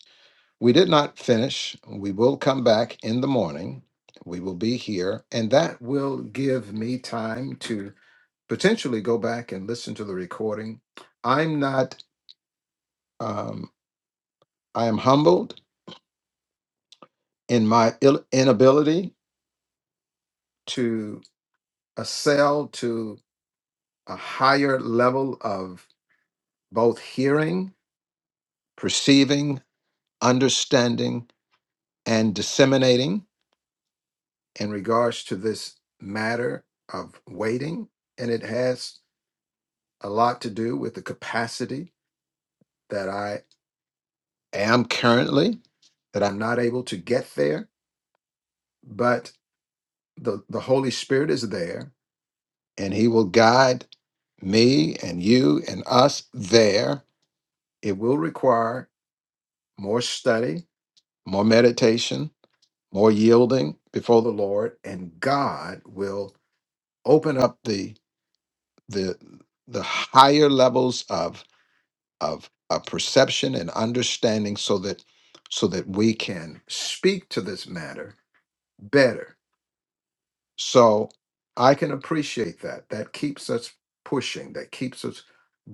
We did not finish. We will come back in the morning. We will be here, and that will give me time to potentially go back and listen to the recording. I'm not, um, I am humbled in my Ill- inability to assail to a higher level of both hearing, perceiving, understanding, and disseminating in regards to this matter of waiting. And it has a lot to do with the capacity that I am currently, that I'm not able to get there, but the, the Holy Spirit is there and He will guide me and you and us there. It will require more study, more meditation, more yielding before the Lord, and God will open up the the the higher levels of of a perception and understanding so that so that we can speak to this matter better so i can appreciate that that keeps us pushing that keeps us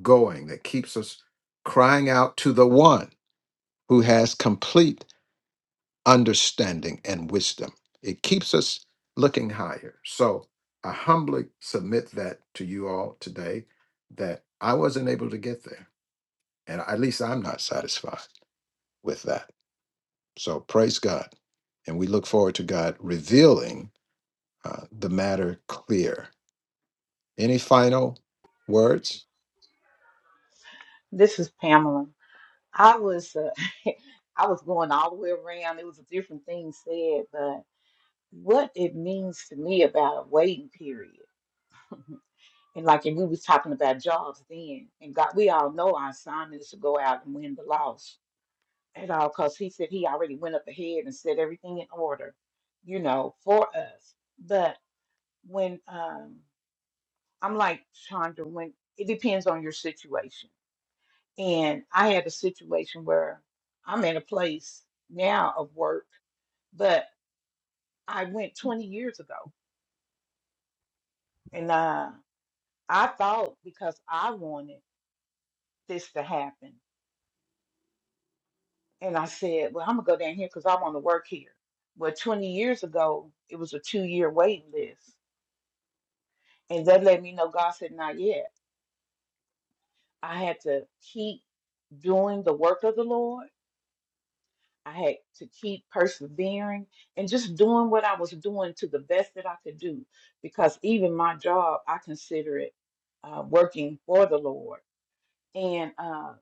going that keeps us crying out to the one who has complete understanding and wisdom it keeps us looking higher so i humbly submit that to you all today that i wasn't able to get there and at least i'm not satisfied with that So praise God. And we look forward to God revealing uh, the matter clear. Any final words?
This is Pamela. I was uh, *laughs* I was going all the way around. It was a different thing said, but what it means to me about a waiting period. *laughs* And like and we was talking about jobs then, and God, we all know our assignment is to go out and win the loss at all, because He said He already went up ahead and set everything in order, you know, for us. But when um, I'm like Chandra, when it depends on your situation And I had a situation where I'm in a place now of work, but I went 20 years ago. And uh, I thought because I wanted this to happen. And I said, well, I'm going to go down here because I want to work here. Well, 20 years ago, it was a two year waiting list. And that let me know God said, not yet. I had to keep doing the work of the Lord I had to keep persevering and just doing what I was doing to the best that I could do because even my job, I consider it uh, working for the Lord and uh,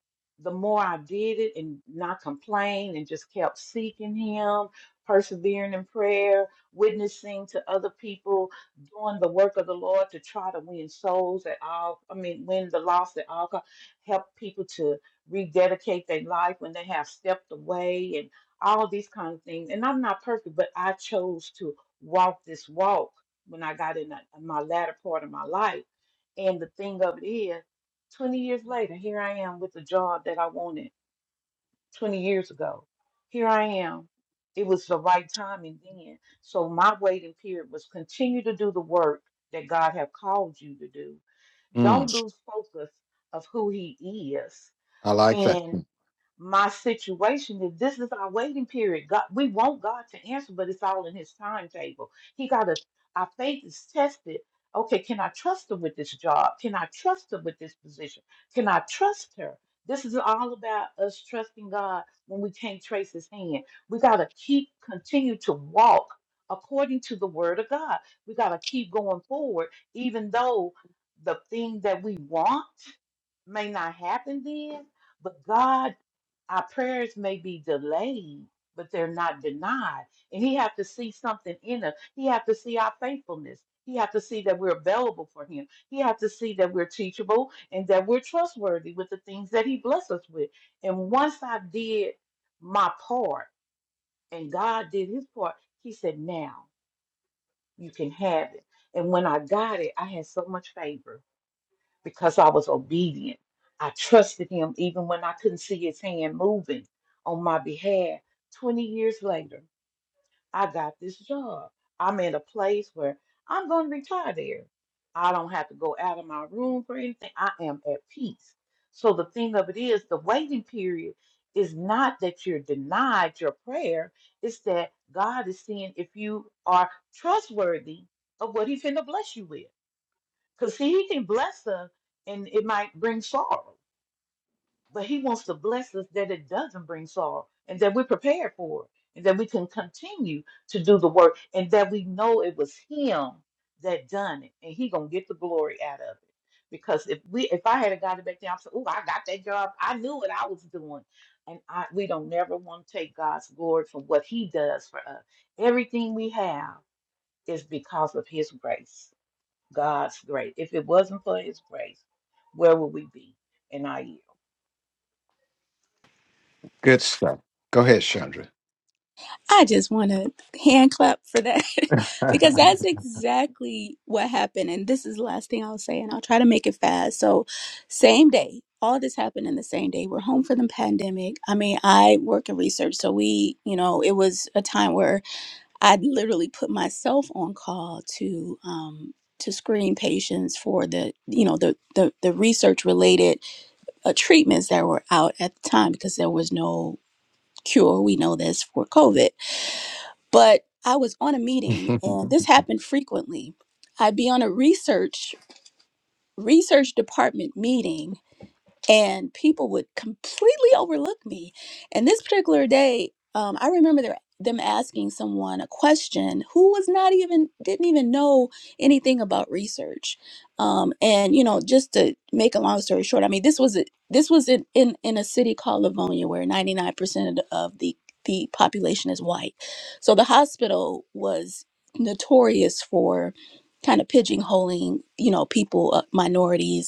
the more I did it and not complain and just kept seeking Him, persevering in prayer, witnessing to other people, doing the work of the Lord to try to win souls at all, I mean, win the lost at all costs, help people to rededicate their life when they have stepped away and all these kind of things. And I'm not perfect, but I chose to walk this walk when I got in, that- in my latter part of my life. And the thing of it is, 20 years later, here I am with a job that I wanted 20 years ago. Here I am. It was the right timing then. So my waiting period was continue to do the work that God have called you to do.
Mm,
Don't lose focus of who he is
I like that.
and my situation is this is our waiting period. God, we want God to answer, but it's all in His timetable. He got to, our faith is tested. Okay, can I trust her with this job? Can I trust her with this position? Can I trust her? This is all about us trusting God when we can't trace His hand. We got to keep, continue to walk according to the Word of God. We got to keep going forward, even though the thing that we want may not happen then. But God our prayers may be delayed, but they're not denied. And he have to see something in us. He have to see our faithfulness. He have to see that we're available for him. He have to see that we're teachable and that we're trustworthy with the things that he blessed us with. And once I did my part and God did his part, he said, now you can have it. And when I got it, I had so much favor because I was obedient. I trusted him even when I couldn't see his hand moving on my behalf. 20 years later, I got this job. I'm in a place where I'm going to retire there. I don't have to go out of my room for anything. I am at peace. So the thing of it is, the waiting period is not that you're denied your prayer, it's that God is seeing if you are trustworthy of what he's going to bless you with. Because see, he can bless us and it might bring sorrow, but he wants to bless us that it doesn't bring sorrow and that we're prepared for it and that we can continue to do the work and that we know it was him that done it and he gonna get the glory out of it. Because if we if I had a got it back there, I'm saying, oh, I got that job. I knew what I was doing. And I we don't never want to take God's glory for what he does for us. Everything we have is because of his grace God's grace. If it wasn't for his grace, where would we be? And I yield.
Good stuff. Go ahead, Chandra.
I just want to hand clap for that *laughs* because
*laughs*
that's exactly what happened. And this is the last thing I'll say, and I'll try to make it fast. So, same day, all this happened in the same day. We're home for the pandemic. I mean, I work in research, so we, you know, it was a time where I literally put myself on call to, um, to screen patients for the you know the the, the research related uh, treatments that were out at the time because there was no cure we know this for covid but I was on a meeting, and this happened frequently. I'd be on a research research department meeting and people would completely overlook me. And this particular day, um, I remember their, them asking someone a question who was not even didn't even know anything about research. Um, and you know, just to make a long story short, I mean, this was a, this was in, in in a city called Livonia where ninety nine percent of the the population is white. So the hospital was notorious for kind of pigeonholing, you know, people, uh, minorities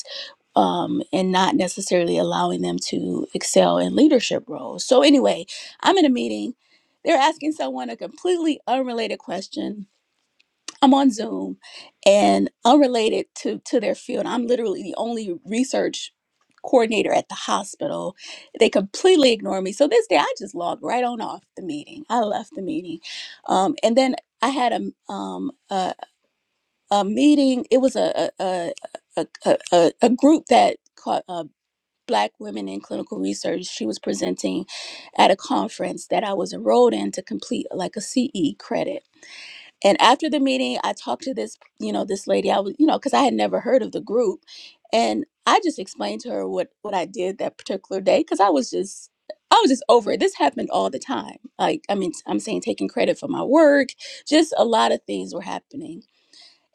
um, and not necessarily allowing them to excel in leadership roles. So, anyway, I'm in a meeting. They're asking someone a completely unrelated question. I'm on Zoom and unrelated to, to their field. I'm literally the only research coordinator at the hospital. They completely ignore me. So, this day I just logged right on off the meeting. I left the meeting. Um, and then I had a, um, a, a meeting, it was a, a, a, a, a, a a group that. caught Black Women in Clinical Research. She was presenting at a conference that I was enrolled in to complete like a CE credit. And after the meeting, I talked to this, you know, this lady. I was, you know, because I had never heard of the group, and I just explained to her what what I did that particular day because I was just. I was just over it. This happened all the time. Like, I mean, I'm saying taking credit for my work, just a lot of things were happening.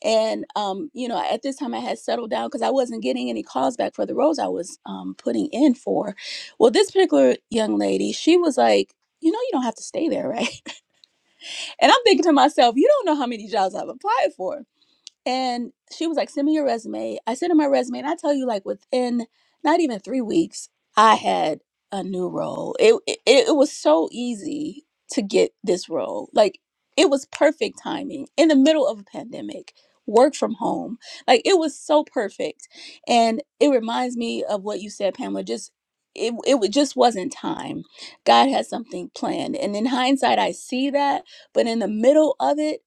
And um, you know, at this time I had settled down because I wasn't getting any calls back for the roles I was um, putting in for. Well, this particular young lady, she was like, you know, you don't have to stay there, right? *laughs* And I'm thinking to myself, you don't know how many jobs I've applied for. And she was like, send me your resume. I sent her my resume. And I tell you, like, within not even three weeks, I had a new role. It, it, it was so easy to get this role. Like, it was perfect timing in the middle of a pandemic, work from home. Like, it was so perfect. And it reminds me of what you said, Pamela, just. It, it wa- just wasn't time. God had something planned. And in hindsight, I see that. But in the middle of it,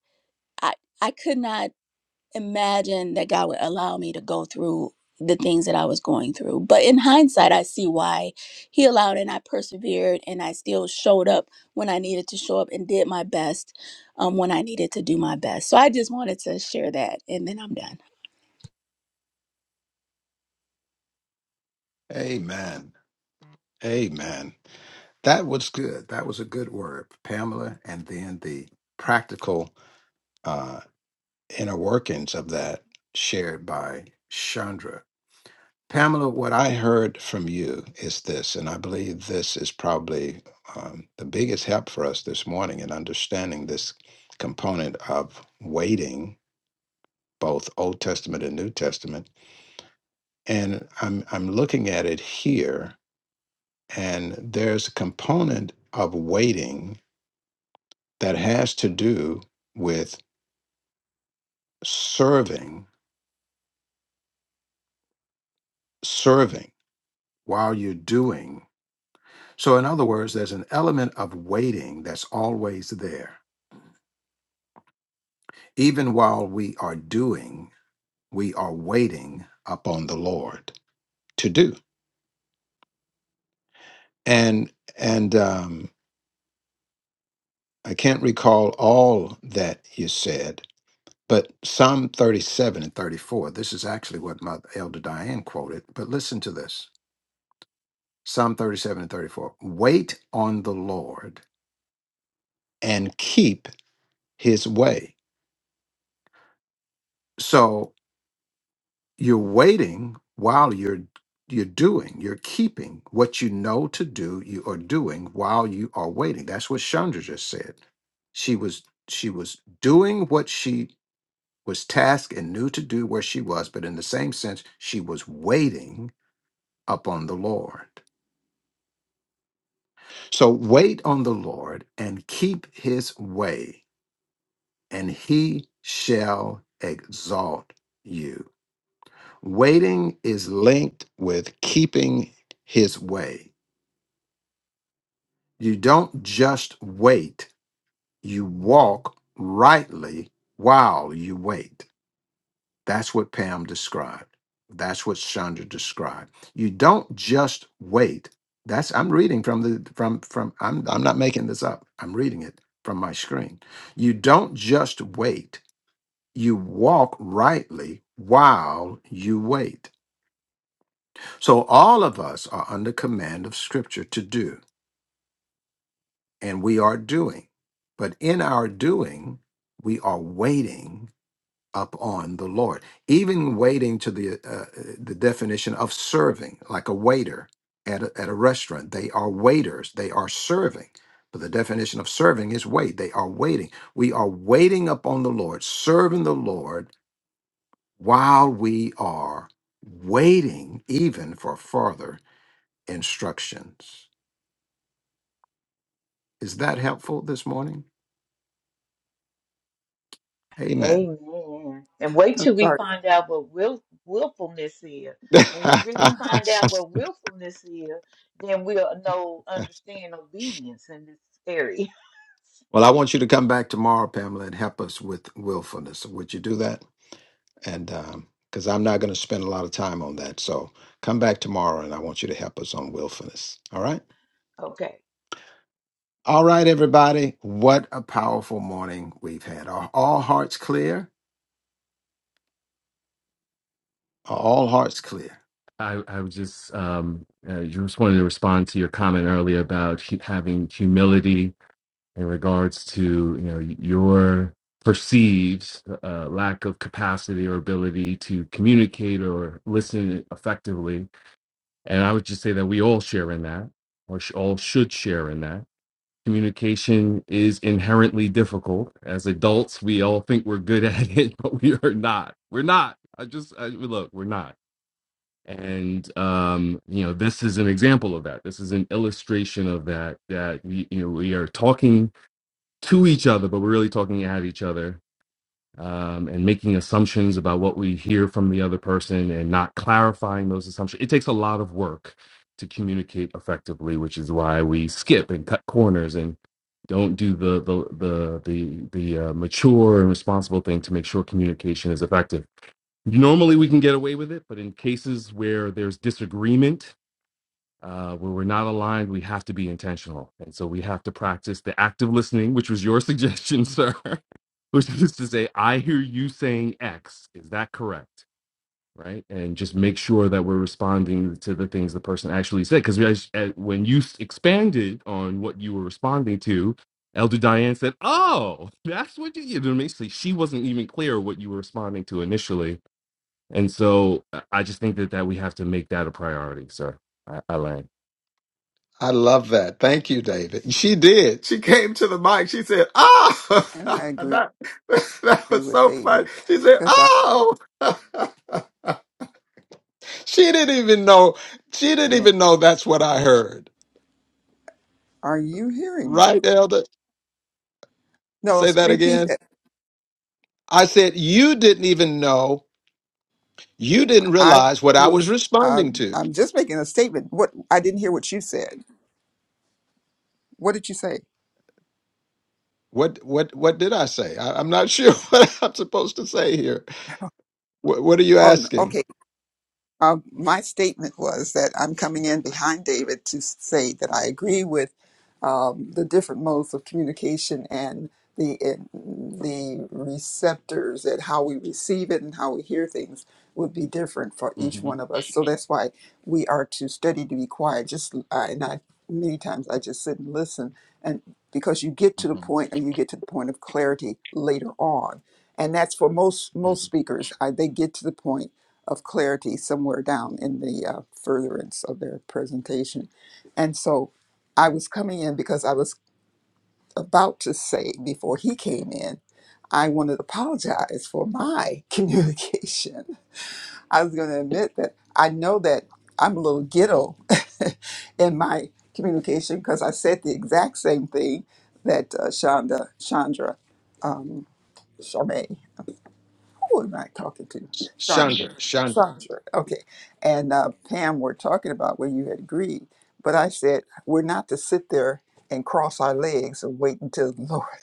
I, I could not imagine that God would allow me to go through the things that I was going through. But in hindsight, I see why He allowed and I persevered and I still showed up when I needed to show up and did my best um, when I needed to do my best. So I just wanted to share that and then I'm done.
Amen. Amen. That was good. That was a good word, Pamela. And then the practical uh, inner workings of that shared by Chandra. Pamela, what I heard from you is this, and I believe this is probably um, the biggest help for us this morning in understanding this component of waiting, both Old Testament and New Testament. And I'm, I'm looking at it here, and there's a component of waiting that has to do with serving, serving while you're doing. So, in other words, there's an element of waiting that's always there even while we are doing, we are waiting upon the Lord to do. And and um, I can't recall all that you said, but Psalm 37 and 34. This is actually what my elder Diane quoted. But listen to this: Psalm 37 and 34. Wait on the Lord and keep His way. So. you're waiting while you're you're doing you're keeping what you know to do you are doing while you are waiting that's what chandra just said she was she was doing what she was tasked and knew to do where she was but in the same sense she was waiting upon the lord so wait on the lord and keep his way and he shall exalt you Waiting is linked with keeping his way. You don't just wait, you walk rightly while you wait. That's what Pam described. That's what Chandra described. You don't just wait. That's I'm reading from the from from I'm I'm not making this up. I'm reading it from my screen. You don't just wait. You walk rightly while you wait. So all of us are under command of Scripture to do, and we are doing. But in our doing, we are waiting upon the Lord, even waiting to the uh, uh, the definition of serving, like a waiter at a, at a restaurant. They are waiters. They are serving. But the definition of serving is wait. They are waiting. We are waiting upon the Lord, serving the Lord while we are waiting, even for further instructions. Is that helpful this morning? Amen.
Amen. And wait
I'm
till we
Sorry,
find out what will, willfulness is.
*laughs*
When we
well,
really find out what willfulness is, then we'll know, understand obedience in this area. *laughs*
I want you to come back tomorrow, Pamela, and help us with willfulness. Would you do that? And because I'm not going to spend a lot of time on that. So come back tomorrow and I want you to help us on willfulness. All right.
Okay.
All right, everybody. What a powerful morning we've had. Are all hearts clear? Are all hearts clear?
i i was just um uh, just wanted to respond to your comment earlier about hu- having humility in regards to you know your perceived uh, lack of capacity or ability to communicate or listen effectively and i would just say that we all share in that or sh- all should share in that communication is inherently difficult as adults we all think we're good at it *laughs* but we are not we're not i just I, look we're not and um you know this is an example of that this is an illustration of that that we you know we are talking to each other, but we're really talking at each other um, and making assumptions about what we hear from the other person and not clarifying those assumptions. It takes a lot of work to communicate effectively, which is why we skip and cut corners and don't do the the the the, the uh, mature and responsible thing to make sure communication is effective. Normally, we can get away with it, but in cases where there's disagreement uh, where we're not aligned, we have to be intentional. And so we have to practice the active listening, which was your suggestion, *laughs* sir, which is to say, I hear you saying X. Is that correct? Right. And just make sure that we're responding to the things the person actually said. Because when you s- expanded on what you were responding to, Elder Diane said, Oh, that's what you, you know, basically, she wasn't even clear what you were responding to initially. And so I I just think that, that we have to make that a priority, sir. I, I land.
I love that. Thank you, David. She did. She came to the mic. She said, "Oh,
and I
*laughs*
agree
that that was
with
so funny."
David
She said,
because I
"Oh." *laughs* she didn't even know. She didn't
came in.
even know that's what I heard.
Are you hearing me?
Right, Elder?
No,
Say
s-
that
repeat
again.
that.
I said, "You didn't even know. You didn't
I
realize what I was
was. Uh,
responding to."
I'm just making a statement. What I didn't hear what you said. What did you say?
What what what did I say? I, I'm not sure *laughs* what I'm supposed to say here. What, what are you
Oh, no,
asking?
okay. Uh, my statement was that I'm coming in behind David to say that I agree with um, the different modes of communication and the and the receptors and how we receive it and how we hear things would be different for each one of us. So that's why we are to study to be quiet. Just I and I many times I just sit and listen, and because you get to the
hmm
point and you get to the point of clarity later on, and that's for most most speakers. I, they get to the point of clarity somewhere down in the uh, furtherance of their presentation. And so I was coming in because I was about to say before he came in, I wanted to apologize for my *laughs* communication. I was going to admit that I know that I'm a little ghetto *laughs* in my communication because I said the exact same thing that uh, Shonda, Chandra, um, Charmaine who am I talking to?
Chandra,
Chandra.
Chandra.
Chandra. Okay. And uh, Pam were talking about where you had agreed. But I said, we're not to sit there and cross our legs and wait until the Lord. *laughs*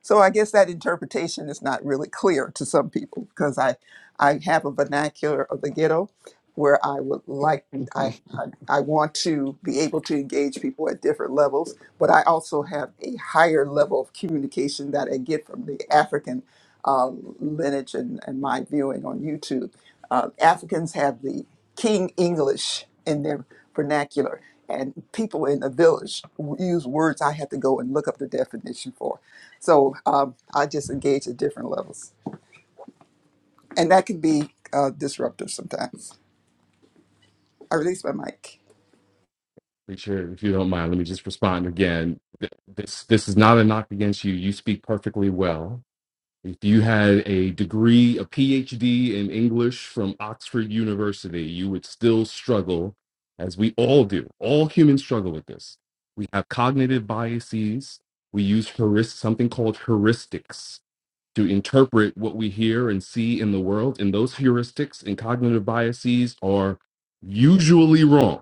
So I guess that interpretation is not really clear to some people because I, I have a vernacular of the ghetto where I would like, I,
Mhm.
I, I want to be able to engage people at different levels but I also have a higher level of communication that I get from the African uh, lineage and, and my viewing on YouTube. Uh, Africans have the King English in their vernacular, and people in the village use words I have to go and look up the definition for. So um, I just engage at different levels, and that can be uh, disruptive sometimes. I release my mic.
Preacher, if you don't mind, let me just respond again. Th- This this is not a knock against you. You speak perfectly well. If you had a degree, a PhD in English from Oxford University, you would still struggle, as we all do. All humans struggle with this. We have cognitive biases. We use heuris- something called heuristics to interpret what we hear and see in the world. And those heuristics and cognitive biases are usually wrong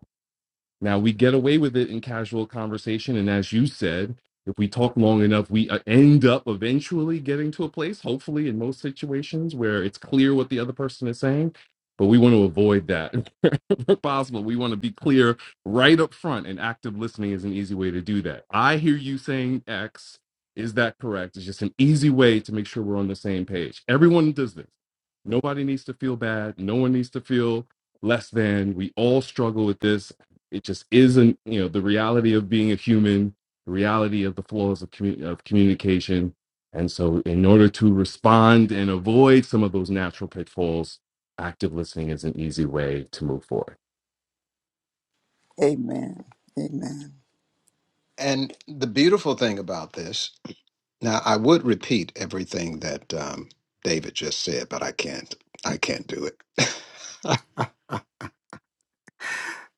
now we get away with it in casual conversation, and as you said, if we talk long enough, we uh, end up eventually getting to a place, hopefully in most situations, where it's clear what the other person is saying. But we want to avoid that *laughs* where possible. We want to be clear right up front, and active listening is an easy way to do that. I hear you saying X. Is that correct? It's just an easy way to make sure we're on the same page. Everyone does this. Nobody needs to feel bad. No one needs to feel less than. We all struggle with this it just isn't you know the reality of being a human the reality of the flaws of, commu- of communication and so in order to respond and avoid some of those natural pitfalls active listening is an easy way to move forward
Amen. Amen.
And the beautiful thing about this, now I would repeat everything that um, David just said, but I can't. I can't do it. *laughs*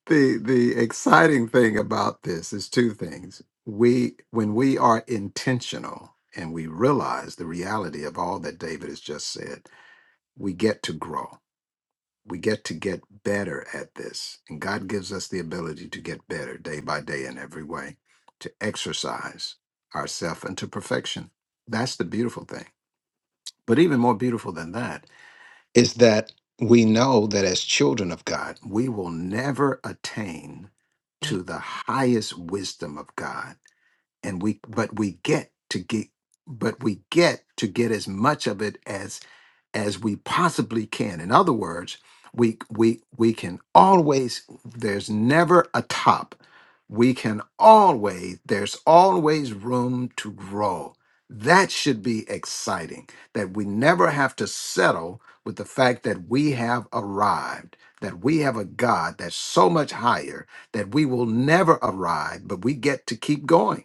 the the exciting thing about this is two things. We when we are intentional and we realize the reality of all that David has just said, we get to grow we get to get better at this. And God gives us the ability to get better day by day in every way, to exercise ourselves into perfection. That's the beautiful thing. But even more beautiful than that is that we know that as children of God, we will never attain to the highest wisdom of God. And we but we get to get but we get to get as much of it as we possibly can. In other words, we we we can always there's never a top. We can always there's always room to grow. That should be exciting that we never have to settle with the fact that we have arrived, that we have a God that's so much higher that we will never arrive, but we get to keep going.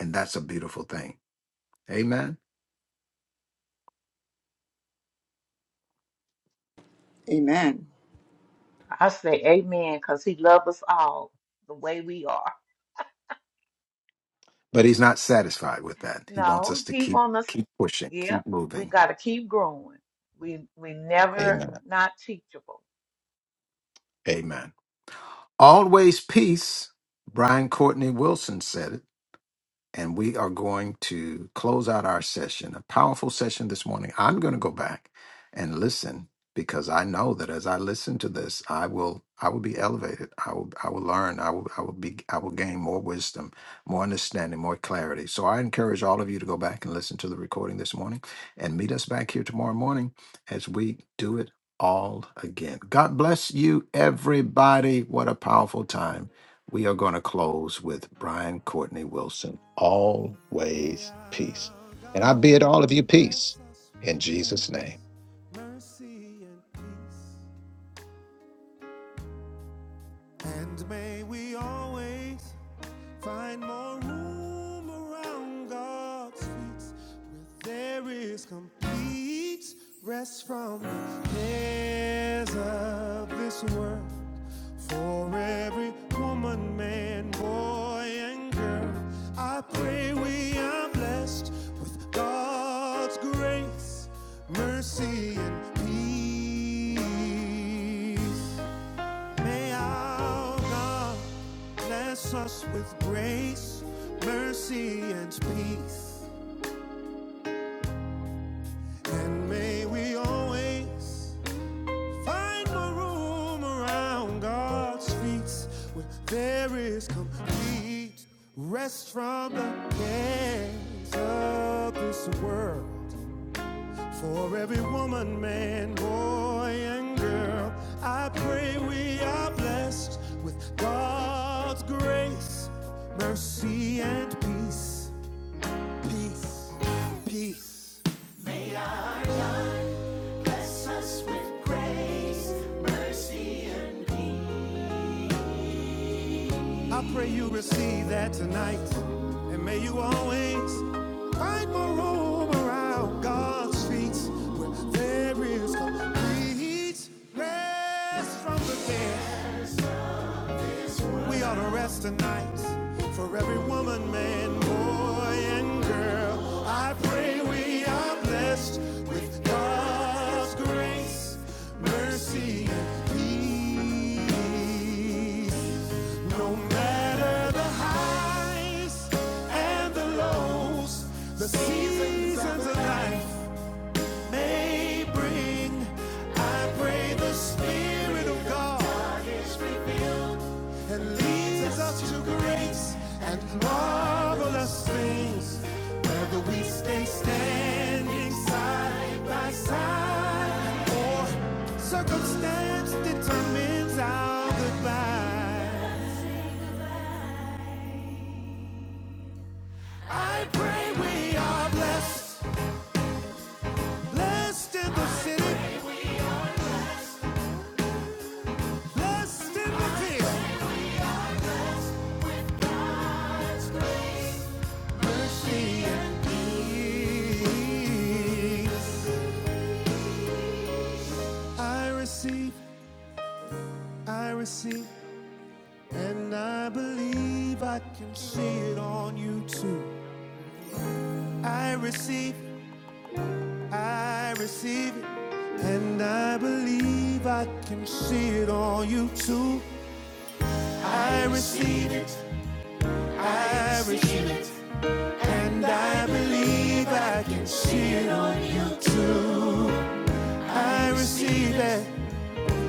And that's a beautiful thing. Amen.
Amen.
I say amen because he loves us all the way we are.
But he's not satisfied with that. He wants
No,
us to
he
keep
wants us.
keep pushing,
Yeah,
keep
we
moving.
got to keep growing. We we never
Amen.
not teachable.
Amen. Always peace. Brian Courtney Wilson said it. and we are going to close out our session. A powerful session this morning. I'm going to go back and listen because I know that as I listen to this, I will I will be elevated. I will I will learn. I will I will be I will gain more wisdom, more understanding, more clarity. So I encourage all of you to go back and listen to the recording this morning and meet us back here tomorrow morning as we do it all again. God bless you everybody. What a powerful time we are going to close with Brian Courtney Wilson,
May
always peace.
our
And I
God
bid all of you peace
bless us
in
with
Jesus'
grace,
name.
mercy, and peace And may we always find more room around God's feet where there is complete rest from the cares of this world for every woman, man, boy, and girl. I pray we are blessed with God's grace, mercy, and peace. May our God bless us with grace, mercy, and peace. And may we always find more room around God's feet where there is complete rest from the cares of this world. For every woman, man, boy, and girl, I pray we are blessed with God's grace, mercy, and peace. Peace, peace. Bless us with grace, mercy, and peace. I pray you receive that tonight. And may you always find more room around God's feet where there is complete rest from the cares. We ought to rest tonight for every woman, man, boy, and girl. I pray we are blessed with God's grace, mercy, and peace. No matter the highs and the lows, the seasons of life may bring. I pray the Spirit of God, God is revealed and leads us to great and marvelous things. Whether we stay standing side by side or circumstance determines our goodbye. I pray we are blessed, blessed in the city, blessed in the field. mercy and peace. I receive, I receive, and I believe I can see it on you too. I receive, I receive it, and I believe I can see it on you too. I receive it, I receive it, and I believe I can see it on you too. I receive it,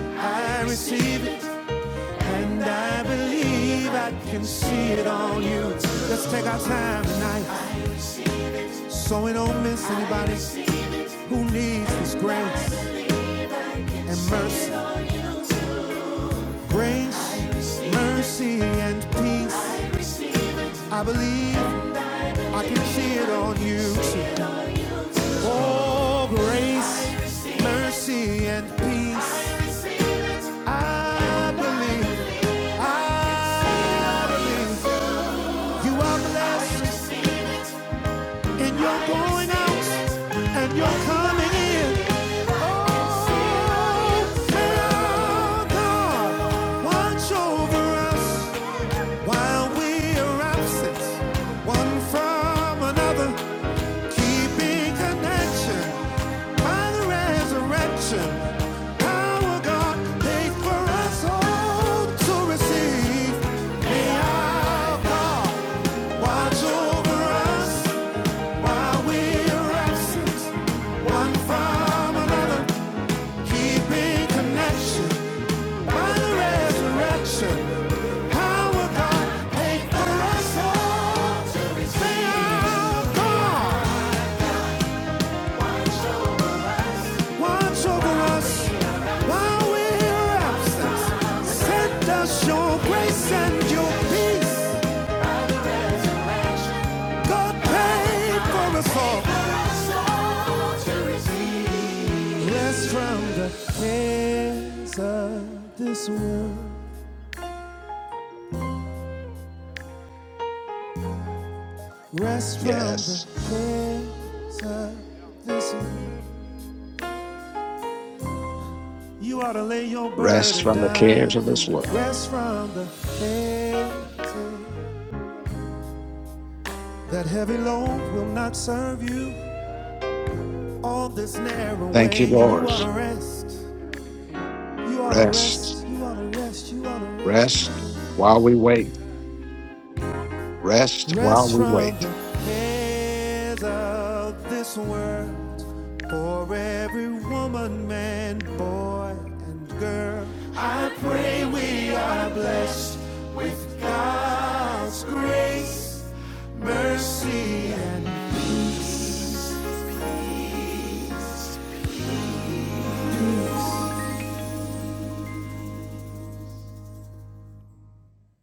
I receive it. And I believe I can see it on you. Let's take our time tonight. So we don't miss anybody who needs this grace and mercy. Grace, mercy, and peace. I believe I can see it on you. Oh, grace, mercy, and peace. I believe, I believe you are blessed. And you're going out and you're coming in. Oh, tell God, watch over us while we are absent, one from another, keeping connection by the resurrection. Power God, make for us all to receive. May our God watch over us. While we're absent, one from another, keeping connection by the resurrection. Power God paid for us all. Say our God watch over us while we're absent. Send us your grace and your peace. God paid for us all. Rest from the cares of this world. Rest from the
Yes,
cares of this world. You ought to lay your
rest
burden
from the cares
down.
of this world.
Rest from the cares that heavy load will not serve you on this narrow
Thank you,
way. You
Lord.
ought to rest. You ought to
Rest,
rest. You ought to rest. You ought to rest. You
rest
ought to rest.
while we wait, rest while
Rest
we
from
wait.
the cares of this world for every woman, man, boy, and girl. I pray we are blessed with God's grace, mercy, and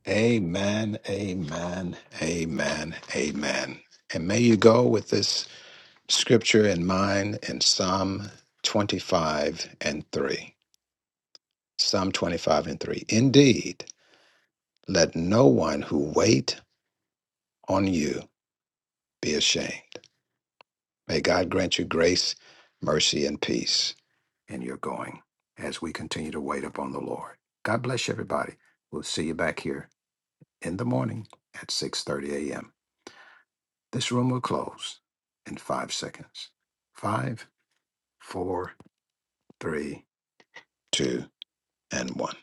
Amen, amen, amen, amen. And may you go with this scripture in mind in Psalm 25 and 3. Psalm 25 and 3. Indeed, let no one who wait on you be ashamed. May God grant you grace, mercy, and peace in your going as we continue to wait upon the Lord. God bless you, everybody. We'll see you back here in the morning at 6:30 a.m. This room will close in five seconds. Five, four, three, two, and one.